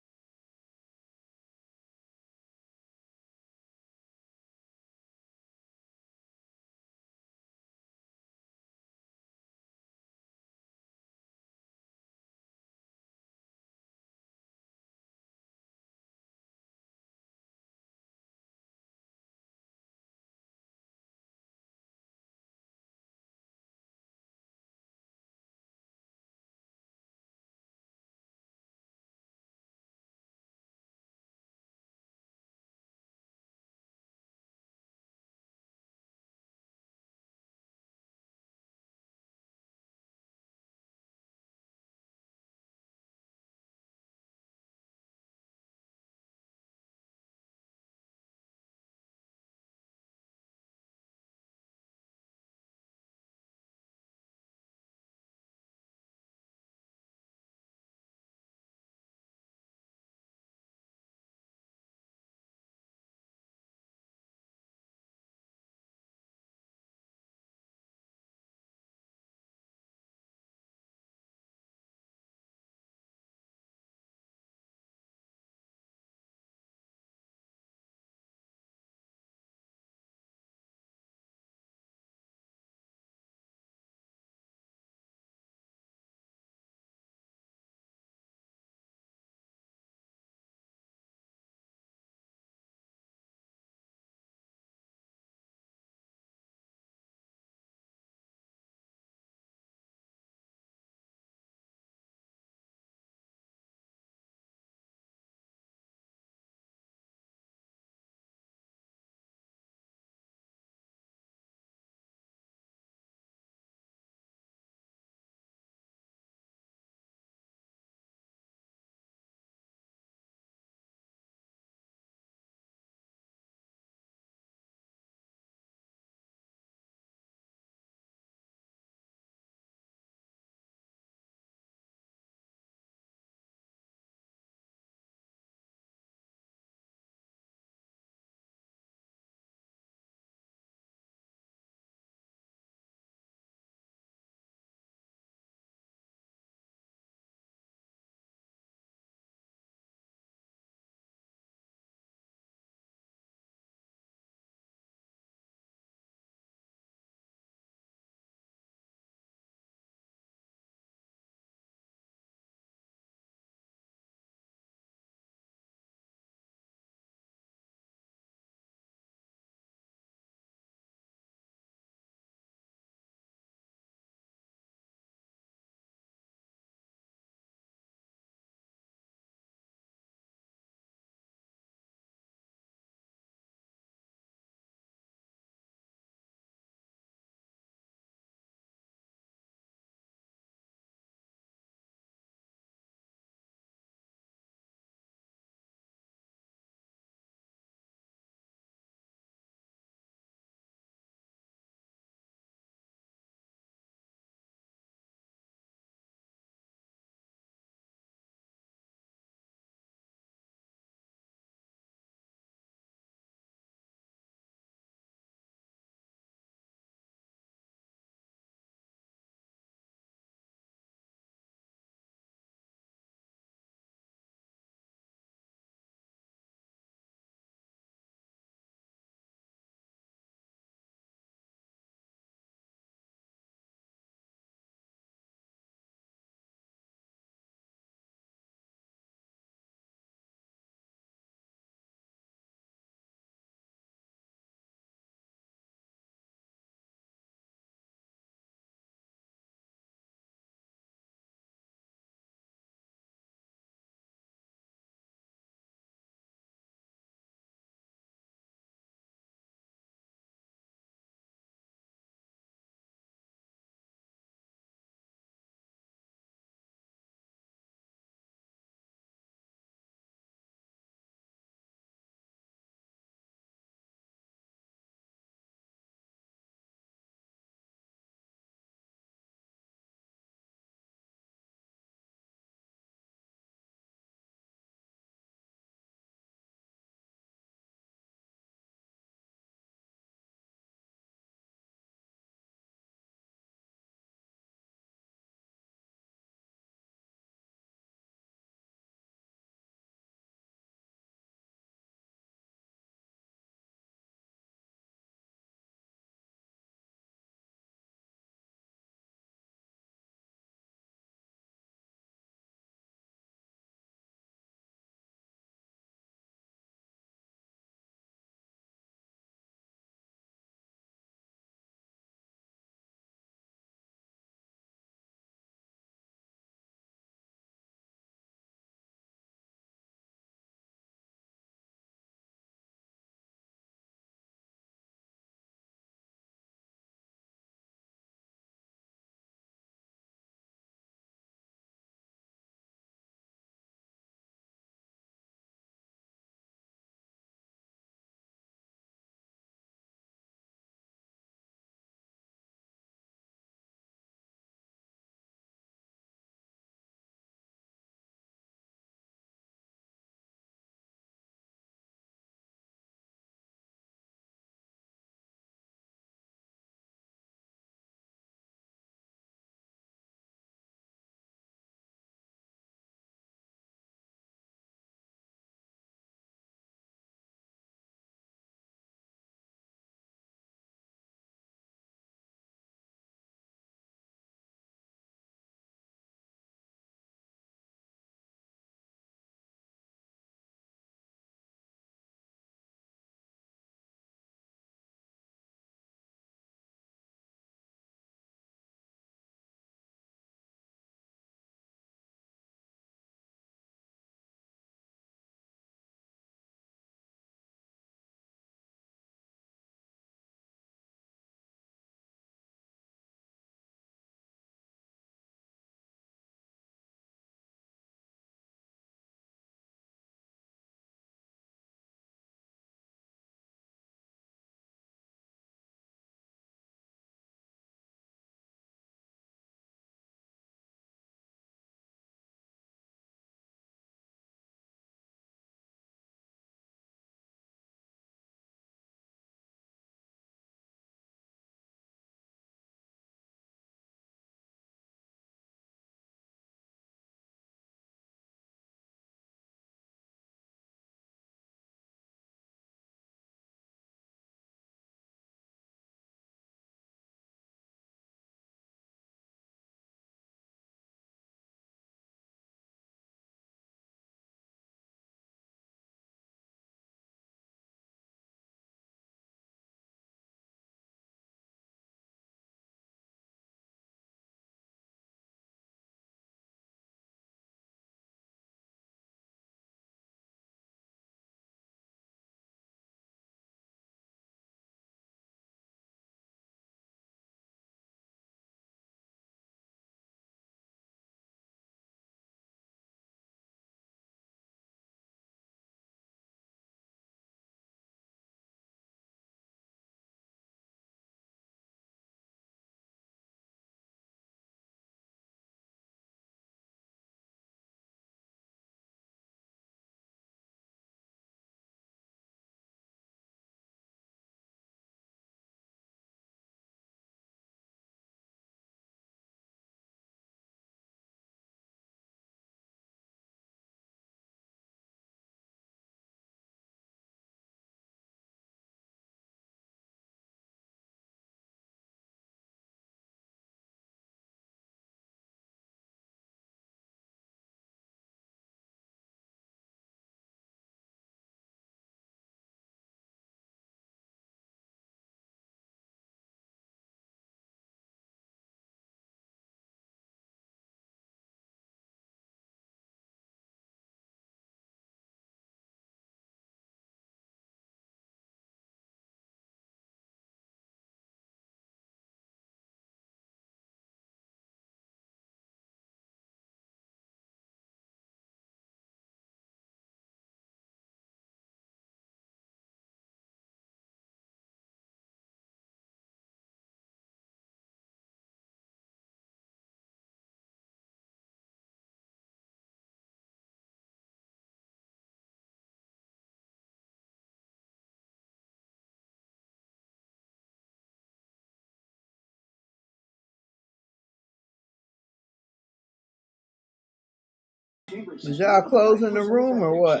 Was y'all closing the room or what?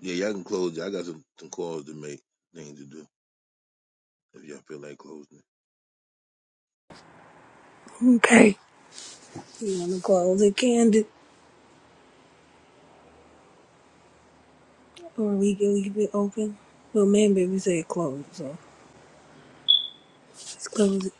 Yeah, y'all can close. I got some, some calls to make, things to do. If y'all feel like closing. Okay. You want to close it candid or we can leave it open? Well, man, baby said close. so. Just close it.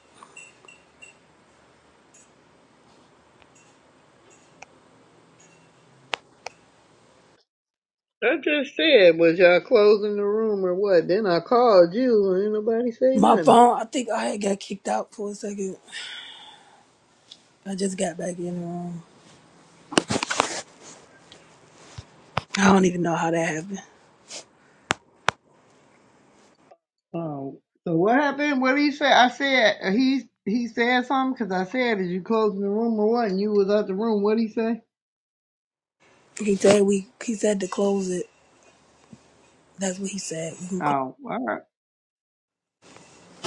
I just said, was y'all closing the room or what? Then I called you and ain't nobody say My nothing. phone, I think I had got kicked out for a second. I just got back in the room. I don't even know how that happened. Oh, so what happened? What did he say? I said uh, he he said something because I said, "Is you closing the room or what?" And you was out the room. What did he say? He said we he said to close it. That's what he said. We can Oh, close. all right,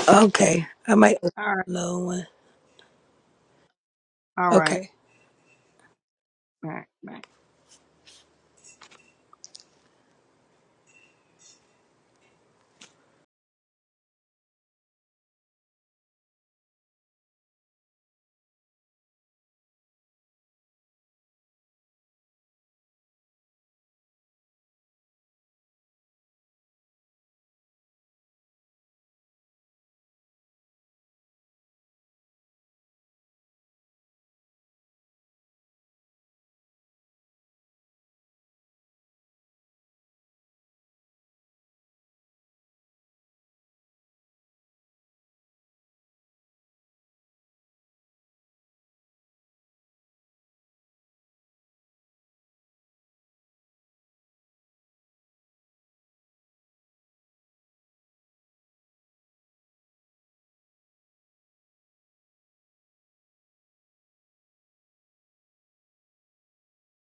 Okay. I might open all right, another one. all right, Okay. all right.